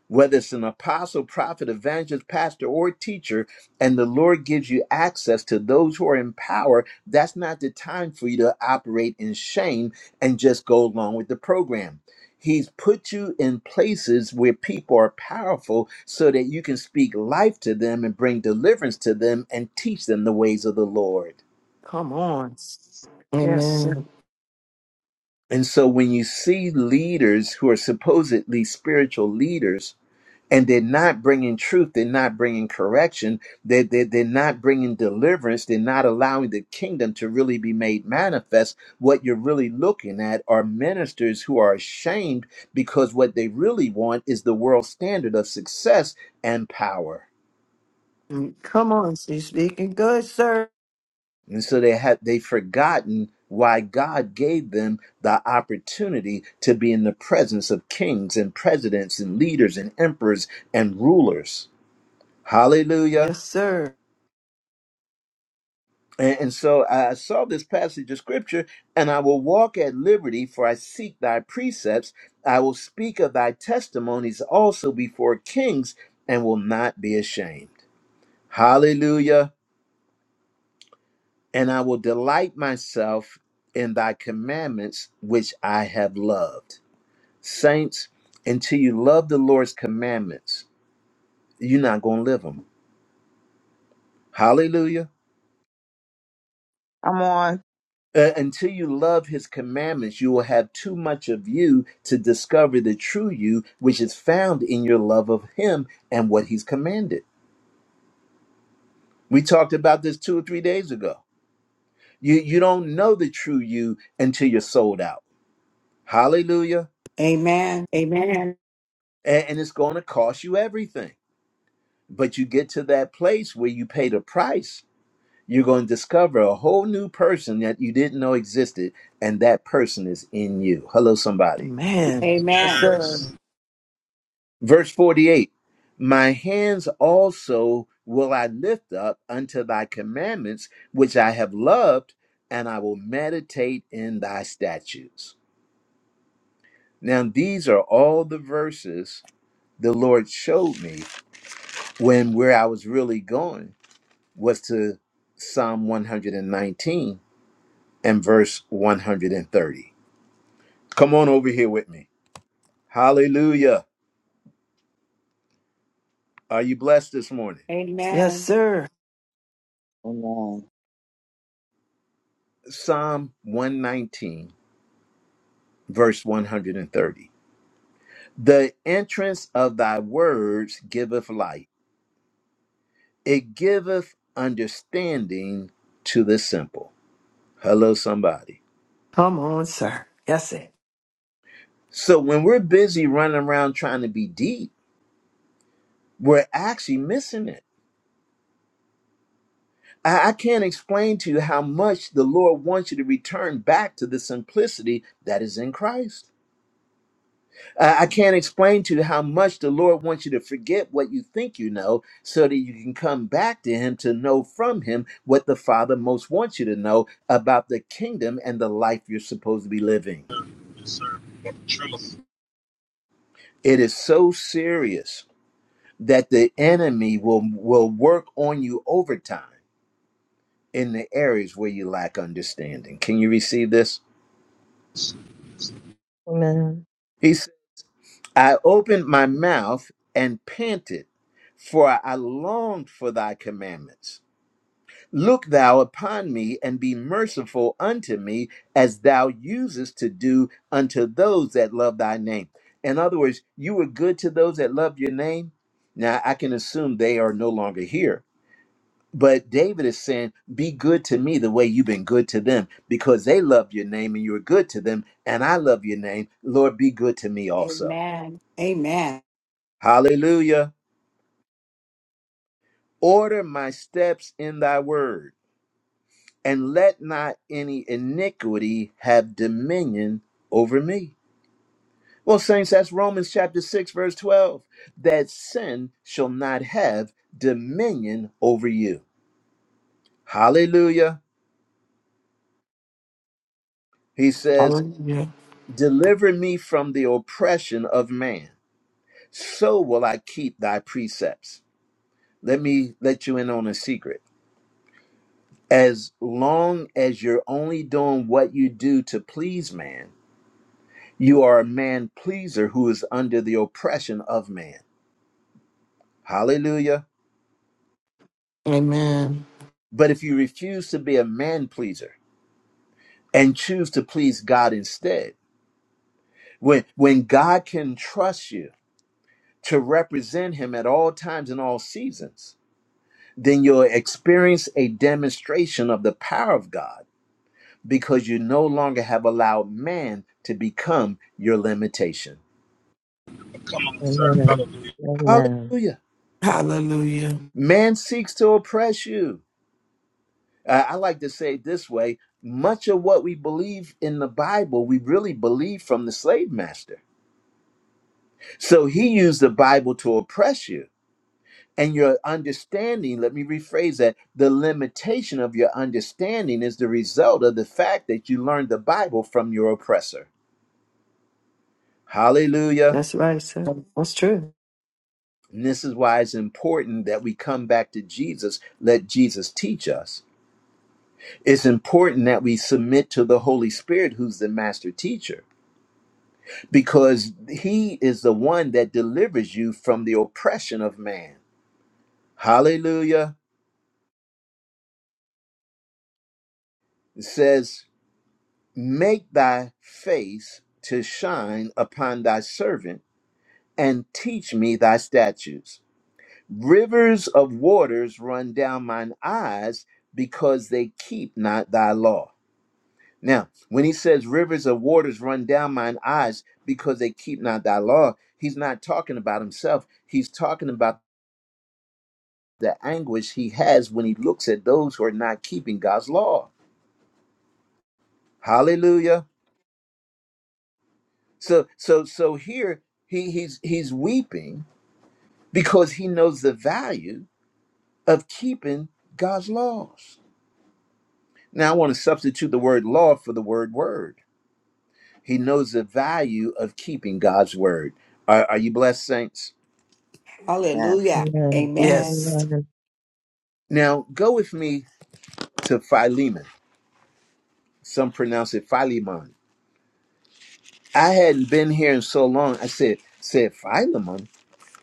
A: whether it's an apostle, prophet, evangelist, pastor, or teacher, and the Lord gives you access to those who are in power, that's not the time for you to operate in shame and just go along with the program. He's put you in places where people are powerful so that you can speak life to them and bring deliverance to them and teach them the ways of the Lord.
F: Come on. Yes, sir.
E: Amen.
A: And so when you see leaders who are supposedly spiritual leaders and they're not bringing truth they're not bringing correction they're, they're, they're not bringing deliverance they're not allowing the kingdom to really be made manifest what you're really looking at are ministers who are ashamed because what they really want is the world standard of success and power
F: Mm, Come on. She's speaking good, sir.
A: and so they have they've forgotten why god gave them the opportunity to be in the presence of kings and presidents and leaders and emperors and rulers hallelujah
F: Yes, sir.
A: And, and so I saw this passage of scripture, and I will walk at liberty, for I seek thy precepts. I will speak of thy testimonies also before kings, and will not be ashamed. Hallelujah. And I will delight myself in thy commandments, which I have loved. Saints, until you love the Lord's commandments, you're not going to live them. Hallelujah.
H: Come on.
A: Uh, until you love his commandments, you will have too much of you to discover the true you, which is found in your love of him and what he's commanded. We talked about this two or three days ago. You, you don't know the true you until you're sold out. Hallelujah.
G: Amen. Amen.
A: And, and it's going to cost you everything. But you get to that place where you pay the price, you're going to discover a whole new person that you didn't know existed, and that person is in you. Hello, somebody.
F: Amen. Yes,
G: Amen.
C: Yes.
F: sir.
A: Verse 48 My hands also will I lift up unto thy commandments, which I have loved, and I will meditate in thy statutes. Now, these are all the verses the Lord showed me when where I was really going was to Psalm 119 and nineteen and verse 130. Come on over here with me. Hallelujah. Are you blessed this morning?
F: Yes,
G: Amen.
F: sir.
H: Amen.
A: Psalm 119 verse 130. The entrance of thy words giveth light, it giveth understanding to the simple. Hello, somebody.
F: Come on, sir. Yes, it.
A: So when we're busy running around trying to be deep, we're actually missing it. I, I can't explain to you how much the Lord wants you to return back to the simplicity that is in Christ. I I can't explain to you how much the Lord wants you to forget what you think you know so that you can come back to Him to know from Him what the Father most wants you to know about the kingdom and the life you're supposed to be living.
C: Yes, sir. Truth.
A: It is so serious that the enemy will, will work on you overtime in the areas where you lack understanding. Can you receive this?
B: Amen.
A: He said, I opened my mouth and panted, for I longed for thy commandments. Look thou upon me and be merciful unto me, as thou usest to do unto those that love thy name. In other words, you were good to those that loved your name. Now, I can assume they are no longer here. But David is saying, Be good to me the way you've been good to them, because they loved your name and you were good to them, and I love your name. Lord, be good to me also.
G: Amen. Amen.
A: Hallelujah. Order my steps in thy word and let not any iniquity have dominion over me. Well, saints, that's Romans chapter 6, verse 12. That sin shall not have dominion over you. Hallelujah. He says,
E: Hallelujah.
A: Deliver me from the oppression of man, so will I keep thy precepts. Let me let you in on a secret. As long as you're only doing what you do to please man, You are a man pleaser who is under the oppression of man. Hallelujah.
E: Amen.
A: But if you refuse to be a man pleaser and choose to please God instead, when, when God can trust you to represent him at all times and all seasons, then you'll experience a demonstration of the power of God because you no longer have allowed man to become your limitation.
C: Come on, sir.
B: Amen.
C: Hallelujah.
B: Amen.
A: Hallelujah.
E: Hallelujah.
A: Man seeks to oppress you Uh, I like to say it this way much of what we believe in the Bible, we really believe from the slave master. So he used the Bible to oppress you. And your understanding, let me rephrase that the limitation of your understanding is the result of the fact that you learned the Bible from your oppressor. Hallelujah.
F: That's right, sir. That's true.
A: And this is why it's important that we come back to Jesus, let Jesus teach us. It's important that we submit to the Holy Spirit, who's the master teacher because he is the one that delivers you from the oppression of man. Hallelujah. It says, Make thy face to shine upon thy servant and teach me thy statutes. Rivers of waters run down mine eyes because they keep not thy law. Now, when he says rivers of waters run down mine eyes because they keep not thy law, he's not talking about himself. He's talking about the anguish he has when he looks at those who are not keeping God's law. Hallelujah. So so so here he he's he's weeping because he knows the value of keeping God's laws. Now I want to substitute the word law for the word word. He knows the value of keeping God's word. Are, are you blessed, saints?
H: Yes.
G: Hallelujah.
B: Amen.
G: Amen.
E: Yes.
A: Now go with me to Philemon. Some pronounce it Philemon. I hadn't been here in so long. I said said Philemon.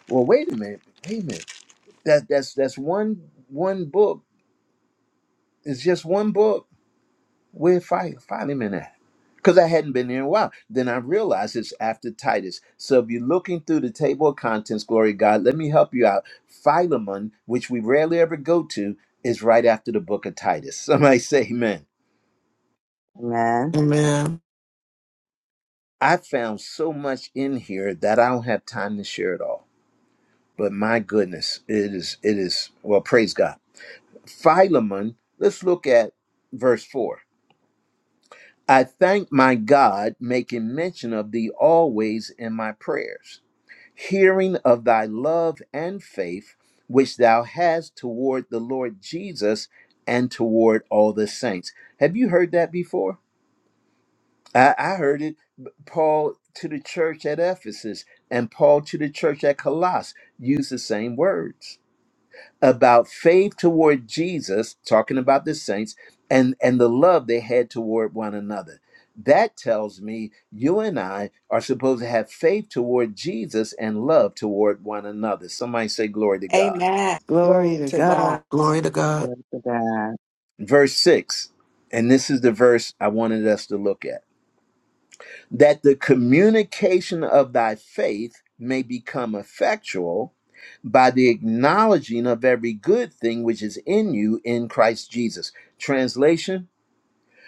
A: Well, wait a minute. Wait a minute. That that's that's one one book. It's just one book. Where fi- Philemon at? Because I hadn't been there in a while. Then I realized it's after Titus. So if you're looking through the table of contents, glory to God, let me help you out. Philemon, which we rarely ever go to, is right after the book of Titus. (laughs) Somebody say amen.
H: Amen.
E: Amen.
A: I found so much in here that I don't have time to share it all. But my goodness, it is it is well, praise God Philemon, let's look at verse 4. I thank my God, making mention of thee always in my prayers, hearing of thy love and faith, which thou hast toward the Lord Jesus and toward all the saints. Have you heard that before? I, I heard it, Paul to the church at Ephesus and Paul to the church at Colossus use the same words. about faith toward Jesus, talking about the saints, and and the love they had toward one another. That tells me you and I are supposed to have faith toward Jesus and love toward one another. Somebody say glory to God.
G: Amen.
F: Glory
G: Glory
F: to
G: to God.
F: God.
E: Glory to God.
H: Glory to God.
A: Verse 6. And this is the verse I wanted us to look at. That the communication of thy faith may become effectual by the acknowledging of every good thing which is in you in Christ Jesus. Translation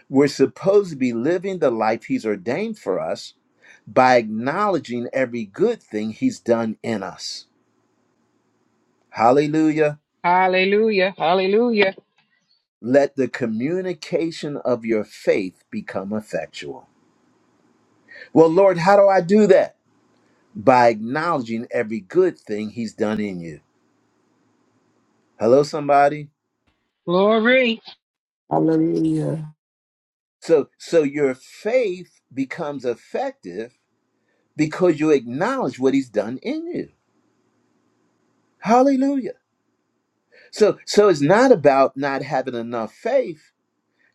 A: We're supposed to be living the life He's ordained for us by acknowledging every good thing He's done in us. Hallelujah.
I: Hallelujah. Hallelujah.
A: Let the communication of your faith become effectual. Well, Lord, how do I do that? By acknowledging every good thing He's done in you. Hello, somebody.
I: Glory.
E: Hallelujah.
A: So, so your faith becomes effective because you acknowledge what He's done in you. Hallelujah. So, so it's not about not having enough faith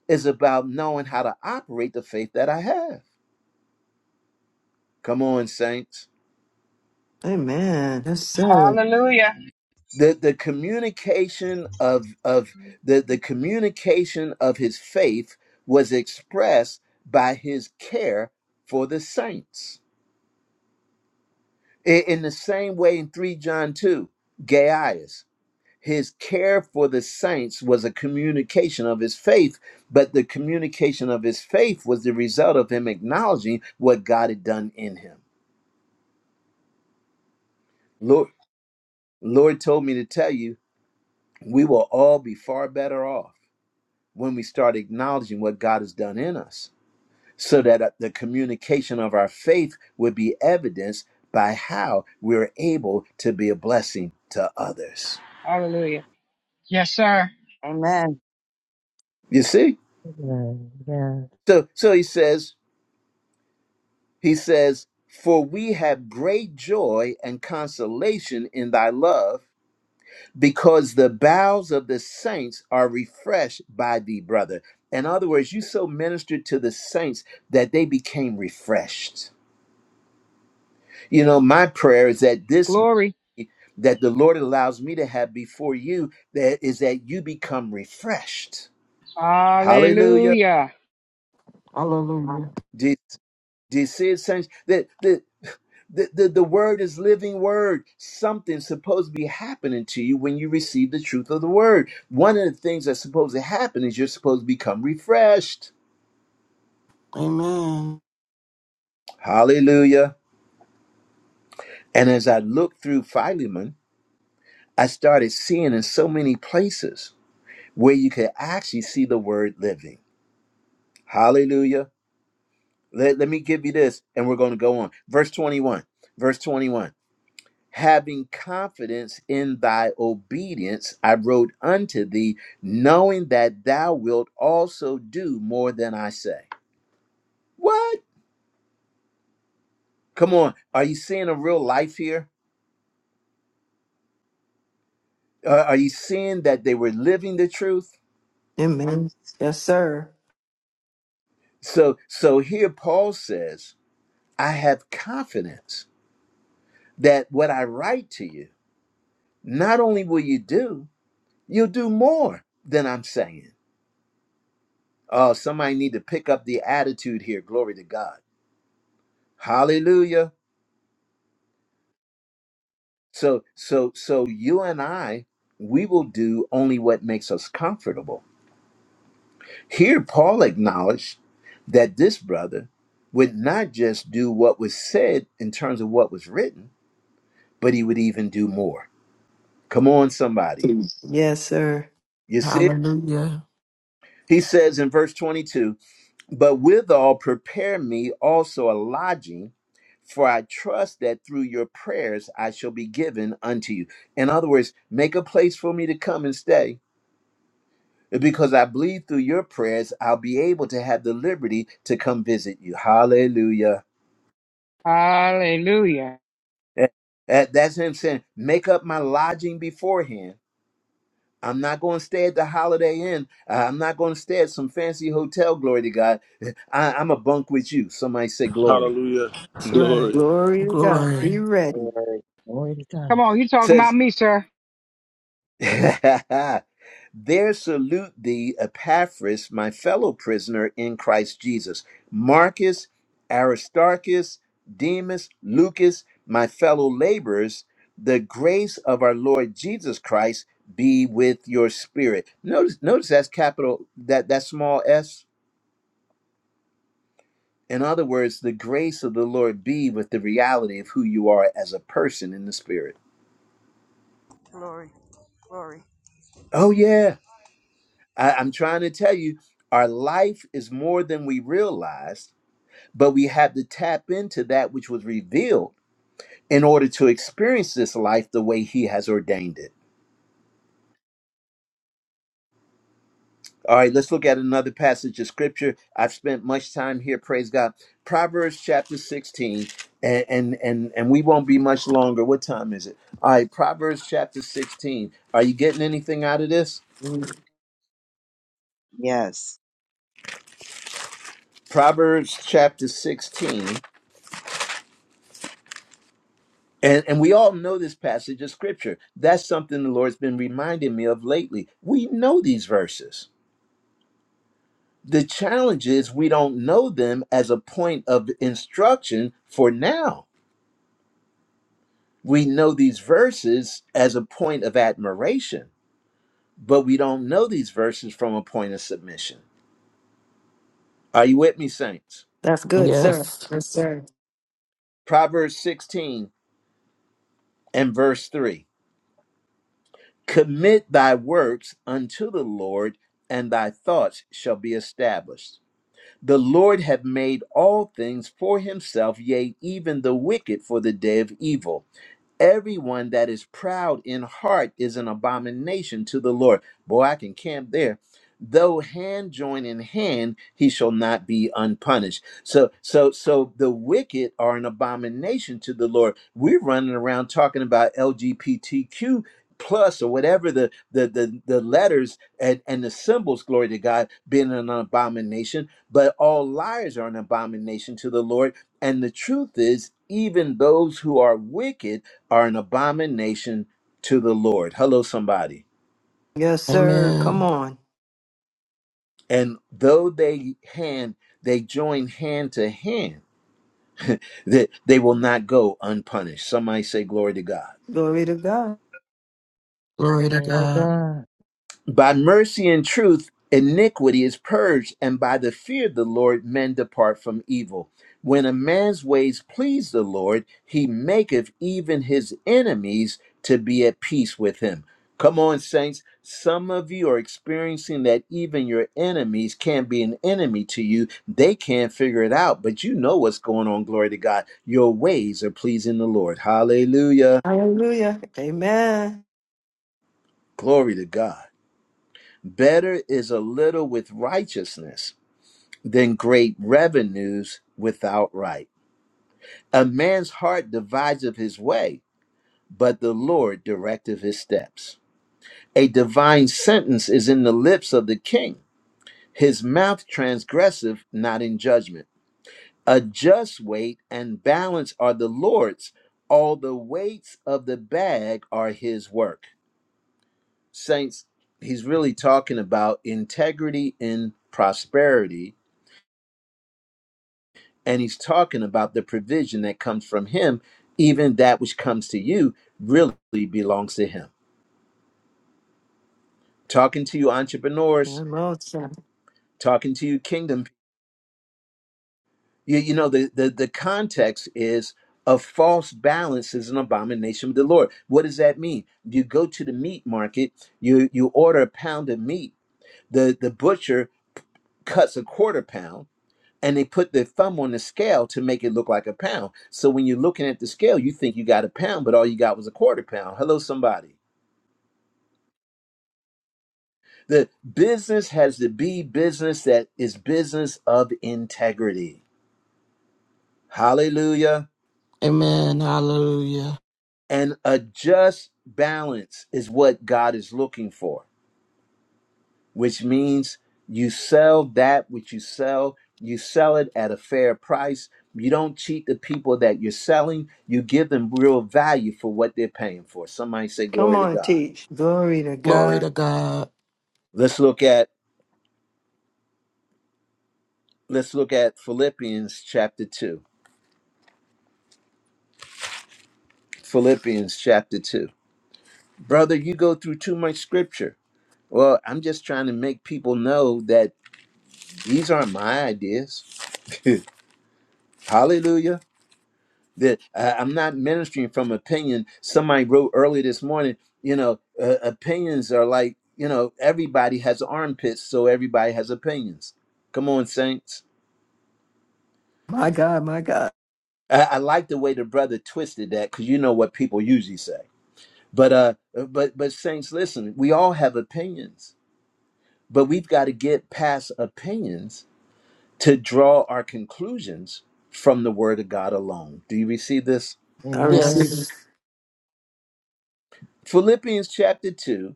A: is about knowing how to operate the faith that I have. Come on, saints.
F: Amen. Yes, sir.
I: Hallelujah.
A: The the communication of of the, the communication of his faith was expressed by his care for the saints. I- In the same way in 3 John 2, Gaius, his care for the saints was a communication of his faith, but the communication of his faith was the result of him acknowledging what God had done in him. Lord. Lord told me to tell you, we will all be far better off when we start acknowledging what God has done in us, so that uh, the communication of our faith would be evidenced by how we're able to be a blessing to others.
I: Hallelujah. Yes, sir.
H: Amen.
A: You see?
B: Amen. Yeah.
A: So so he says, he says, for we have great joy and consolation in thy love because the bowels of the saints are refreshed by thee, brother. In other words, you so ministered to the saints that they became refreshed. You know, my prayer is that this
I: Glory.
A: that the Lord allows me to have before you that is that you become refreshed. Hallelujah.
I: Hallelujah.
E: Hallelujah.
A: Do, do you see it, saints? That the the, the, the word is living word. Something's supposed to be happening to you when you receive the truth of the word. One of the things that's supposed to happen is you're supposed to become refreshed.
E: Amen.
A: Hallelujah. And as I looked through Philemon, I started seeing in so many places where you could actually see the word living. Hallelujah. Let, let me give you this, and we're going to go on. Verse 21. Verse 21. Having confidence in thy obedience, I wrote unto thee, knowing that thou wilt also do more than I say. What? Come on. Are you seeing a real life here? Uh, are you seeing that they were living the truth?
F: Amen. Yes, sir.
A: So so here Paul says, I have confidence that what I write to you, not only will you do, you'll do more than I'm saying. Oh, somebody need to pick up the attitude here. Glory to God. Hallelujah. So so so you and I we will do only what makes us comfortable. Here Paul acknowledged that this brother would not just do what was said in terms of what was written, but he would even do more. Come on, somebody.
F: Yes, sir.
A: You see,
E: Hallelujah.
A: he says in verse 22 But withal, prepare me also a lodging, for I trust that through your prayers I shall be given unto you. In other words, make a place for me to come and stay, because I believe through your prayers I'll be able to have the liberty to come visit you. Hallelujah.
I: Hallelujah.
A: That- That's him saying, Make up my lodging beforehand I'm not going to stay at the Holiday Inn. Uh, I'm not going to stay at some fancy hotel. Glory to God. I, I'm a bunk with you. Somebody say glory.
C: Hallelujah.
F: That's right.
C: Glory.
F: Glory to God.
E: Glory.
F: Be ready.
H: Glory.
B: Glory to
I: Come
B: God.
I: on, you talking about
A: Says,
I: me, sir.
A: (laughs) there salute thee, Epaphras, my fellow prisoner in Christ Jesus, Marcus, Aristarchus, Demas, Lucas, my fellow laborers. The grace of our Lord Jesus Christ be with your spirit. Notice, notice that's capital that that small s. In other words, the grace of the Lord be with the reality of who you are as a person in the spirit.
I: Glory, glory.
A: Oh, yeah. I, I'm trying to tell you, our life is more than we realized, but we have to tap into that which was revealed in order to experience this life the way He has ordained it. All right, let's look at another passage of scripture. I've spent much time here, praise God. Proverbs chapter 16, and and and, and we won't be much longer. What time is it? All right, Proverbs chapter 16. Are you getting anything out of this?
H: Yes.
A: Proverbs chapter 16. And, and we all know this passage of scripture. That's something the Lord's been reminding me of lately. We know these verses. The challenge is we don't know them as a point of instruction for now. We know these verses as a point of admiration, but we don't know these verses from a point of submission. Are you with me, saints?
F: That's good, sir.
E: Yes.
F: Yes, sir.
A: Proverbs 16 and verse 3 Commit thy works unto the Lord, and thy thoughts shall be established. The Lord hath made all things for himself, yea, even the wicked for the day of evil Everyone that is proud in heart is an abomination to the Lord. Boy, I can camp there. Though hand join in hand, he shall not be unpunished. So, so, so the wicked are an abomination to the Lord. We're running around talking about LGBTQ plus or whatever the the the, the letters and, and the symbols, glory to God, being an abomination. But all liars are an abomination to the Lord. And the truth is, even those who are wicked are an abomination to the Lord. Hello, somebody.
F: Yes, sir. Come
E: Amen.
F: on.
A: And though they hand, they join hand to hand, that they will not go unpunished. Somebody say, Glory to God.
F: Glory to God.
E: Glory to
B: Glory to
E: God.
B: God.
A: By mercy and truth, iniquity is purged, and by the fear of the Lord, men depart from evil. When a man's ways please the Lord, he maketh even his enemies to be at peace with him. Come on, saints. Some of you are experiencing that even your enemies can be an enemy to you. They can't figure it out, but you know what's going on. Glory to God. Your ways are pleasing the Lord. Hallelujah.
F: Hallelujah. Amen.
A: Glory to God. Better is a little with righteousness than great revenues without right. A man's heart deviseth his way, but the Lord directeth his steps. A divine sentence is in the lips of the king, his mouth transgressive, not in judgment. A just weight and balance are the Lord's, all the weights of the bag are his work. Saints, he's really talking about integrity in prosperity and he's talking about the provision that comes from him even that which comes to you really belongs to him talking to you entrepreneurs
F: Come on, sir.
A: talking to you kingdom you, you know the, the the context is a false balance is an abomination of the lord what does that mean you go to the meat market you you order a pound of meat the the butcher cuts a quarter pound and they put their thumb on the scale to make it look like a pound. So when you're looking at the scale, you think you got a pound, but all you got was a quarter pound. Hello, somebody. The business has to be business that is business of integrity. Hallelujah.
E: Amen. Hallelujah.
A: And a just balance is what God is looking for. which means you sell that which you sell, you sell it at a fair price. You don't cheat the people that you're selling, you give them real value for what they're paying for. Somebody say
F: Come
A: glory to
F: on,
A: God.
F: teach. Glory to
E: Glory
F: God.
E: to God.
A: Let's look at let's look at Philippians chapter 2. Philippians chapter 2. Brother, you go through too much scripture. Well, I'm just trying to make people know that these aren't my ideas. (laughs) Hallelujah. that uh, I'm not ministering from opinion. Somebody wrote early this morning, you know, uh, opinions are like, you know, everybody has armpits, so everybody has opinions. Come on, saints.
F: My God, my God.
A: I, I like the way the brother twisted that because you know what people usually say. But uh, uh, but but saints, listen, we all have opinions, but we've got to get past opinions to draw our conclusions from the Word of God alone. Do you receive this?
F: I receive
B: Amen.
E: Yes.
F: it.
A: Philippians chapter two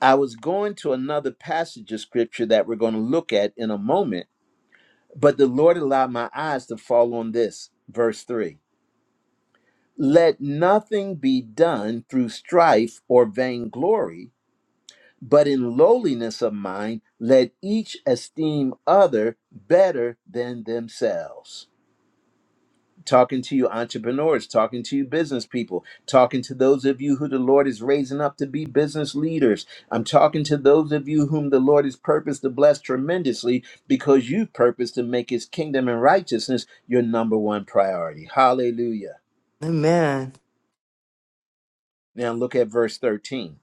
A: I was going to another passage of scripture that we're going to look at in a moment, but the Lord allowed my eyes to fall on this, verse 3. Let nothing be done through strife or vainglory, but in lowliness of mind, let each esteem other better than themselves. talking to you entrepreneurs, talking to you business people, talking to those of you who the Lord is raising up to be business leaders. I'm talking to those of you whom the Lord has purposed to bless tremendously because you've purposed to make his kingdom and righteousness your number one priority. Hallelujah.
F: Amen.
A: Now look at verse 13.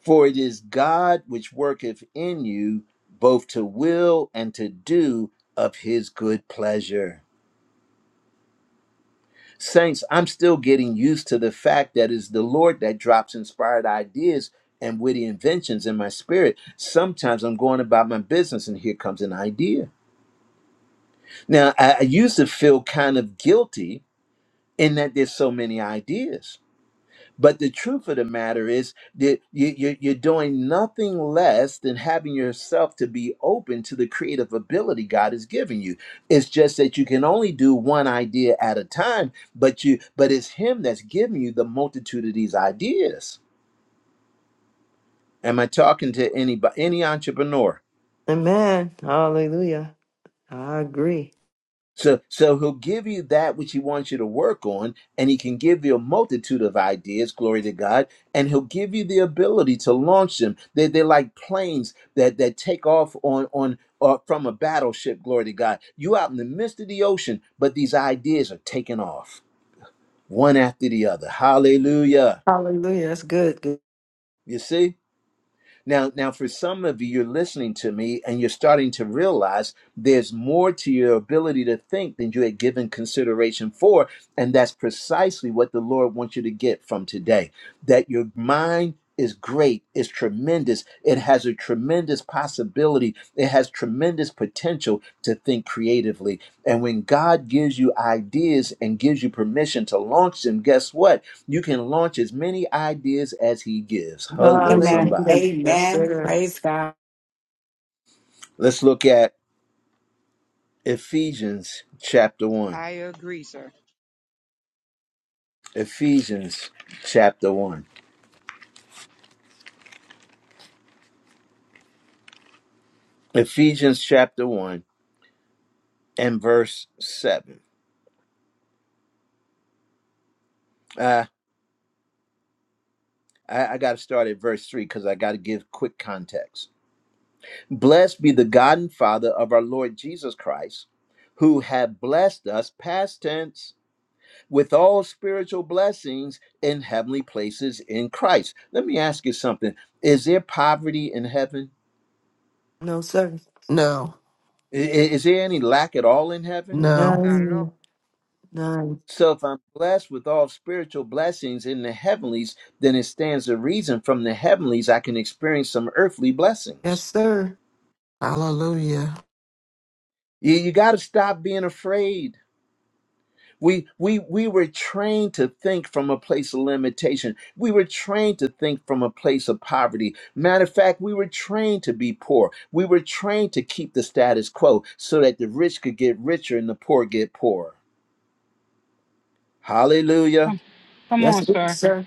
A: For it is God which worketh in you both to will and to do of his good pleasure. Saints, I'm still getting used to the fact that it's the Lord that drops inspired ideas and witty inventions in my spirit. Sometimes I'm going about my business and here comes an idea. Now, I, I used to feel kind of guilty in that there's so many ideas. But the truth of the matter is that you, you, you're doing nothing less than having yourself to be open to the creative ability God has given you. It's just that you can only do one idea at a time, but you but it's Him that's giving you the multitude of these ideas. Am I talking to anybody, any entrepreneur?
F: Amen. Hallelujah. I agree.
A: So, so he'll give you that which he wants you to work on, and he can give you a multitude of ideas, glory to God, and he'll give you the ability to launch them. They, they're like planes that, that take off on, on uh, from a battleship, glory to God. You out in the midst of the ocean, but these ideas are taking off one after the other. Hallelujah.
F: Hallelujah. That's good. good.
A: You see? Now, now, for some of you, you're listening to me and you're starting to realize there's more to your ability to think than you had given consideration for. And that's precisely what the Lord wants you to get from today that your mind is great, is tremendous. It has a tremendous possibility, it has tremendous potential to think creatively. And when God gives you ideas and gives you permission to launch them, guess what? You can launch as many ideas as He gives. Hello,
G: Amen.
A: somebody.
F: Hallelujah. Yes,
G: Amen.
F: sir.
G: Praise God.
A: Let's look at Ephesians chapter 1.
I: I agree, sir.
A: Ephesians chapter 1. Ephesians chapter 1 and verse 7. Uh, I, I got to start at verse 3 because I got to give quick context. Blessed be the God and Father of our Lord Jesus Christ, who have blessed us, past tense, with all spiritual blessings in heavenly places in Christ. Let me ask you something Is there poverty in heaven?
F: No, sir.
E: No.
A: I- i- Is there any lack at all in heaven?
E: No.
I: Not at all.
F: None. None.
A: So if I'm blessed with all spiritual blessings in the heavenlies, then it stands to reason from the heavenlies I can experience some earthly
F: Yes,
A: blessings.
F: sir.
E: Hallelujah.
A: You, you got to stop being afraid. We, we, we were trained to think from a place of limitation. We were trained to think from a place of poverty. Matter of fact, we were trained to be poor. We were trained to keep the status quo so that the rich could get richer and the poor get poorer. Hallelujah.
I: Come, come
F: Yes,
I: on,
F: good,
I: sir.
F: sir.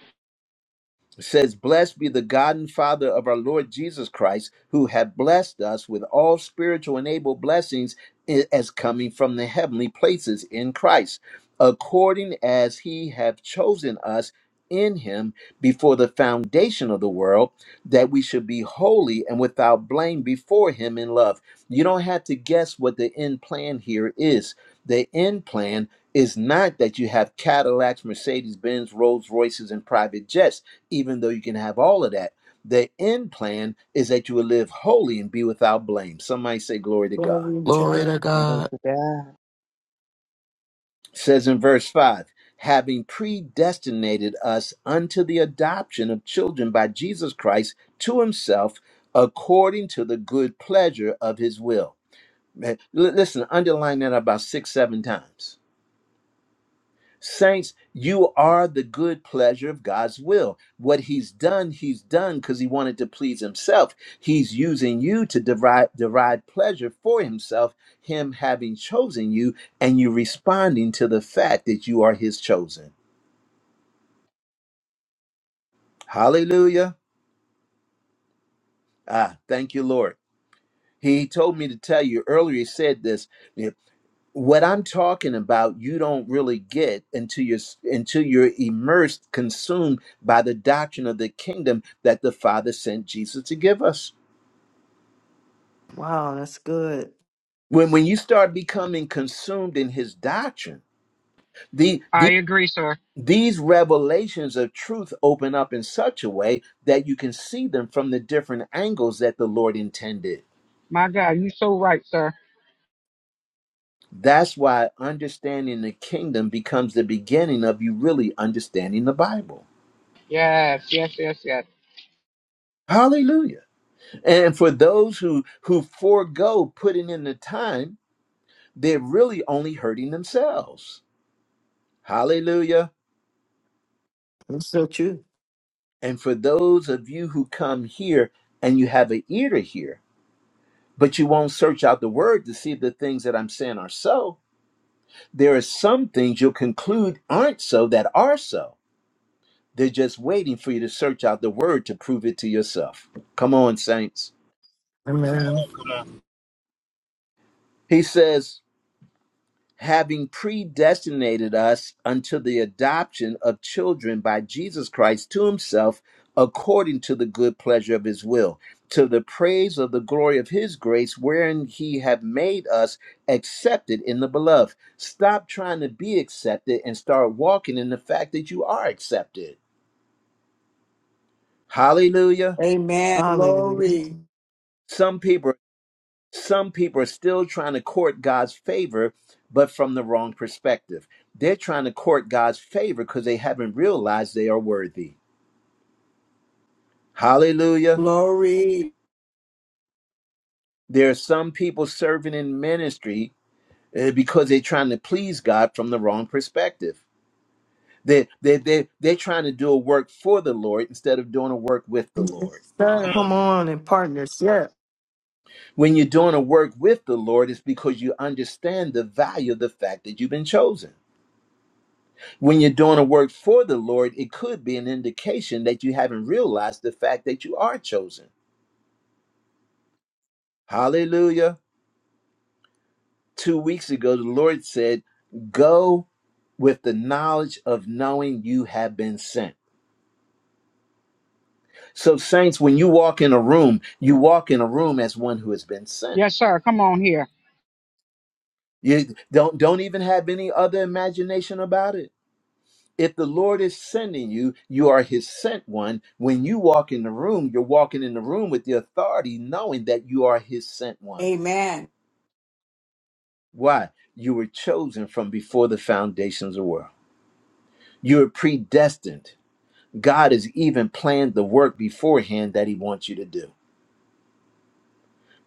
A: It says, Blessed be the God and Father of our Lord Jesus Christ, who hath blessed us with all spiritual and able blessings i- as coming from the heavenly places in Christ, according as he hath chosen us in him before the foundation of the world, that we should be holy and without blame before him in love. You don't have to guess what the end plan here is. The end plan is not that you have Cadillacs, Mercedes Benz, Rolls Royces, and private jets even though you can have all of that, the end plan is that you will live holy and be without blame. Somebody say, Glory to God.
G: Glory to
E: Glory
G: God.
E: to
H: Glory
E: God.
H: to God.
A: It says in verse 5 having predestinated us unto the adoption of children by Jesus Christ to himself according to the good pleasure of his will. Man, l- listen, underline that about six, seven times Saints, you are the good pleasure of God's will. What he's done, he's done because he wanted to please himself. He's using you to derive, derive pleasure for himself, him having chosen you, and you responding to the fact that you are his chosen. Hallelujah. Ah, thank you, Lord. He told me to tell you earlier, he said this. what I'm talking about, you don't really get until you're until you're immersed, consumed by the doctrine of the kingdom that the Father sent Jesus to give us.
F: Wow, that's good.
A: When when you start becoming consumed in His doctrine, the,
I: I
A: the
I: agree, sir.
A: these revelations of truth open up in such a way that you can see them from the different angles that the Lord intended.
I: My God, you so right, sir.
A: That's why understanding the kingdom becomes the beginning of you really understanding the Bible.
I: Yes, yes, yes, yes.
A: Hallelujah. And for those who who forego putting in the time, they're really only hurting themselves. Hallelujah.
F: That's so true.
A: And for those of you who come here and you have an ear to hear, but you won't search out the word to see if the things that I'm saying are so, there are some things you'll conclude aren't so that are so. They're just waiting for you to search out the word to prove it to yourself. Come on, saints.
E: Amen.
C: Oh, come on.
A: He says, having predestinated us unto the adoption of children by Jesus Christ to himself according to the good pleasure of his will to the praise of the glory of his grace wherein he have made us accepted in the beloved stop trying to be accepted and start walking in the fact that you are accepted hallelujah
G: Amen.
F: Hallelujah.
G: Glory.
A: some people Some people are still trying to court God's favor, but from the wrong perspective. They're trying to court God's favor because they haven't realized they are worthy. Hallelujah.
G: Glory.
A: There are some people serving in ministry uh, because they're trying to please God from the wrong perspective. They, they, they, they're trying to do a work for the Lord instead of doing a work with the Lord.
F: Yes, sir.
C: Come on.
F: Come on and partners. Yeah.
A: When you're doing a work with the Lord, it's because you understand the value of the fact that you've been chosen. When you're doing a work for the Lord, it could be an indication that you haven't realized the fact that you are chosen. Hallelujah. Two weeks ago, the Lord said, Go with the knowledge of knowing you have been sent. So, saints, when you walk in a room, you walk in a room as one who has been sent.
I: Yes, sir. Come on here.
A: You don't don't even have any other imagination about it. If the Lord is sending you, you are his sent one. When you walk in the room, you're walking in the room with the authority, knowing that you are his sent one.
G: Amen.
A: Why? You were chosen from before the foundations of the world. You were predestined. God has even planned the work beforehand that he wants you to do.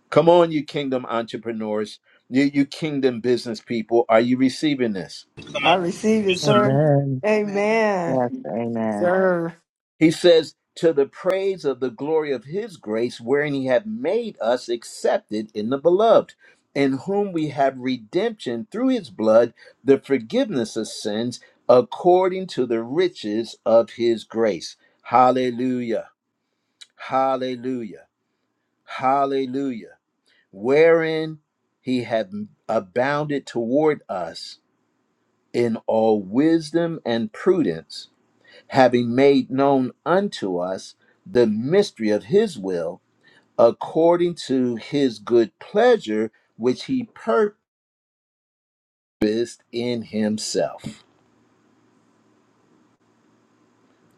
A: Come on, you kingdom entrepreneurs, you, you kingdom business people. Are you receiving this?
C: Come
F: I
C: on.
F: receive it,
C: Good sir.
F: sir.
B: Amen.
J: man.
F: Amen.
H: Yes. Amen.
F: Sir.
A: He says, To the praise of the glory of his grace, wherein he hath made us accepted in the beloved, in whom we have redemption through his blood, the forgiveness of sins, according to the riches of his grace. Hallelujah. Hallelujah. Hallelujah. Wherein he hath abounded toward us in all wisdom and prudence having made known unto us the mystery of his will, according to his good pleasure, which he purposed in himself.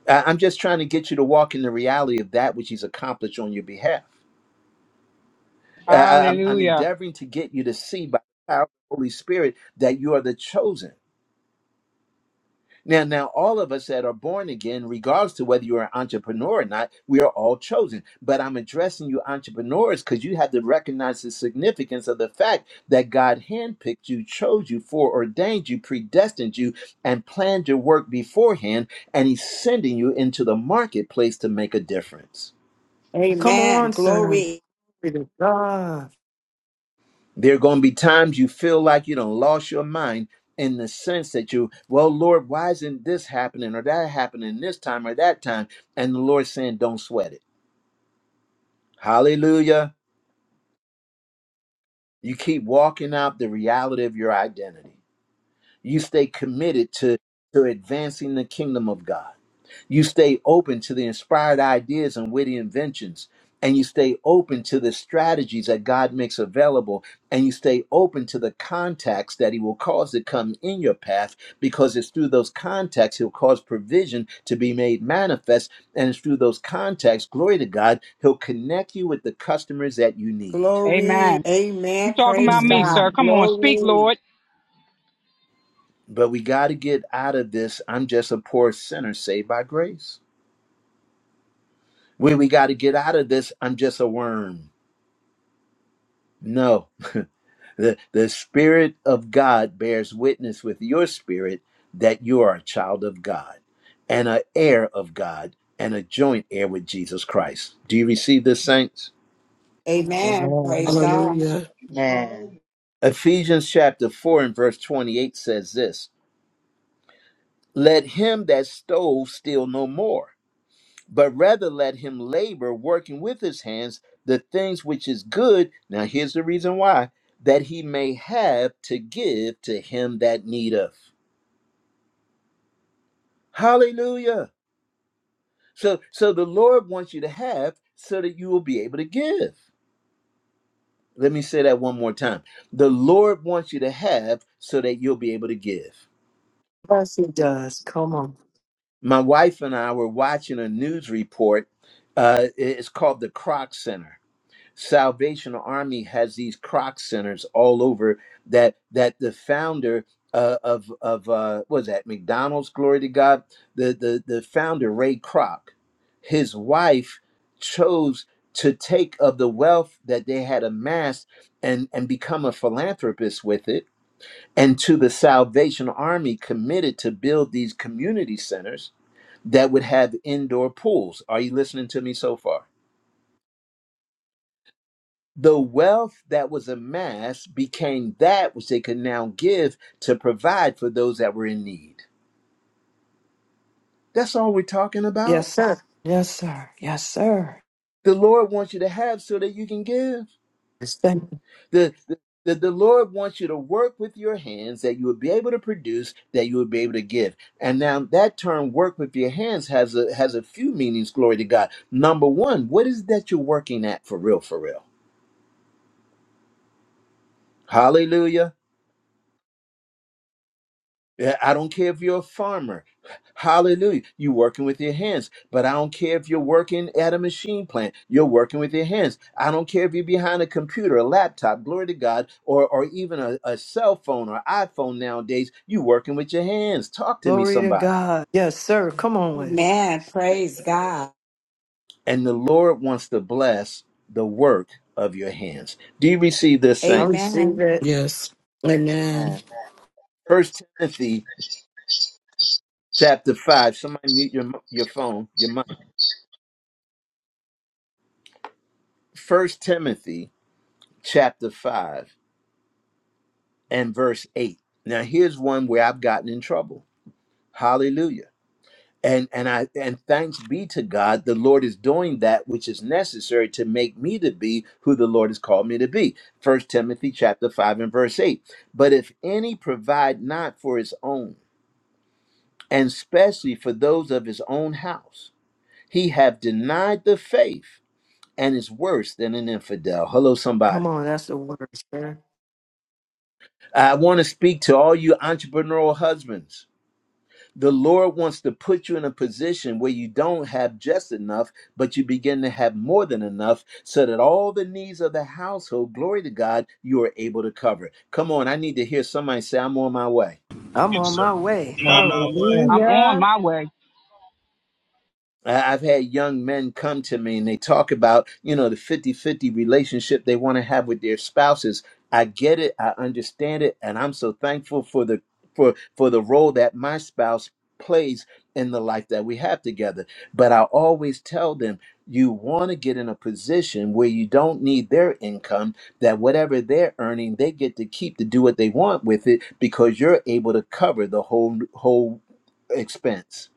A: I- I'm just trying to get you to walk in the reality of that which he's accomplished on your behalf. Uh, I- I'm, I'm
I: Hallelujah.
A: endeavoring to get you to see by the power of the Holy Spirit that you are the chosen Now, now, all of us that are born again, regardless to whether you're an entrepreneur or not, we are all chosen. But I'm addressing you entrepreneurs because you have to recognize the significance of the fact that God handpicked you, chose you, foreordained you, predestined you, and planned your work beforehand, and He's sending you into the marketplace to make a difference.
F: Come on,
G: Amen.
F: sir.
G: Glory.
F: Glory to God.
A: There are going to be times you feel like you don't lost your mind in the sense that you, well, Lord, why isn't this happening or that happening this time or that time? And the Lord's saying, don't sweat it. Hallelujah. You keep walking out the reality of your identity. You stay committed to, to advancing the kingdom of God. You stay open to the inspired ideas and witty inventions. And you stay open to the strategies that God makes available. And you stay open to the contacts that He will cause to come in your path because it's through those contacts He'll cause provision to be made manifest. And it's through those contacts, glory to God, He'll connect you with the customers that you need.
G: Glory.
I: Amen. You
G: Amen.
I: talking about
G: Praise
I: me, sir.
G: God.
F: Mhm.
I: Come on, speak,
G: Glory.
I: Lord.
A: But we got to get out of this. I'm just a poor sinner saved by grace. We, we got to get out of this. I'm just a worm. No. (laughs) The, the Spirit of God bears witness with your spirit that you are a child of God and an heir of God and a joint heir with Jesus Christ. Do you receive this, saints?
G: Amen.
B: Amen.
G: Praise God.
E: Hallelujah.
H: Amen.
A: Ephesians chapter 4 and verse 28 says this Let him that stole steal no more, but rather let him labor, working with his hands the things which is good. Now, here's the reason why that he may have to give to him that needeth. Hallelujah. So so the Lord wants you to have so that you will be able to give. Let me say that one more time. The Lord wants you to have so that you'll be able to give.
F: Yes, he does. Come on.
A: My wife and I were watching a news report. Uh, it's called the Croc Center Salvation Army has these croc centers all over that that the founder uh, of of uh, what was that McDonald's glory to God the the the founder Ray Kroc his wife chose to take of the wealth that they had amassed and and become a philanthropist with it and to the Salvation Army committed to build these community centers that would have indoor pools are you listening to me so far The wealth that was amassed became that which they could now give to provide for those that were in need. That's all we're talking about.
F: Yes, sir. Yes, sir. Yes, sir.
A: The Lord wants you to have so that you can give.
F: Yes, Thank you.
A: The, the, the, the Lord wants you to work with your hands that you would be able to produce, that you would be able to give. And now that term work with your hands has a has a few meanings, glory to God. Number one, what is it that you're working at for real, for real? Hallelujah. Yeah, I don't care if you're a farmer. Hallelujah. You're working with your hands. But I don't care if you're working at a machine plant. You're working with your hands. I don't care if you're behind a computer, a laptop, glory to God, or, or even a, a cell phone or iPhone nowadays. You're working with your hands. Talk to me,
F: Glory to
A: somebody.
F: God. Yes, sir. Come on with it.
G: Amen. Praise God.
A: And the Lord wants to bless the work of your hands. Do you receive this,
F: I
A: saints?
F: receive
G: Amen.
F: it.
E: Yes. Amen.
H: Amen.
A: First Timothy chapter 5. Somebody mute your, your phone, your mic. First Timothy chapter 5 and verse 8. Now here's one where I've gotten in trouble. Hallelujah. And and I and thanks be to God, the Lord is doing that which is necessary to make me to be who the Lord has called me to be. First Timothy chapter 5 and verse 8. But if any provide not for his own, and especially for those of his own house, he have denied the faith and is worse than an infidel. Hello,
F: Come
A: somebody.
F: on. That's the word, sir.
A: I want to speak to all you entrepreneurial husbands. The Lord wants to put you in a position where you don't have just enough, but you begin to have more than enough so that all the needs of the household, glory to God, you are able to cover. Come on, I need to hear somebody say, I'm on my way.
F: I'm
C: Good
F: on
C: sir.
F: my way.
C: I'm
B: On
C: on
B: my
C: my way.
B: word.
I: I'm on
F: Hallelujah.
I: my way.
A: I- I've had young men come to me and they talk about, you know, the fifty-fifty relationship they want to have with their spouses. I get it. I understand it. And I'm so thankful for the, for, for the role that my spouse plays in the life that we have together. But I always tell them, you want to get in a position where you don't need their income, that whatever they're earning, they get to keep to do what they want with it because you're able to cover the whole, whole expense.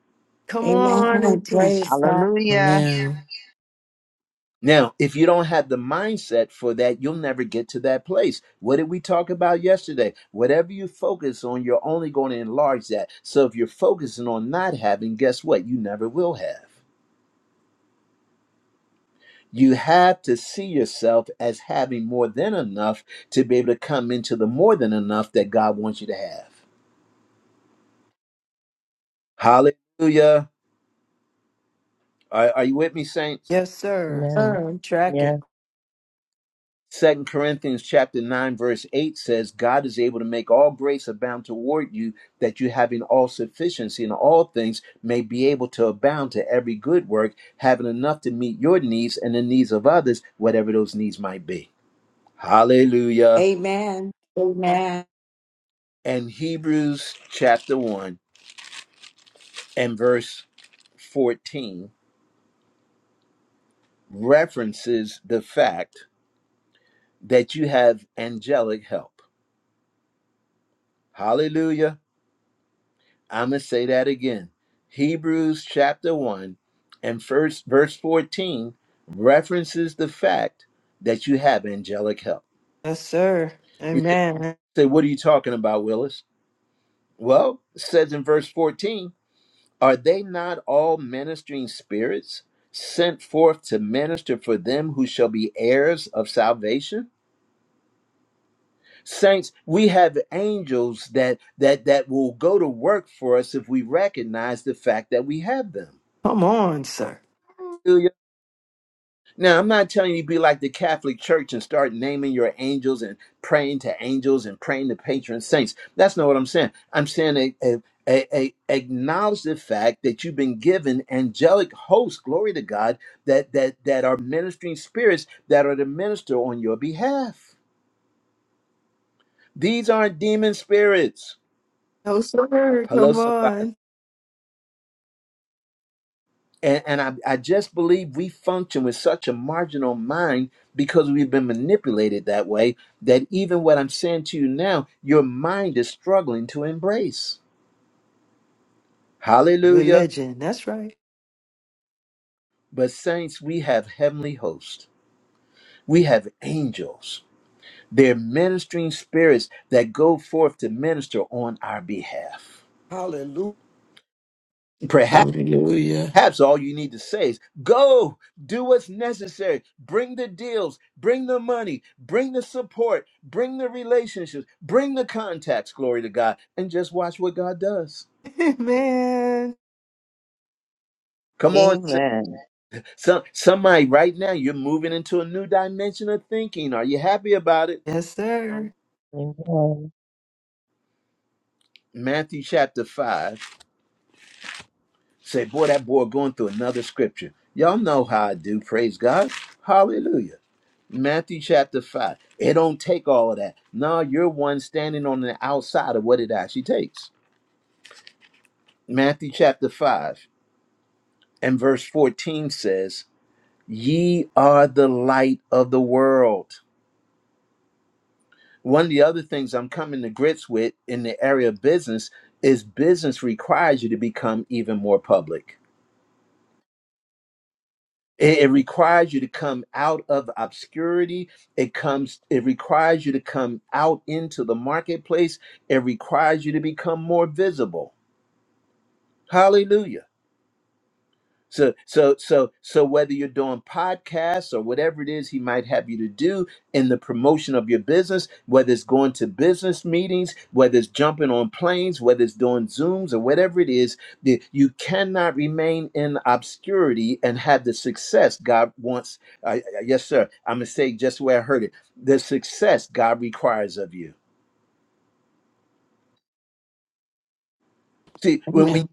F: Come on
G: Amen.
F: and teach.
G: Praise God.
H: Hallelujah.
E: Amen.
A: Now, if you don't have the mindset for that, you'll never get to that place. What did we talk about yesterday? Whatever you focus on, you're only going to enlarge that. So if you're focusing on not having, guess what? You never will have. You have to see yourself as having more than enough to be able to come into the more than enough that God wants you to have. Hallelujah. Are, are you with me, Saints?
F: Yes, sir.
B: Amen.
F: Sir, I'm tracking.
B: Yeah.
A: Second Corinthians chapter 9 verse 8 says God is able to make all grace abound toward you that you having all sufficiency in all things may be able to abound to every good work having enough to meet your needs and the needs of others whatever those needs might be. Hallelujah.
G: Amen. Amen.
A: And Hebrews chapter 1 and verse 14 references the fact that you have angelic help. Hallelujah. I'm going to say that again. Hebrews chapter 1 and first verse 14 references the fact that you have angelic help.
F: Yes, sir.
A: You say,
F: Amen.
A: say, what are you talking about, Willis? Well, it says in verse 14, are they not all ministering spirits sent forth to minister for them who shall be heirs of salvation? Saints, we have angels that that that will go to work for us if we recognize the fact that we have them.
F: Come on, sir.
A: Now, I'm not telling you to be like the Catholic Church and start naming your angels and praying to angels and praying to patron saints. That's not what I'm saying. I'm saying a, a, a, a- acknowledge the fact that you've been given angelic hosts, glory to God, that, that, that are ministering spirits that are to minister on your behalf. These aren't demon spirits.
F: No, sir.
A: Hello,
F: Come
A: somebody.
F: on.
A: And, and I, I just believe we function with such a marginal mind because we've been manipulated that way that even what I'm saying to you now, your mind is struggling to embrace. Hallelujah.
F: Religion. That's right.
A: But, saints, we have heavenly hosts, we have angels. They're ministering spirits that go forth to minister on our behalf.
G: Hallelujah.
A: Perhaps.
E: Hallelujah.
A: Perhaps all you need to say is go, do what's necessary, bring the deals, bring the money, bring the support, bring the relationships, bring the contacts, glory to God, and just watch what God does.
F: (laughs) Man.
A: Come on, s-
H: Amen.
A: some, somebody right now, you're moving into a new dimension of thinking. Are you happy about it?
F: Yes, sir.
B: Amen.
A: Matthew chapter 5. Say, boy, that boy going through another scripture. Y'all know how I do, praise God. Hallelujah. Matthew chapter 5. It don't take all of that. No, you're one standing on the outside of what it actually takes. Matthew chapter 5 and verse 14 says, Ye are the light of the world. One of the other things I'm coming to grips with in the area of business is business requires you to become even more public. It, it requires you to come out of obscurity. It comes. It requires you to come out into the marketplace. It requires you to become more visible. Hallelujah. So so so so whether you're doing podcasts or whatever it is he might have you to do in the promotion of your business, whether it's going to business meetings, whether it's jumping on planes, whether it's doing Zooms or whatever it is, the- you cannot remain in obscurity and have the success God wants. Uh, uh, uh, yes, sir. I'm gonna say just the way I heard it: the success God requires of you. See, when we
E: Amen.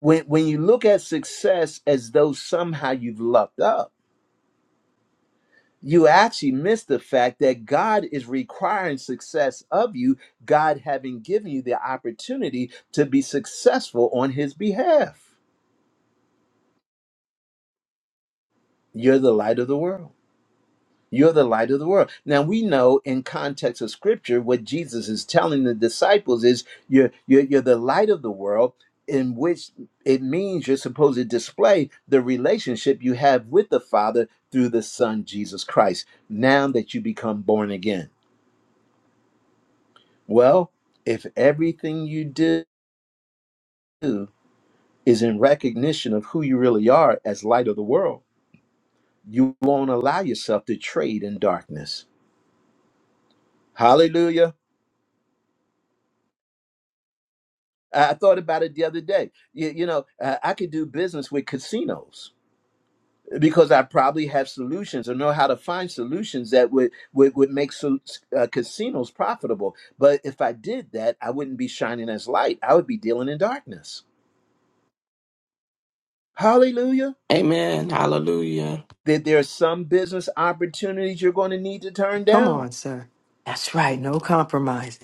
A: when when you look at success as though somehow you've lucked up you actually miss the fact that God is requiring success of you, God having given you the opportunity to be successful on His behalf. You're the light of the world. You're the light of the world. Now we know in context of scripture what Jesus is telling the disciples is you're you're, you're the light of the world in which it means you're supposed to display the relationship you have with the Father through the Son Jesus Christ now that you become born again Well, if everything you do is in recognition of who you really are as light of the world, you won't allow yourself to trade in darkness. Hallelujah. I I thought about it the other day. You, you know, uh, I could do business with casinos because I probably have solutions or know how to find solutions that would, would, would make so, uh, casinos profitable. But if I did that, I wouldn't be shining as light. I would be dealing in darkness. Hallelujah.
E: Amen. Hallelujah.
A: that there are some business opportunities you're going to need to turn
F: Come
A: down.
F: on, sir. That's right. No compromise.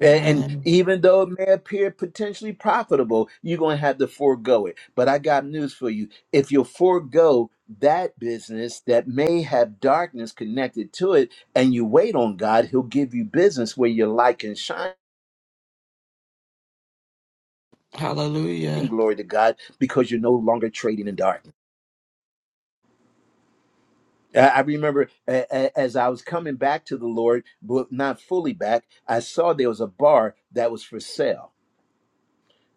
A: And, and
E: Amen.
A: even though it may appear potentially profitable, you're going to have to forego it. But I got news for you. If you forego that business that may have darkness connected to it and you wait on God, He'll give you business where your light can shine,
E: Hallelujah.
A: glory to God, because you're no longer trading in darkness. I I remember a- a- as I was coming back to the Lord, but not fully back, I saw there was a bar that was for sale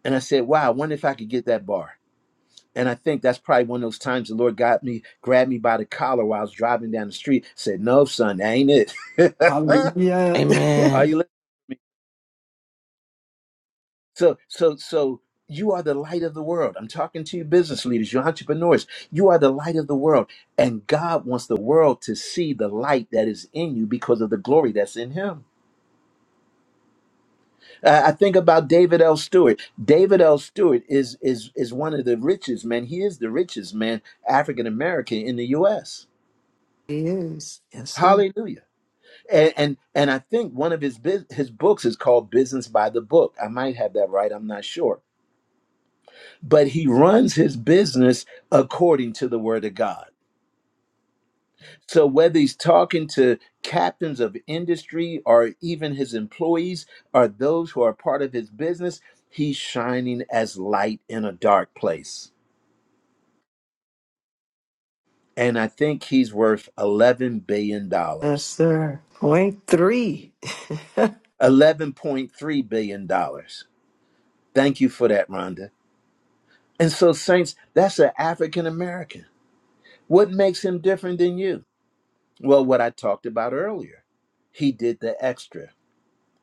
A: And I said, wow, I wonder if I could get that bar. And I think that's probably one of those times the Lord got me, grabbed me by the collar while I was driving down the street, said, No, son, that ain't it. (laughs)
F: Hallelujah. (laughs)
A: are
E: Amen.
A: you li- so so so you are the light of the world. I'm talking to you business leaders, you entrepreneurs. You are the light of the world. And God wants the world to see the light that is in you because of the glory that's in him. Uh, I think about David L. Stewart. David L. Stewart is is is one of the richest men. He is the richest man, African American in the US
F: he is. Yes, sir.
A: Hallelujah. And and, and I think one of his bus- his books is called Business by the Book. I might have that right, I'm not sure. But he runs his business according to the word of God. So whether he's talking to captains of industry or even his employees or those who are part of his business, he's shining as light in a dark place. And I think he's worth 11 billion
F: Yes,
A: dollars.
F: sir. Point three. (laughs)
A: 11.3 billion dollars. Thank you for that, Rhonda. And so, saints, that's an African American. What makes him different than you? Well, what I talked about earlier. He did the extra.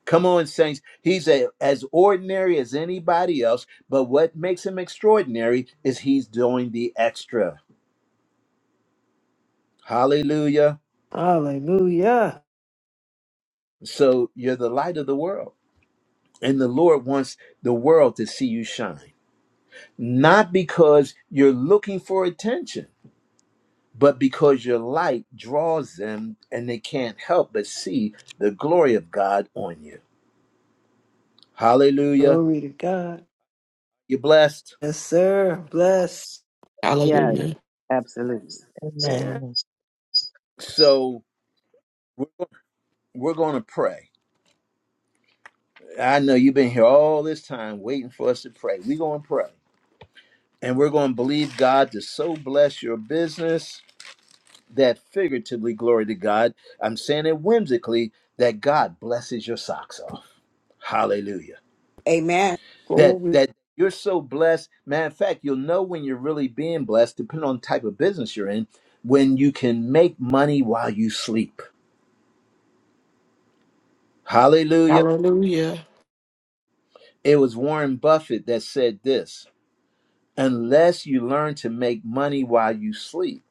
A: Come on, saints. He's a, as ordinary as anybody else, but what makes him extraordinary is he's doing the extra. Hallelujah.
F: Hallelujah.
A: So, you're the light of the world, and the Lord wants the world to see you shine, not because you're looking for attention but because your light draws them and they can't help but see the glory of God on you. Hallelujah.
F: Glory to God.
A: You're blessed.
F: Yes, sir. Bless.
H: Yes,
E: Hallelujah.
H: absolutely.
F: Man.
B: Amen.
A: So we're going to pray. I know you've been here all this time waiting for us to pray. We're going to pray. And we're going to believe God to so bless your business that figuratively, glory to God, I'm saying it whimsically, that God blesses your socks off. Hallelujah.
G: Amen.
A: that
G: Glory.
A: that you're so blessed. Matter of fact, you'll know when you're really being blessed, depending on the type of business you're in, when you can make money while you sleep. Hallelujah.
E: Hallelujah.
A: It was Warren Buffett that said this unless you learn to make money while you sleep,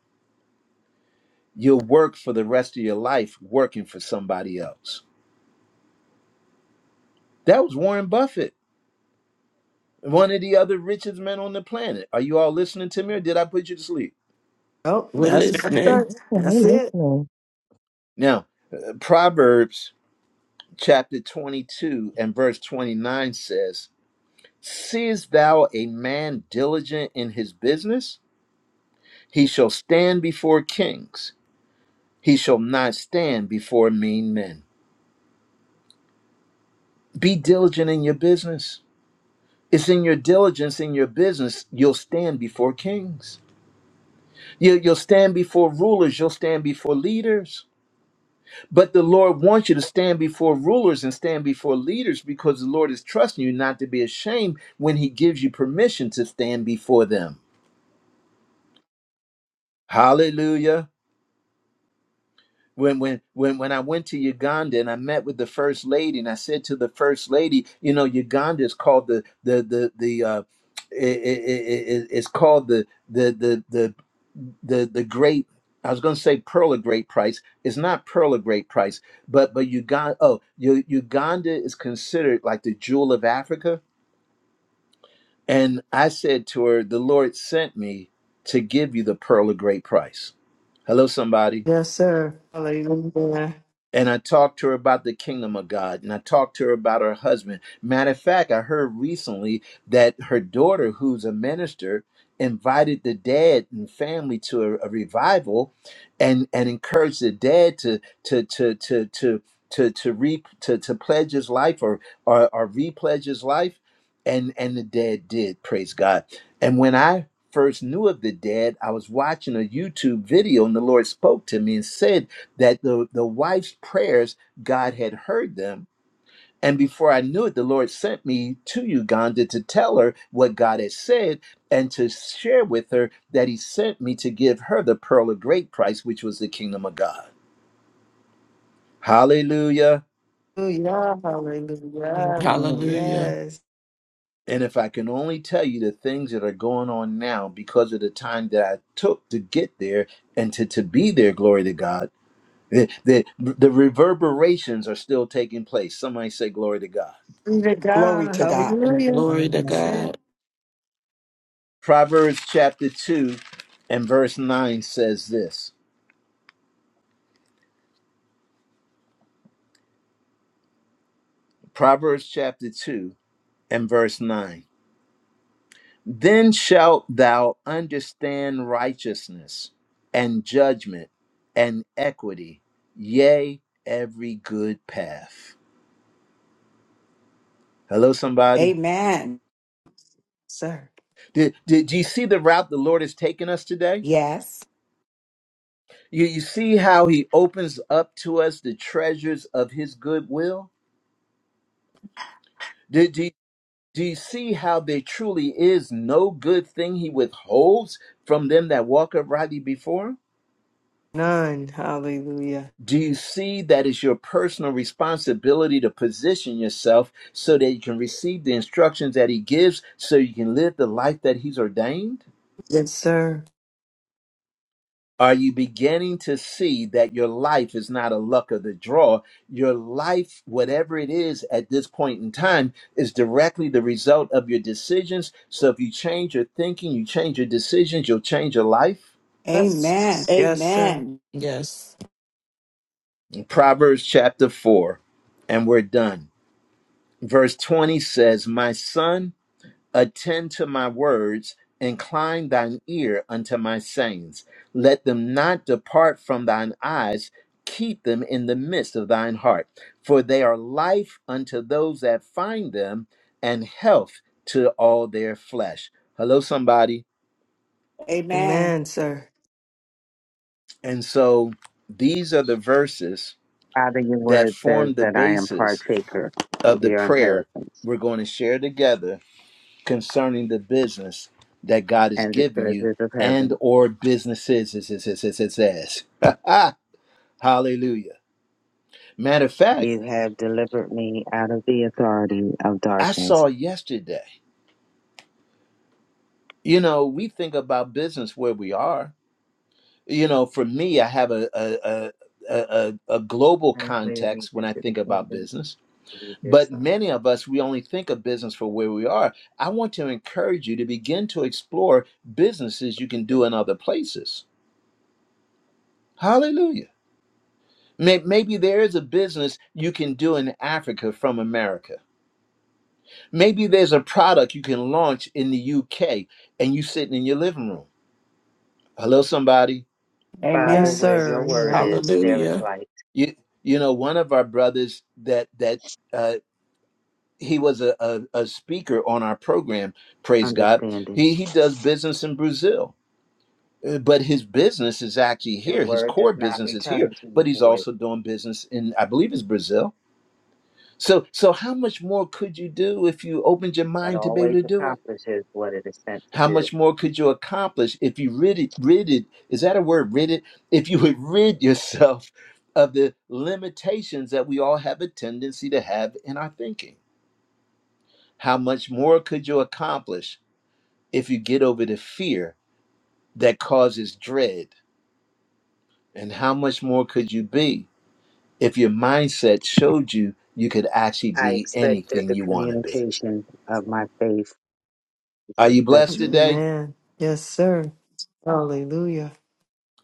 A: you'll work for the rest of your life working for somebody else. That was Warren Buffett, one of the other richest men on the planet. Are you all listening to me or did I put you to sleep?
F: Oh,
E: We're
F: that's
B: Yeah,
F: that's
E: listening.
F: it.
B: Hey,
F: That's it.
B: listening.
A: Now, uh, Proverbs chapter 22 and verse 29 says, Seest thou a man diligent in his business? He shall stand before kings. He shall not stand before mean men. Be diligent in your business. It's in your diligence in your business you'll stand before kings. You, you'll stand before rulers. You'll stand before leaders. But the Lord wants you to stand before rulers and stand before leaders because the Lord is trusting you not to be ashamed when He gives you permission to stand before them. Hallelujah. when when when when I went to Uganda and I met with the first lady and I said to the first lady, you know, Uganda is called the the the the uh, i i i- it's called the the the the the the great. I was going to say pearl of great price. It's not pearl of great price, but but Uganda. Oh, U- Uganda is considered like the jewel of Africa. And I said to her, the Lord sent me to give you the pearl of great price. Hello, somebody.
F: Yes, sir. Hallelujah.
A: and I talked to her about the kingdom of God, and I talked to her about her husband. Matter of fact, I heard recently that her daughter, who's a minister, invited the dad and family to a, a revival, and and encouraged the dad to to to to to to to re to, to pledge his life or or, or repledge his life, and and the dad did. Praise God. And when I first knew of the dad, I was watching a YouTube video, and the Lord spoke to me and said that the, the wife's prayers, God had heard them. And before I knew it, the Lord sent me to Uganda to tell her what God had said and to share with her that He sent me to give her the pearl of great price, which was the kingdom of God. Hallelujah.
F: Hallelujah, hallelujah.
B: Amen.
E: Hallelujah.
F: Yes.
A: And if I can only tell you the things that are going on now because of the time that I took to get there and to, to be there, glory to God, the, the, the reverberations are still taking place. Somebody say, Glory to God.
F: Be to
G: Glory
F: God.
G: to God.
B: Glory to
F: Hallelujah.
B: God.
E: Glory to
F: That's
B: Amen.
F: it,
E: God.
A: Proverbs chapter 2 and verse 9 says this Proverbs chapter 2 and verse 9 Then shalt thou understand righteousness and judgment and equity, yea, every good path. Hello, somebody.
G: Amen.
F: sir.
A: Did, did, do you see the route the Lord has taken us today?
G: Yes.
A: You, you see how he opens up to us the treasures of his goodwill? Do you see how there truly is no good thing he withholds from them that walk uprightly before him?
F: None. Hallelujah.
A: Do you see that it's your personal responsibility to position yourself so that you can receive the instructions that he gives so you can live the life that he's ordained?
F: Yes, sir.
A: Are you beginning to see that your life is not a luck of the draw? Your life, whatever it is at this point in time, is directly the result of your decisions. So if you change your thinking, you change your decisions, you'll change your life.
G: Amen.
F: Yes. Yes, sir.
G: Amen.
E: Yes.
A: Proverbs chapter 4, and we're done. Verse 20 says, My son, Attend to my words, incline thine ear unto my sayings. Let them not depart from thine eyes, keep them in the midst of thine heart. For they are life unto those that find them, and health to all their flesh. Hello, somebody.
G: Amen.
F: Amen, sir.
A: And so these are the verses
H: Father, your
A: that
H: word says
A: form the
H: that I am
A: basis
H: partaker
A: of
H: of
A: the
H: your
A: prayer
H: inheritance
A: we're going to share together concerning the business that God has
H: and the
A: given you
H: treasures of
A: and
H: heaven.
A: or businesses. is- is- is- is- is- is. (laughs) Hallelujah. Matter of fact,
H: You have delivered me out of the authority of
A: I
H: darkness
A: saw yesterday, you know, we think about business where we are. You know, for me, I have a, a, a a, a a global
H: translated me
A: context when I
H: into the
A: think about
H: kingdom
A: business,
H: of your dear
A: but
H: Son.
A: many of us we only think of business for where we are. I want to encourage you to begin to explore businesses you can do in other places. Hallelujah. May- Maybe there is a business you can do in Africa from America. Maybe there's a product you can launch in the UK and you sitting in your living room. Hello, somebody.
F: Yes,
H: Father,
G: Amen.
H: where your
F: sir.
H: word
F: Amen.
H: is, there is
E: Hallelujah.
H: light,
A: You you know one of our brothers that that uh, he was a, a a speaker on our program. Praise God.
H: understanding.
A: He he does business in Brazil, uh, but his business is actually
H: Your
A: here. His
H: word does
A: core
H: not
A: business is here,
H: return to you
A: but he's
H: void,
A: also doing business in I believe it's Brazil So, so how much more could you do if you opened your
H: but
A: mind to be able
H: always
A: to do it?
H: accomplishes what it is sent to
A: How
H: do.
A: much more could you accomplish if you rid it, rid it? Is that a word? Rid it. If you would (laughs) rid yourself of the limitations that we all have a tendency to have in our thinking. How much more could you accomplish if you get over the fear that causes dread? And how much more could you be if your mindset showed you you could actually
H: I
A: be
H: expect that
A: anything
H: the
A: you want to be?
H: communication of my faith is
A: Are you blessed
H: effectual
A: today?
F: Amen. Yes, sir. Hallelujah.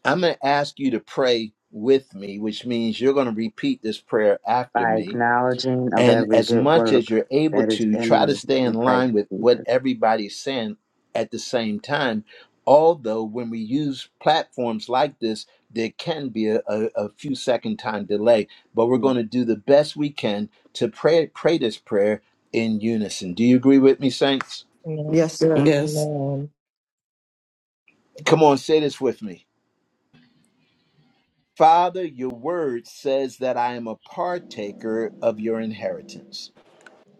A: I'm going to ask you to pray with me, which means you're going to repeat this prayer after
H: by
A: me.
H: acknowledging of
A: And
H: every
A: as
H: good
A: much as
H: work
A: you're able
H: that is
A: to,
H: in
A: try to
H: me
A: stay in
H: in Christ
A: line with what
H: Jesus.
A: everybody's saying at the same time. Although, when we use platforms like this, there can be a, a, a few second time delay, but we're going
H: And
A: to do the best we can to pray, pray this prayer in unison. Do you agree with me, Saints?
F: Yes, sir.
E: Yes.
B: Amen.
A: Come on, say this with me. Father, your word says that I am a partaker of your inheritance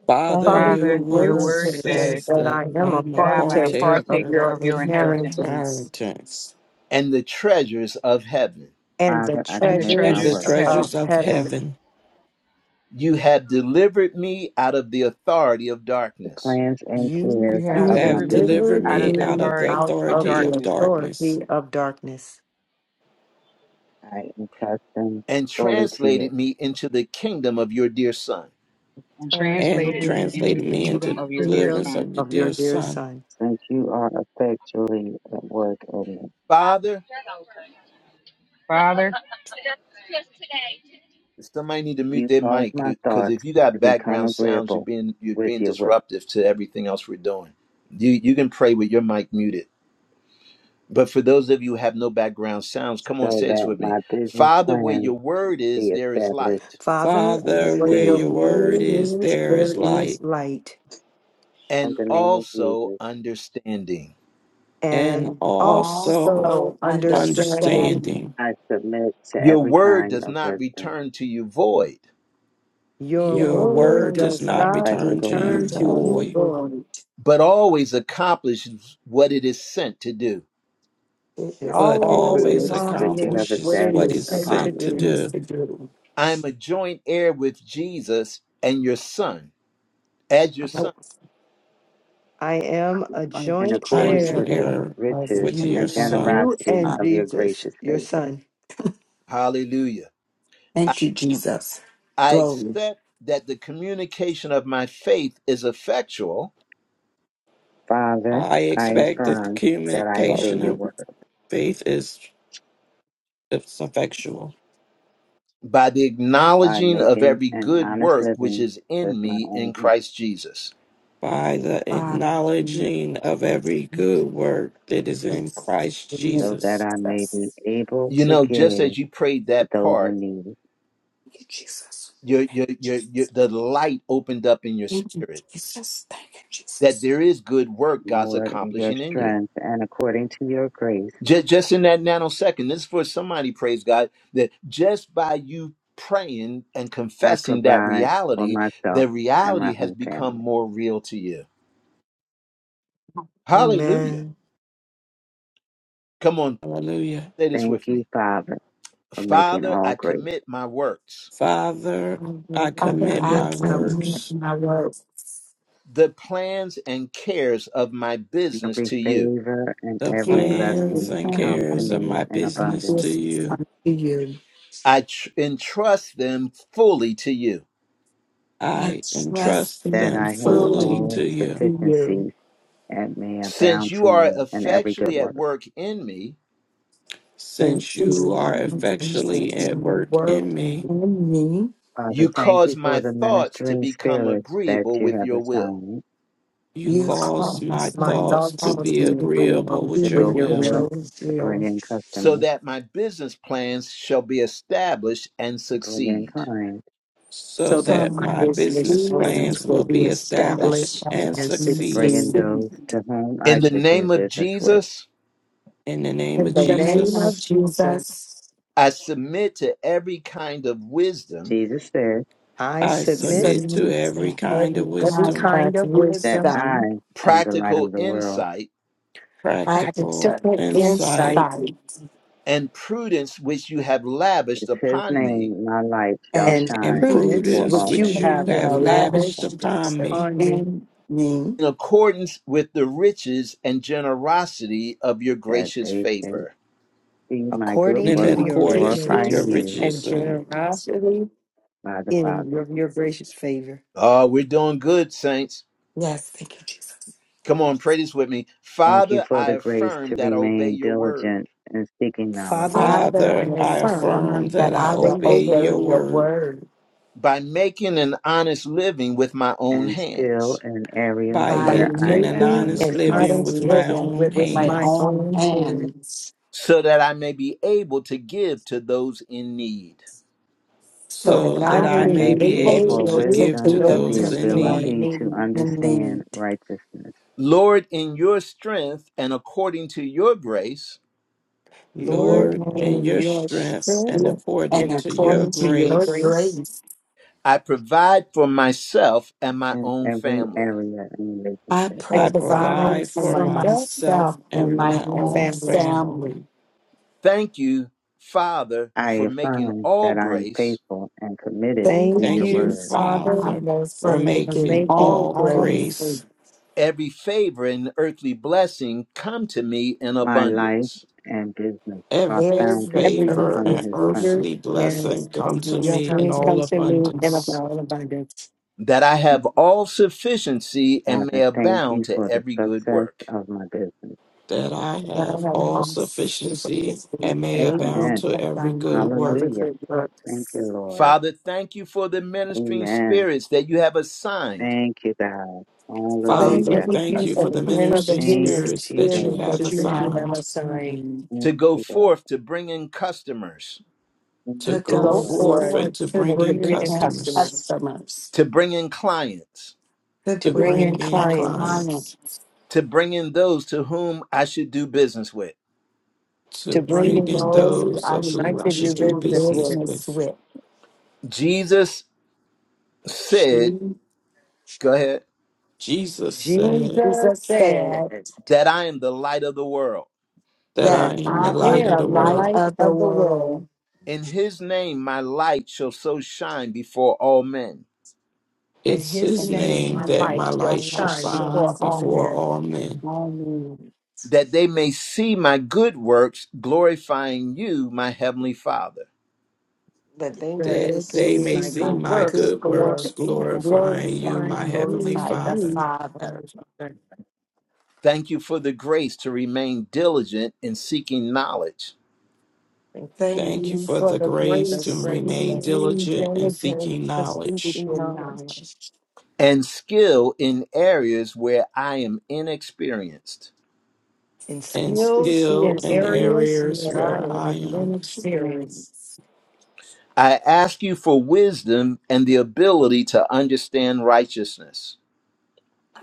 E: Father,
F: Father,
B: Salvation
E: your
F: your
B: is
I: Father,
B: the
I: your
F: word
E: word
B: word
I: word
F: says
B: of
I: says
E: says
F: that
B: God
E: that
F: I
B: in
E: I
B: my
F: am a
E: am a
I: that I am a
B: past.
F: partaker of
E: partaker of
I: partaker
F: your
I: of your
E: your
I: inheritance
F: inheritance
E: inheritance
A: and the treasures of heaven.
F: and the
H: Father, I
I: and the
H: commit
E: and
H: my
E: the
I: treasures of
F: treasures
H: works,
F: of
I: heaven.
E: treasures of
F: heaven.
E: heaven.
A: You have delivered me out of the authority of
H: the
A: darkness
H: plans and
F: You
H: cares
I: You have
E: You
F: have
H: of my
E: have
I: delivered me
H: business to
E: delivered
F: delivered
I: out
H: you.
E: me
I: of the
E: out
F: me
E: of the
I: authority
F: out
I: of
F: of
E: authority
F: the
E: of
I: darkness
E: darkness
F: authority of darkness
H: I entrust them
A: and
H: fully to you,
A: translated me into the kingdom of your dear son.
I: and
F: and
E: and
I: translated me
F: delivered me
I: into
E: translated
I: the
E: me
F: into the
I: kingdom
E: into
I: of your dear
F: kingdom
E: deliverance
I: Son.
E: of your
F: of your
E: dear
F: dear
E: son.
F: Son.
H: since you are effectually at work in me.
A: Father,
I: Father,
A: somebody need to mute
H: You
A: their
H: cause
A: mic
H: my
A: because
H: thoughts
A: if you
H: to
A: got
H: become
A: background sounds, you're
H: agreeable
A: being you're
H: with
A: being
H: your will,
A: disruptive to everything else we're doing. You you can pray with your mic muted. But for those of you who have no background sounds, come on,
H: so
A: say this
H: that
A: with me.
H: my business
A: Father, where
H: plans
A: your word is,
H: be
A: there is
H: established
A: light
F: Father,
H: and
E: Father,
F: Where
E: where
F: your
H: succeed.
E: your word
F: way
E: is,
F: is,
E: there
F: there
E: is
F: is
E: light,
F: light,
H: In
A: and
H: the name of
A: also
H: Jesus,
A: understanding.
E: and
F: and
G: And
E: also
F: also
G: also understand.
F: understanding.
E: understanding.
H: I submit to
A: Your
H: every
A: word
H: kind
A: does
H: of
A: not
H: wisdom
A: return to you void,
F: Your
G: Your
E: Your
F: word
E: word
G: word
E: does
F: does
E: not
G: don't
F: not
E: return
H: practical
E: to you
F: return
G: unto
F: to
H: insight
G: us
F: you
E: void,
G: forward.
F: void.
A: but always accomplishes what it is sent to do.
G: It
F: It
G: is
E: but
H: and
F: always
E: always
H: prudence
G: always a
H: which you
G: conflict
F: accomplishes
H: have
F: what
E: accomplishes
F: it
E: what
F: is
H: established
E: is
F: sent to
H: upon
E: sent
H: me,
E: to
F: do.
G: things
E: do.
G: to do,
A: I am a joint heir with Jesus and your son, as your
E: I
A: son.
F: I am a
G: like
H: in
F: joint
E: I am
H: accordance
G: joint
F: heir,
H: with the
G: one
E: here
G: of
H: riches
E: with your
G: you
H: and
F: with
G: and
E: son.
G: your
F: you
H: generosity
F: and
G: son.
H: of your
F: Jesus,
H: gracious
F: your
H: favor.
F: son.
A: Hallelujah. I,
G: Thank you, Jesus.
A: I
G: Glory.
A: accept that the communication of my faith is effectual
H: Father,
E: I
H: I
E: expect that the
H: affirm that I obey
E: communication
H: your
G: Every
E: of
H: word
E: faith is is effectual
A: by the
H: by
A: acknowledging of
H: making
A: every
H: an
A: good
H: honest
A: work which
H: living
A: is
H: with
A: in
H: my
A: me in
H: own hands,
A: Christ Jesus.
E: by the
G: time you
E: acknowledging of every good work that is in Christ
H: so that
E: Jesus.
H: I may be
G: Jesus.
H: able
A: You
H: to
A: know, just as
H: give
A: you prayed
H: to
A: that
H: those
A: part,
H: in need.
G: Thank you, Jesus.
A: your your your, your the light opened up in your
G: Thank you,
A: spirit
G: Jesus. Thank you,
A: that
G: Jesus.
A: there is good work God's
H: Lord, in your
A: accomplishing in you.
H: strength and according to your grace,
A: Just, just in that nanosecond, this is for somebody, praise God, that just by you praying and
H: I
A: confessing that
H: provide for
A: reality, the
H: myself and
A: reality
H: my
A: has
H: own
A: become
H: family.
A: more real to you. Hallelujah.
F: Amen.
A: Come on,
E: Hallelujah.
A: say this
H: Thank
A: with
H: you,
A: me.
H: Father, for making
A: Father,
H: all
A: I
H: grace.
A: commit my works
E: Father, I
F: I
G: Father,
E: commit
G: I
F: commit
E: my
F: my will,
G: commit
E: works,
G: my words.
A: the plans and cares of my business
H: Every
A: to you.
H: favor and
F: the
E: the
H: every
E: plans
F: kingdom,
H: blessing
E: and
H: come to
E: cares of
H: me
E: my
H: in
F: I
G: my
E: business to
H: abundance,
G: business
E: you.
G: unto you.
A: I tr- entrust them fully to you.
G: I
E: I
G: trust
E: entrust
H: that
G: and
E: them
H: I
F: put
H: have
F: it to
E: fully
G: fully
F: you.
H: all
E: to you.
G: to you.
H: sufficiency and may
A: Since
H: abound to
A: you are
H: me in every good
A: effectually at
H: work.
A: work in me,
F: Sent
E: Since
F: to
G: Since
E: you
F: you
G: you
E: are
F: on
G: are
F: these
E: effectually
F: sections.
E: at
G: uncertain and
E: work
G: work
E: in me,
G: in me,
H: Father,
A: you
H: thank
A: cause
H: you
A: my
H: for the
A: thoughts to
H: ministering
A: become
H: spirit that
A: agreeable
H: you
A: with
H: have
A: your will,
H: assigned
E: you
G: you
F: Use
E: cause my
G: cause
F: my
G: me
E: thoughts to
F: thoughts
G: cause
F: to
E: be
F: be
G: to be a
E: agreeable
F: agreeable
H: to
E: with your
F: with
H: go
G: agreement
F: your
E: will.
G: with
H: forth,
F: will
G: your
H: to bring
G: will.
H: in
A: so
H: customers,
A: that my business plans shall be established and
H: to bring in
A: succeed.
H: clients,
E: so
F: so that
G: So
E: that
F: my
E: my
F: business
E: business
F: plans
E: plans
G: business
E: will
F: will be
E: be
G: we are
E: established
F: established
E: and
F: and
H: to
G: establishing to
H: bring
E: succeed.
H: in
F: succeed.
G: see.
H: those
G: In
H: to whom I
A: In the
H: should do
A: name of
H: business with.
A: Jesus,
E: In the name
F: In
E: of
F: the
G: the name
F: name
G: of
F: of
E: Jesus,
G: Jesus,
F: Jesus,
A: I submit to every kind of wisdom,
H: Jesus said
F: I
E: I
F: submit
E: submit to
F: to
G: submit
E: every
G: to
E: kind
G: every
E: of
F: every
G: kind
E: wisdom,
F: kind
G: of
F: of
H: that
F: wisdom,
H: I
G: wisdom,
H: am the light
A: practical
H: of the world.
A: insight,
G: practice,
E: practical
F: practical
E: insight,
F: insight,
G: insight.
A: and prudence which you have lavished
H: It's his
A: upon me
H: name, my light shall
F: and
G: and
E: and
H: shine
F: prudence
H: before
E: prudence
H: all
F: which
G: proves
H: men.
F: you
E: which
G: that
E: you
F: have
G: you are
E: have
G: alive
E: lavished
G: and
F: lavished
E: upon
G: yourself
E: me.
F: upon me
G: in me
A: in accordance with the riches and generosity of your
H: that
A: gracious
H: they should
A: favor.
H: see my good
F: according
G: and
E: And in
F: to
H: works,
F: your
G: according to
E: accordance
G: your
E: with your
H: glorifying
F: richness
H: you,
F: and
E: riches
G: will.
E: and
F: generosity
H: by the
F: in
H: Father.
F: your, your gracious favor.
A: Oh, we're doing good, saints.
G: Yes, thank you, Jesus.
A: Come on, pray this with me.
H: Thank you
A: Father,
H: for
A: I
H: the grace
A: affirm
H: to
A: that I obey
H: remain
A: your word
H: diligent in seeking knowledge
F: Father,
G: Father, I
F: I
E: Father, I
F: affirm,
E: affirm
G: affirm
E: that
G: that
E: I
G: I
F: obey
G: will
F: your
E: obey
G: obey
E: your
F: word
G: your
E: word
G: word
A: by making an honest living with my own
H: and skill
A: hands,
H: in areas
E: by
F: by
G: by
H: where
G: making
H: I
E: making an
H: am
F: making
G: my
E: honest
F: an
H: inexperienced.
E: living
G: honest
F: honest
E: with my
F: living
G: living
E: own
G: with
F: with
G: my
F: my
E: hands.
G: own
F: own
G: hands
F: hands,
A: so that I may be able to give to those in need.
F: so
G: so
E: so
F: that I
E: that
G: I
F: may
E: I
H: I
G: can
F: be
E: may
H: ask
E: be
G: be
H: you
F: able
E: able
H: for
F: to
E: to
G: able to
F: give
E: give
F: to
H: wisdom
E: to
G: give
H: and the
E: those
F: those
G: to
E: in
F: who are
G: them
E: need.
F: in
H: ability to
F: need.
G: in need.
H: understand righteousness
A: Lord, in your strength and according to your grace,
F: Lord,
E: Lord,
G: Lord,
E: in
F: in
E: your
F: your
E: strength
F: strength
E: and
G: and
E: according
F: and
E: to your
G: according
F: according
G: to
F: to your
G: your
E: grace,
F: grace,
G: grace.
A: I provide for myself and my
H: in
A: own
H: every
A: family.
H: area and
G: I
H: relationship.
F: I
E: I
F: provide
G: provide
E: provide
F: for
E: for
G: for
F: myself
G: myself
E: myself
F: and
G: and
E: and
F: my
E: my
G: my
F: new
E: own
G: own
F: family.
E: family.
G: family.
A: Thank you, Father,
H: I
A: for making
H: affirm
A: all
H: that I am
A: grace,
H: faithful and committed to
G: Thank
F: Thank
H: your
E: Thank you,
G: you,
F: you,
H: word.
F: Father,
E: Father,
G: Father, for
E: for
F: for
G: making
E: making
F: making
G: all
E: all
F: all
G: grace,
F: for
E: grace,
A: every favor and earthly blessing come to me in
H: My life
A: abundance,
H: and business are
E: every
H: founded
G: every
F: every
E: favor,
H: upon
E: and
G: earthly
F: food
H: his
F: order
E: earthly
H: principles.
F: and
E: blessing come to
F: your
G: business
E: me
G: come
E: in
F: food
G: to
E: all
G: me
F: comes to
G: in my
F: me in a
E: abundance,
F: abundance.
A: that I have all sufficiency and may
H: Father, thank
A: abound
H: you
A: to
H: for the
A: every good
H: success
A: work.
H: of my business.
E: that I
G: life.
E: have all
G: And
F: This
G: for
F: is
E: sufficiency
G: this thing,
F: the
E: and may
G: um,
E: abound
F: one
H: Amen.
E: to
G: and by
E: every good
G: me,
F: I
E: work.
H: Hallelujah.
F: regret work.
H: Thank you,
G: works.
H: Lord.
A: Father, thank you for the ministering
H: Amen.
A: spirits that you have assigned
H: Thank you, God.
F: Are there
G: Thank
E: Father,
H: Hallelujah.
F: any
E: thank you
F: things
E: for
F: that
G: Thank
F: the
E: the
G: you for the
E: ministry
F: ministry
H: Thank
F: and
G: minister
H: you,
E: spirits that
F: the
E: you
G: spirit
H: Jesus.
E: have
F: ministry
G: that you
F: that you
G: have
F: have
E: assigned
F: assigned
G: assigned
H: Thank
A: to go
H: you, God.
A: forth to bring in customers,
H: Thank
E: to
G: to
H: you,
F: to
E: go
F: go
G: go
H: Lord.
E: forth
F: forward
E: and
G: forth
E: to
G: to
E: bring
F: and to
E: in
G: bring
F: bring in
G: in
E: customers,
F: customers,
G: customers
A: to bring in clients,
G: to
F: to
E: to
G: bring
F: bring
G: in
E: bring
F: in
E: in
G: clients
F: clients,
E: clients,
A: to bring in those to whom I should do business with.
E: to
F: to bring
G: to
E: bring
F: in
E: in
G: those who
F: those
E: those
G: I
E: of
F: who
G: sh-
E: who
F: might
E: I
F: be
E: should
F: your
G: to
E: do
G: do
F: business
E: business
F: work?
G: business
E: with.
G: with.
A: Jesus
G: She
A: said, Go ahead,
E: Jesus said
F: Jesus
G: Jesus said
F: said
A: that I am the light of the world.
E: that
G: that
E: I
F: that
E: am the
F: I
G: I
E: light
G: am
E: of
G: the
E: the
F: am the
G: light
E: world.
F: light
G: of the
F: of the
G: world.
F: world,
A: In his name my light shall so shine before all men,
F: In
E: It's
F: his
E: his
G: In
F: name,
G: his
E: name
F: my
E: that
G: name,
F: light,
E: my
G: my
F: shall
E: light should
G: light
F: shine
E: shine
G: shines
F: before all
E: before
G: on
F: men.
E: all men,
G: me,
A: that they may see my good works, glorifying you, my heavenly Father.
F: that they
G: where
E: that
F: may
G: they could
E: they
F: see
E: may
G: see
F: my
E: see
G: my
F: good
E: my
F: works,
G: good
E: good works,
F: glor-
G: works and
E: glorifying you,
F: glorifying
E: my heavenly
F: you,
G: glorify the
E: Father.
F: you,
G: Father.
F: Heavenly Father.
A: Thank you for the grace to remain diligent in seeking knowledge
F: Thank
G: Thank
E: Thank you
G: you
F: you
E: for
F: for
E: the
F: the
G: for
E: grace
G: the
E: to
F: grace and
G: grace
F: the
E: remain
G: that's
F: new
E: diligent in seeking
F: diligence to speak
E: knowledge
F: in
G: secret
F: knowledge
G: knowledge.
A: and skill in areas where I am inexperienced.
F: and
E: and
F: skills
E: skill
F: in
G: experience
E: in
G: and
F: areas
E: areas
G: others
F: where I
G: that
E: where
G: want
E: I
F: am
G: to
E: am.
F: inexperienced.
G: experience.
A: I ask you for wisdom and the ability to understand righteousness,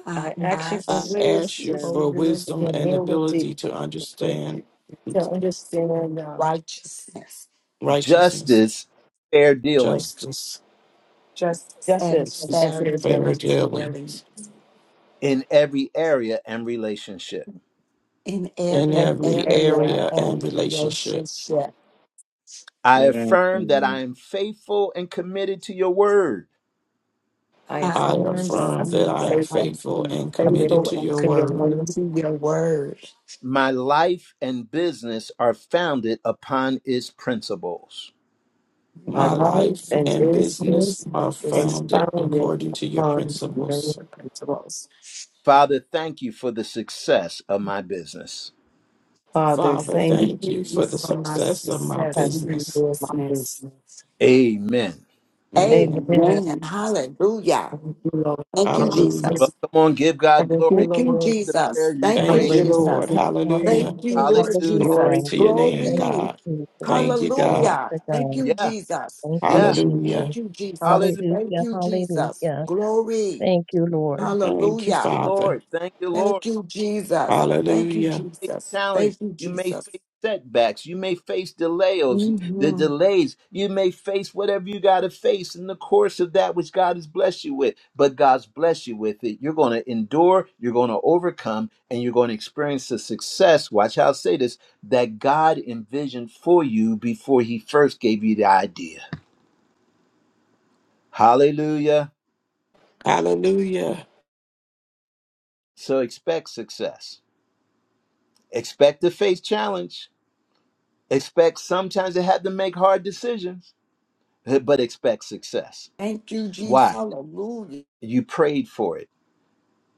G: I
F: I ask you for
E: I
G: ask you
E: ask you
G: for
F: wisdom
E: for
F: and the
E: wisdom and
G: wisdom,
E: ability
F: ability
E: to
F: to
E: understand
F: understand uh,
G: righteousness,
E: righteousness,
A: justice, fair dealing
E: justice,
G: justice, and
F: justice and
G: fair
E: and
F: fair
E: fair
G: doing
F: dealings
E: dealing
G: daily
A: in every area and relationship.
G: in
F: in
E: in
G: every
F: every
E: every
F: area.
G: area
E: area and
G: and
E: relationship.
G: relationship.
A: I
H: Yes,
A: affirm that I
H: amen.
A: am faithful and committed to your word.
F: I
G: I
E: I
F: affirm
G: am
F: that
E: affirm
F: I
E: that
F: am
G: saying
E: I am
G: that
F: faithful
G: I'm
E: faithful
G: being
E: and committed
G: faithful
F: committed
E: to
G: and
E: your
F: to your
E: word.
G: committed
F: will,
G: to your word.
A: My life and business are founded upon its principles.
F: my
G: My
E: My
F: life
E: life
F: and
G: needs
E: and
G: and
F: business
E: business
G: blessings
E: are
G: is
F: is
E: founded
F: founded
G: unbelievable.
E: according to your
F: upon
E: principles.
F: your principle.
A: Father, thank you for the success of my business.
F: Father,
E: Father,
F: thank you
E: thank
G: Thank
E: you
G: you
E: for the
G: for my
E: success of my
F: for
G: success and
E: business.
F: my
G: business.
F: business.
A: Amen.
E: Amen.
F: Amen.
G: Amen. Hallelujah.
F: Thank you, Lord.
G: Thank you,
F: Hallelujah.
E: Hallelujah.
A: Well,
G: Jesus.
A: come on, give God
F: Thank you,
A: glory.
G: Thank
A: You
G: you,
F: Lord.
A: believe the
G: Jesus.
A: prayer you
G: Thank you,
E: Thank you,
A: prayed.
F: Hallelujah.
E: Lord.
G: Jesus.
B: Hallelujah,
G: Thank
E: Hallelujah.
G: you, Lord
A: Hallelujah.
E: Glory
G: Jesus.
B: hallelujah.
E: to your name,
B: Thank
G: Glory.
B: you,
E: God.
B: Jesus.
E: Thank you,
B: Glory
E: God.
G: Hallelujah.
B: to
G: Thank
B: God.
G: you,
A: Yeah,
G: Jesus.
B: Thank you,
A: yeah.
B: Jesus.
G: Thank
E: Hallelujah.
G: you, Jesus.
A: Hallelujah.
G: Thank
A: Thank
B: Hallelujah,
G: you, Jesus.
B: hallelujah.
G: Glory.
B: Thank you, Lord.
E: Thank you,
G: Hallelujah.
A: you,
E: Father.
A: Lord. Thank you, Lord.
G: Thank you, Jesus. Thank you,
E: Hallelujah.
A: face
G: Jesus.
A: challenges.
G: Thank you,
A: You may
G: Jesus.
A: face setbacks. You may face delays, the
G: Mhm.
A: delays. You may face whatever you got to face in the course of that which God has blessed you with. But God's blessed you with it. You're going to endure, you're going to overcome, and you're going to experience the success. Watch how I say this that God envisioned for you before He first gave you the idea. Hallelujah.
E: Hallelujah.
A: So expect success. Expect to face challenge. Expect sometimes to have to make hard decisions (laughs) but expect success.
G: Thank you, Jesus.
A: Why?
G: Hallelujah.
A: You prayed for it.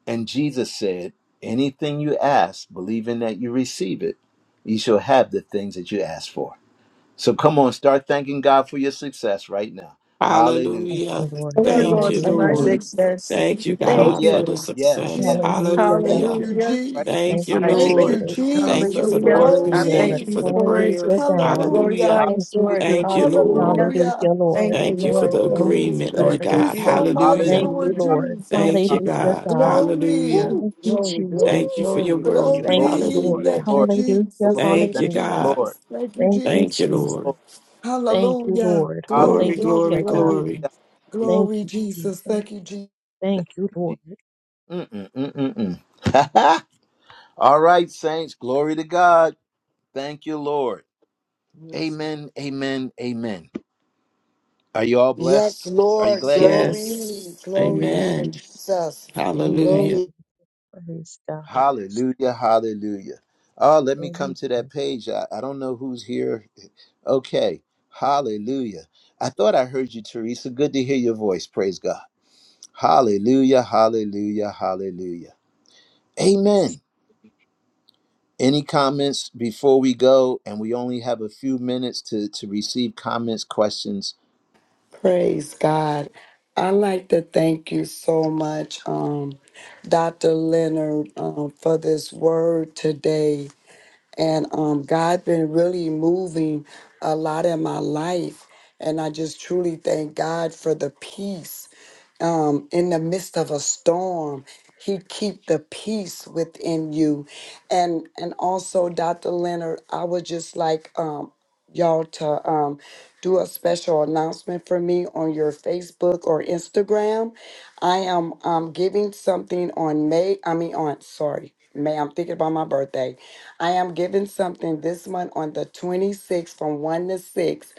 A: And Jesus said, Anything you ask, believing that you receive it, you shall have the things that you ask for. So come on, start thanking God for your success right now. Hallelujah.
B: Thank you,
E: Hallelujah.
B: Lord.
F: Thank
G: Yeah,
F: you,
E: Thank
F: Lord,
E: you,
G: thank
F: for
G: you,
F: my
B: Hallelujah.
A: Hallelujah.
E: Lord.
G: Jesus.
F: success.
B: Thank
E: Thank you,
B: you,
A: Oh,
F: Thank
E: God,
F: you,
B: Jesus.
A: yeah.
E: for the
F: Lord.
A: Yeah.
E: success.
A: Yeah.
G: Jesus.
B: Hallelujah, God.
G: Thank
E: Hallelujah.
G: you,
F: Hallelujah.
A: Right
E: Thank
B: Thank
A: now.
G: Jesus.
E: you,
B: you,
F: I
G: Thank
B: Jesus.
A: Hallelujah.
F: thank
E: Lord.
G: you,
F: you.
E: Thank you for
G: Jesus.
E: the
F: Hallelujah.
B: Thank you,
F: I
E: words.
A: Hallelujah.
E: Thank
B: Lord.
E: you
F: thank
G: Glory.
F: you
E: for the
F: for it.
B: Hallelujah,
E: prayer.
F: I
B: God.
E: Hallelujah.
F: glorify
G: Hallelujah.
F: you
B: Thank you,
F: for it.
A: Hallelujah.
E: Thank you,
B: Jesus.
E: Lord.
F: Hallelujah.
B: Hallelujah,
G: Hallelujah.
F: Thank
B: Lord.
F: you,
E: Thank you for
F: Lord
E: the
B: Thank you,
F: Jesus.
G: Woo.
E: agreement, Lord
G: Thank
B: Jesus.
G: you
F: Thank
E: God.
F: you.
G: so
A: Hallelujah.
G: much,
E: Hallelujah.
B: Thank you,
G: Lord
F: Hallelujah.
B: Lord.
A: Hallelujah.
G: Jesus.
E: Thank you,
A: Hallelujah.
B: Hallelujah,
E: God.
B: God.
G: Glory.
E: Hallelujah.
F: Woo.
B: Thank you,
F: Glory,
B: Jesus.
F: glory,
E: Thank you for your
G: Woo.
F: glory.
A: Thank
E: word.
A: you,
B: Thank
A: Lord.
B: you,
G: Glory.
B: Lord.
E: Hallelujah.
G: Thank you,
A: Lord. The
B: Hallelujah.
G: Jesus.
A: Lord.
G: Thank
E: Thank
G: you,
A: Thank
E: you,
A: you,
B: Hallelujah.
E: God.
A: Lord.
G: Jesus. Thank you,
B: Thank you,
E: Thank you,
G: Jesus.
E: Lord.
B: Jesus.
A: Lord.
B: Thank you,
G: Hallelujah.
B: Lord.
A: Hallelujah.
G: Glory,
E: Glory,
B: Hallelujah,
G: glory,
E: glory,
B: God.
G: glory.
E: glory.
A: Hallelujah. Thank
B: Thank
G: Glory,
B: you,
G: Jesus.
B: Jesus.
G: Thank you, Jesus.
A: you,
B: Thank you,
A: Jesus.
B: Lord.
A: Mm-mm, mm-mm, mm. (laughs) All right, saints, glory to God. Thank you, Lord.
F: Yes.
A: Amen, amen, amen. Are you all blessed?
G: Yes,
A: Are you
G: Lord.
A: glad?
B: Amen.
F: Servants.
G: Glory.
E: Yes.
G: Glory
B: Amen.
G: be to
E: Amen.
G: Jesus.
B: Amen.
E: Hallelujah.
G: Glory.
B: Praise God.
A: Hallelujah, hallelujah. Oh, let me come
B: Amen.
A: to that page. I, I don't know who's here. Okay, hallelujah. I thought I heard you, Teresa. Good to hear your voice. Praise God. Hallelujah, hallelujah, hallelujah. Amen. Any comments before we go? And we only have a few minutes to, to receive comments, questions.
G: Praise God. I'd like to thank you so much, um, Dr. Leonard, um, for this word today. And um, God been really moving a lot in my life. And I just truly thank God for the peace um, in the midst of a storm. He keep the peace within you, and and also Dr. Leonard, I would just like um, y'all to um, do a special announcement for me on your Facebook or Instagram. I am um, giving something on May. I mean on sorry. May I'm thinking about my birthday. I am giving something this month on the 26th from 1 to 6.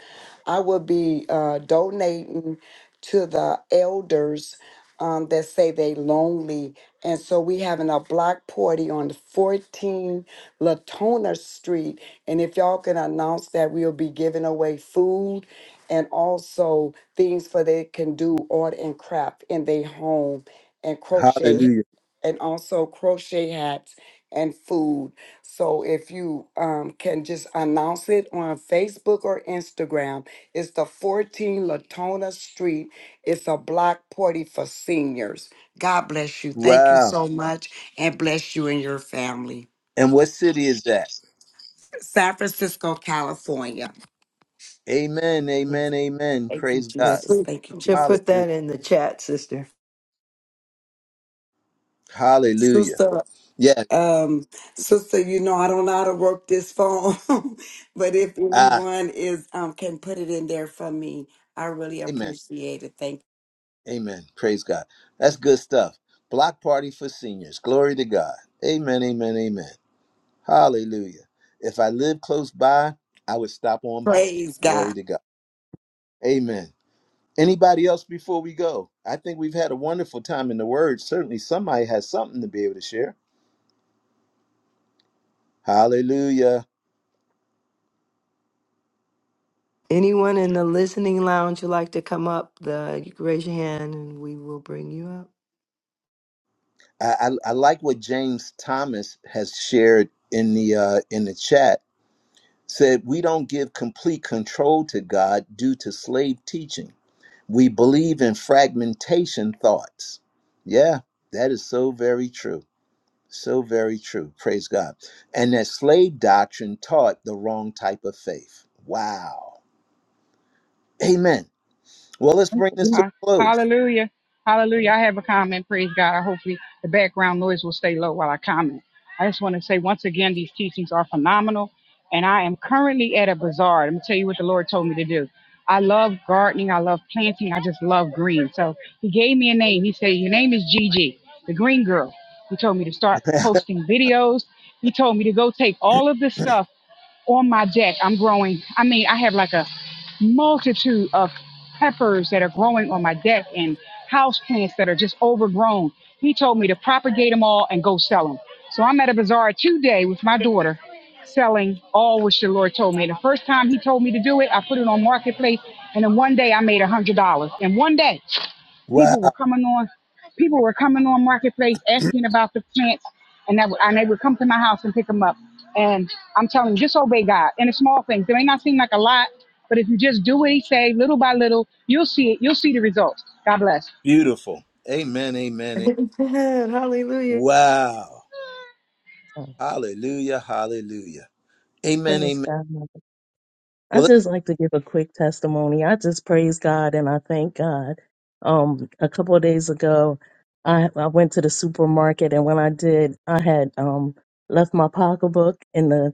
G: I will be uh, donating to the elders um, that say they lonely. And so we having a block party on 14 Latona Street. And if y'all can announce that we'll be giving away food and also things for they can do art and craft in their home and crochet
A: Hallelujah.
G: and also crochet hats and food. So if you um, can just announce it on Facebook or Instagram, it's the 14 Latona Street. It's a block party for seniors. God bless you. Thank you
A: Wow.
G: so much and bless you and your family.
A: And what city is that?
G: San Francisco, California.
A: Amen, amen, amen.
G: Thank you,
A: Praise
F: Yeah,
A: God.
G: Jesus.
F: please.
G: Thank you,
F: should
G: Jesus.
F: put
A: Hallelujah.
F: that in the chat, sister.
A: Hallelujah.
G: Sister
A: Yeah.
G: Um, sister, you know I don't know how to work this phone, (laughs) but if
A: Ah,
G: anyone is um can put it in there for me, I really
A: amen.
G: appreciate it. Thank
A: Amen. Praise God. That's good stuff. Block party for seniors. Glory to God. Amen, amen, amen. Hallelujah. If I lived close by, I would stop on by.
G: praise
A: Glory
G: God.
A: to God. Amen. Anybody else before we go? I think we've had a wonderful time in the Word. Certainly, somebody has something to be able to share. Hallelujah!
F: Anyone in the listening lounge would like to come up, the, you can raise your hand and we will bring you up.
A: I, I, I like what James Thomas has shared in the uh, in the chat. Said we don't give complete control to God due to slave teaching. We believe in fragmentation thoughts. Yeah, that is so very true. So very true. Praise God. And that slave doctrine taught the wrong type of faith. Wow. Amen. Well, let's
B: Praise
A: bring this to
I: Ha-
A: a close.
I: Hallelujah. Hallelujah. I have a comment. Praise God. I hopefully the background noise will stay low while I comment. I just want to say once again, these teachings are phenomenal. And I am currently at a bazaar. Let me tell you what the Lord told me to do. I love gardening. I love planting. I just love green. So he gave me a name. He said, Your name is Gigi, the green girl. He told me to start posting videos. He told me to go take all of this
A: (clears throat)
I: stuff on my deck, I'm growing. I mean, I have like a multitude of peppers that are growing on my deck and house plants that are just overgrown. He told me to propagate them all and go sell them. So I'm at a bazaar today with my daughter selling all which the Lord told me. The first time he told me to do it, I put it on marketplace and then one day I made a hundred dollars. In one day.
A: Wow.
I: People were coming on. People were coming on marketplace asking about the plants, and that would, and they would come to my house and pick them up. And I'm telling you, just obey God. And the small things. They may not seem like a lot, but if you just do what He say, little by little, you'll see it. You'll see the results. God bless.
A: Beautiful. Amen. Amen. amen.
F: Amen. Hallelujah.
A: Wow.
B: God.
A: Hallelujah. Hallelujah. Amen.
B: Praise
A: Amen.
B: God. Mother. I
A: Well, let's,
B: just like to give a quick testimony. I just praise God and I thank God. Um, a couple of days ago, I, I went to the supermarket and when I did, I had um left my pocketbook in the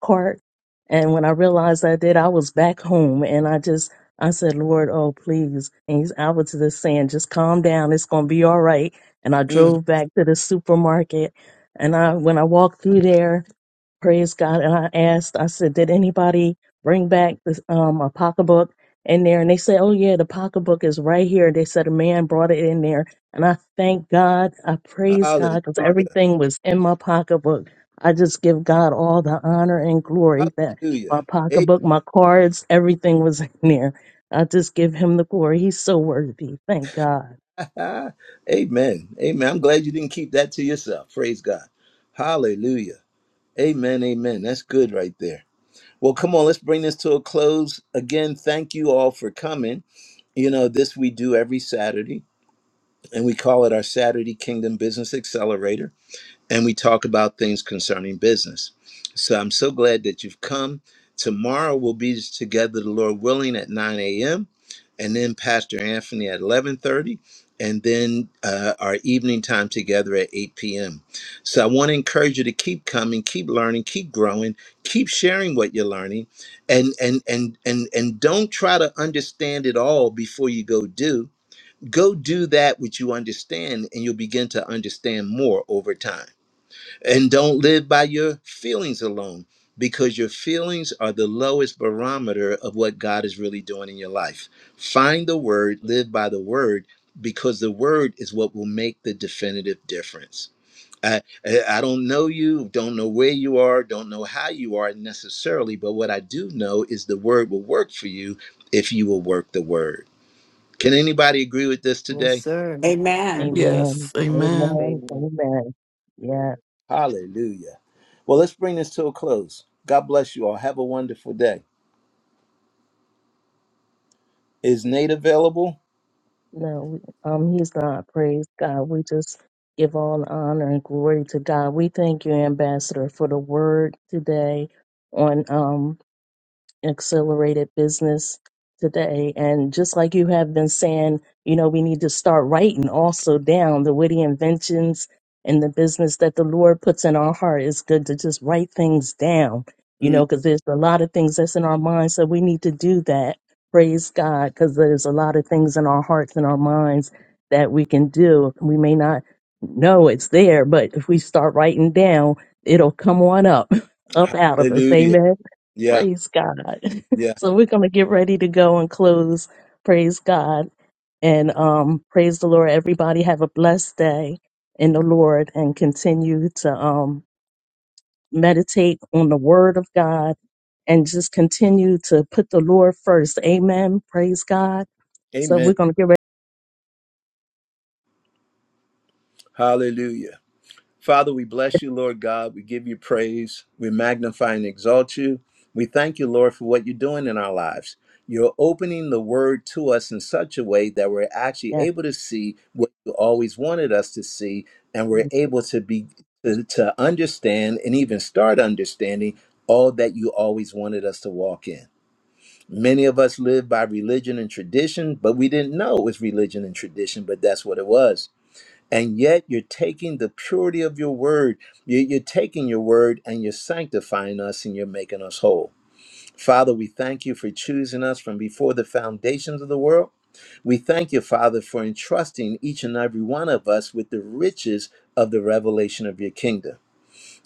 B: the cart. And when I realized I did, I was back home and I just, I said, Lord, oh, please. And he's, I was just saying, just calm down. It's going to be all right. And I
A: mhm.
B: drove back to the supermarket and I, when I walked through there, Praise God. And I asked, I said, did anybody bring back this, um, a pocketbook in there? And they said, oh, yeah, the pocketbook is right here. They said a man brought it in there. And I thank God. I praise God because
A: hallelujah.
B: everything was in my pocketbook. I just give God all the honor and glory that
A: Hallelujah.
B: my pocketbook, my cards, everything was in there. I just give him the glory. He's so worthy. Thank God.
A: Amen. (laughs) Amen. Amen. I'm glad you didn't keep that to yourself. Praise God. Hallelujah. Amen. Amen. That's good right there. Well, come on. Let's bring this to a close. Again, thank you all for coming. You know, this we do every Saturday and we call it our Saturday Kingdom Business Accelerator, and we talk about things concerning business. So I'm so glad that you've come. Tomorrow we'll be together, the Lord willing, at 9 a.m., and then Pastor Anthony at 11:30, and then uh, our evening time together at 8 p.m. So I want to encourage you to keep coming, keep learning, keep growing, keep sharing what you're learning, and and and and and don't try to understand it all before you go do go do that which you understand and you'll begin to understand more over time and don't live by your feelings alone because your feelings are the lowest barometer of what god is really doing in your life find the word live by the word because the word is what will make the definitive difference I, I I don't know you, don't know where you are, don't know how you are necessarily, but what I do know is the word will work for you if you will work the word. Can anybody agree with this
F: Yes,
A: today?
F: sir.
G: Amen.
F: Amen.
E: Yes.
B: Amen.
E: Amen.
B: Amen.
H: Amen.
B: Amen. Yes.
A: Hallelujah. Well, let's bring this to a close. God bless you all. Have a wonderful day. Is Nate available?
B: No, we- um, he's not. Praise God. We just give all honor and glory to God. We thank you, Ambassador, for the word today on um accelerated business today. And just like you have been saying, you know, we need to start writing also down the witty inventions and the business that the Lord puts in our heart. It's good to just write things down, you
A: Mm,
B: know, because there's a lot of things that's in our minds. So we need to do that. Praise God, because there's a lot of things in our hearts and our minds that we can do. We may not know it's there, but if we start writing down, it'll come on up, (laughs) up out of us.
A: hallelujah.
B: Amen.
A: Yeah,
B: Praise God. (laughs)
A: yeah.
B: so we're going to get ready to go and close. Praise God. And um, praise the Lord. Everybody have a blessed day in the Lord and continue to um, meditate on the word of God and just continue to put the Lord first. Amen. Praise God. So we're
A: Amen.
B: going to get ready.
A: Hallelujah. Father, we bless you, Lord God. We give you praise. We magnify and exalt you. We thank you, Lord, for what you're doing in our lives. You're opening the word to us in such a way that we're actually
B: Yeah.
A: able to see what you always wanted us to see, and we're able to be to, to understand and even start understanding all that you always wanted us to walk in. Many of us live by religion and tradition, but we didn't know it was religion and tradition, but that's what it was and yet you're taking the purity of your word. You- You're taking your word and you're sanctifying us and you're making us whole. Father, we thank you for choosing us from before the foundations of the world. We thank you, Father, for entrusting each and every one of us with the riches of the revelation of your kingdom.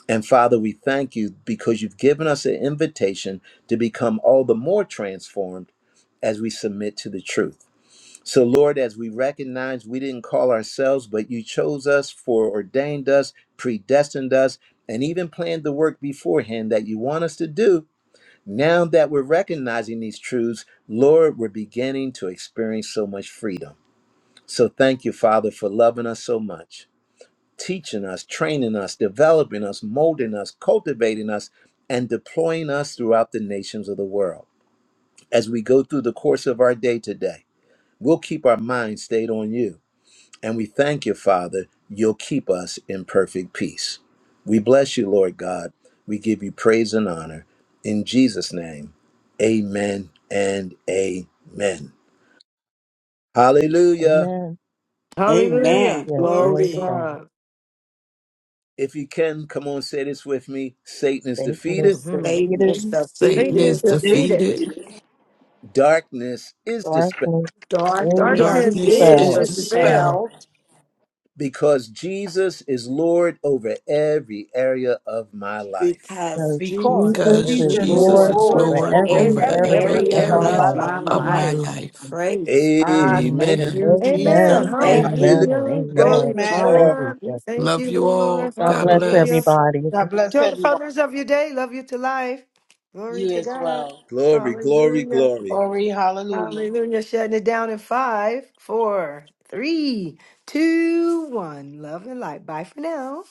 A: And Father, we thank you because you've given us an invitation to become all the more transformed as we submit to the truth. So, Lord, as we recognize we didn't call ourselves, but you chose us, foreordained us, predestined us, and even planned the work beforehand that you want us to do, now that we're recognizing these truths, Lord, we're beginning to experience so much freedom. So, thank you, Father, for loving us so much, teaching us, training us, developing us, molding us, cultivating us, and deploying us throughout the nations of the world. As we go through the course of our day today, we'll keep our minds stayed on you and we thank you, Father, you'll keep us in perfect peace. We bless you, Lord God. We give you praise and honor. In Jesus' name, amen and amen. Hallelujah.
B: Amen.
F: Hallelujah.
G: Amen.
B: Hallelujah.
F: Glory to
B: Glory to
G: Glory.
B: God.
F: God.
A: If you can, come on, say this with me Satan is
B: Satan is
A: defeated,
F: Mm-hmm.
G: Satan is
B: defeated.
E: Satan
F: Satan is
E: is
G: defeated.
J: So this
F: defeated.
E: defeated.
A: darkness is dispelled,
B: Darkness is
G: Darkness
F: Darkness
J: darkness
E: Darkness
G: is
F: is
E: is
J: is
B: dispelled
G: the spell
E: dispelled
J: dispelled
F: dispelled
A: because Jesus is Lord over every area of my life.
G: because
B: because
J: because
G: Jesus
F: because
B: Jesus
E: because
G: is
B: is
J: Jesus
F: Jesus
J: is
F: is
E: Jesus
B: Lord
G: Lord
E: is
F: Lord
J: Lord
B: over
G: over
E: Lord
J: over
B: every
E: over
F: over
G: every
J: every
B: area
E: every
F: every
J: area
B: of
G: area
J: of
B: my
E: area
F: area
J: my
G: of
B: life.
F: of
G: my
J: life.
F: my
E: of my
G: life.
F: life.
E: life.
G: Praise God. Thank
A: Amen.
E: Amen.
G: you,
F: Amen.
G: Jesus.
B: Amen,
G: Thank
J: Amen.
E: Amen.
G: you.
A: Hallelujah.
B: amen, and
F: Hallelujah.
A: God
F: Glory
B: amen.
F: to
A: bless you
J: Amen.
A: all.
F: God. We
B: Hallelujah.
F: thank
E: Love
F: you,
E: you
F: Lord.
E: all.
B: God
E: God
B: bless
F: Hallelujah.
E: bless.
B: everybody.
J: God bless
F: Enjoy the
J: everyone.
F: furtherance of your day. Love you to life. Glory
J: You
F: to
J: as
F: God.
J: well.
A: Glory, glory,
F: Hallelujah.
A: glory.
J: Glory, hallelujah.
F: Hallelujah. Shutting it down in five, four, three, two, one. Love and light. Bye for now.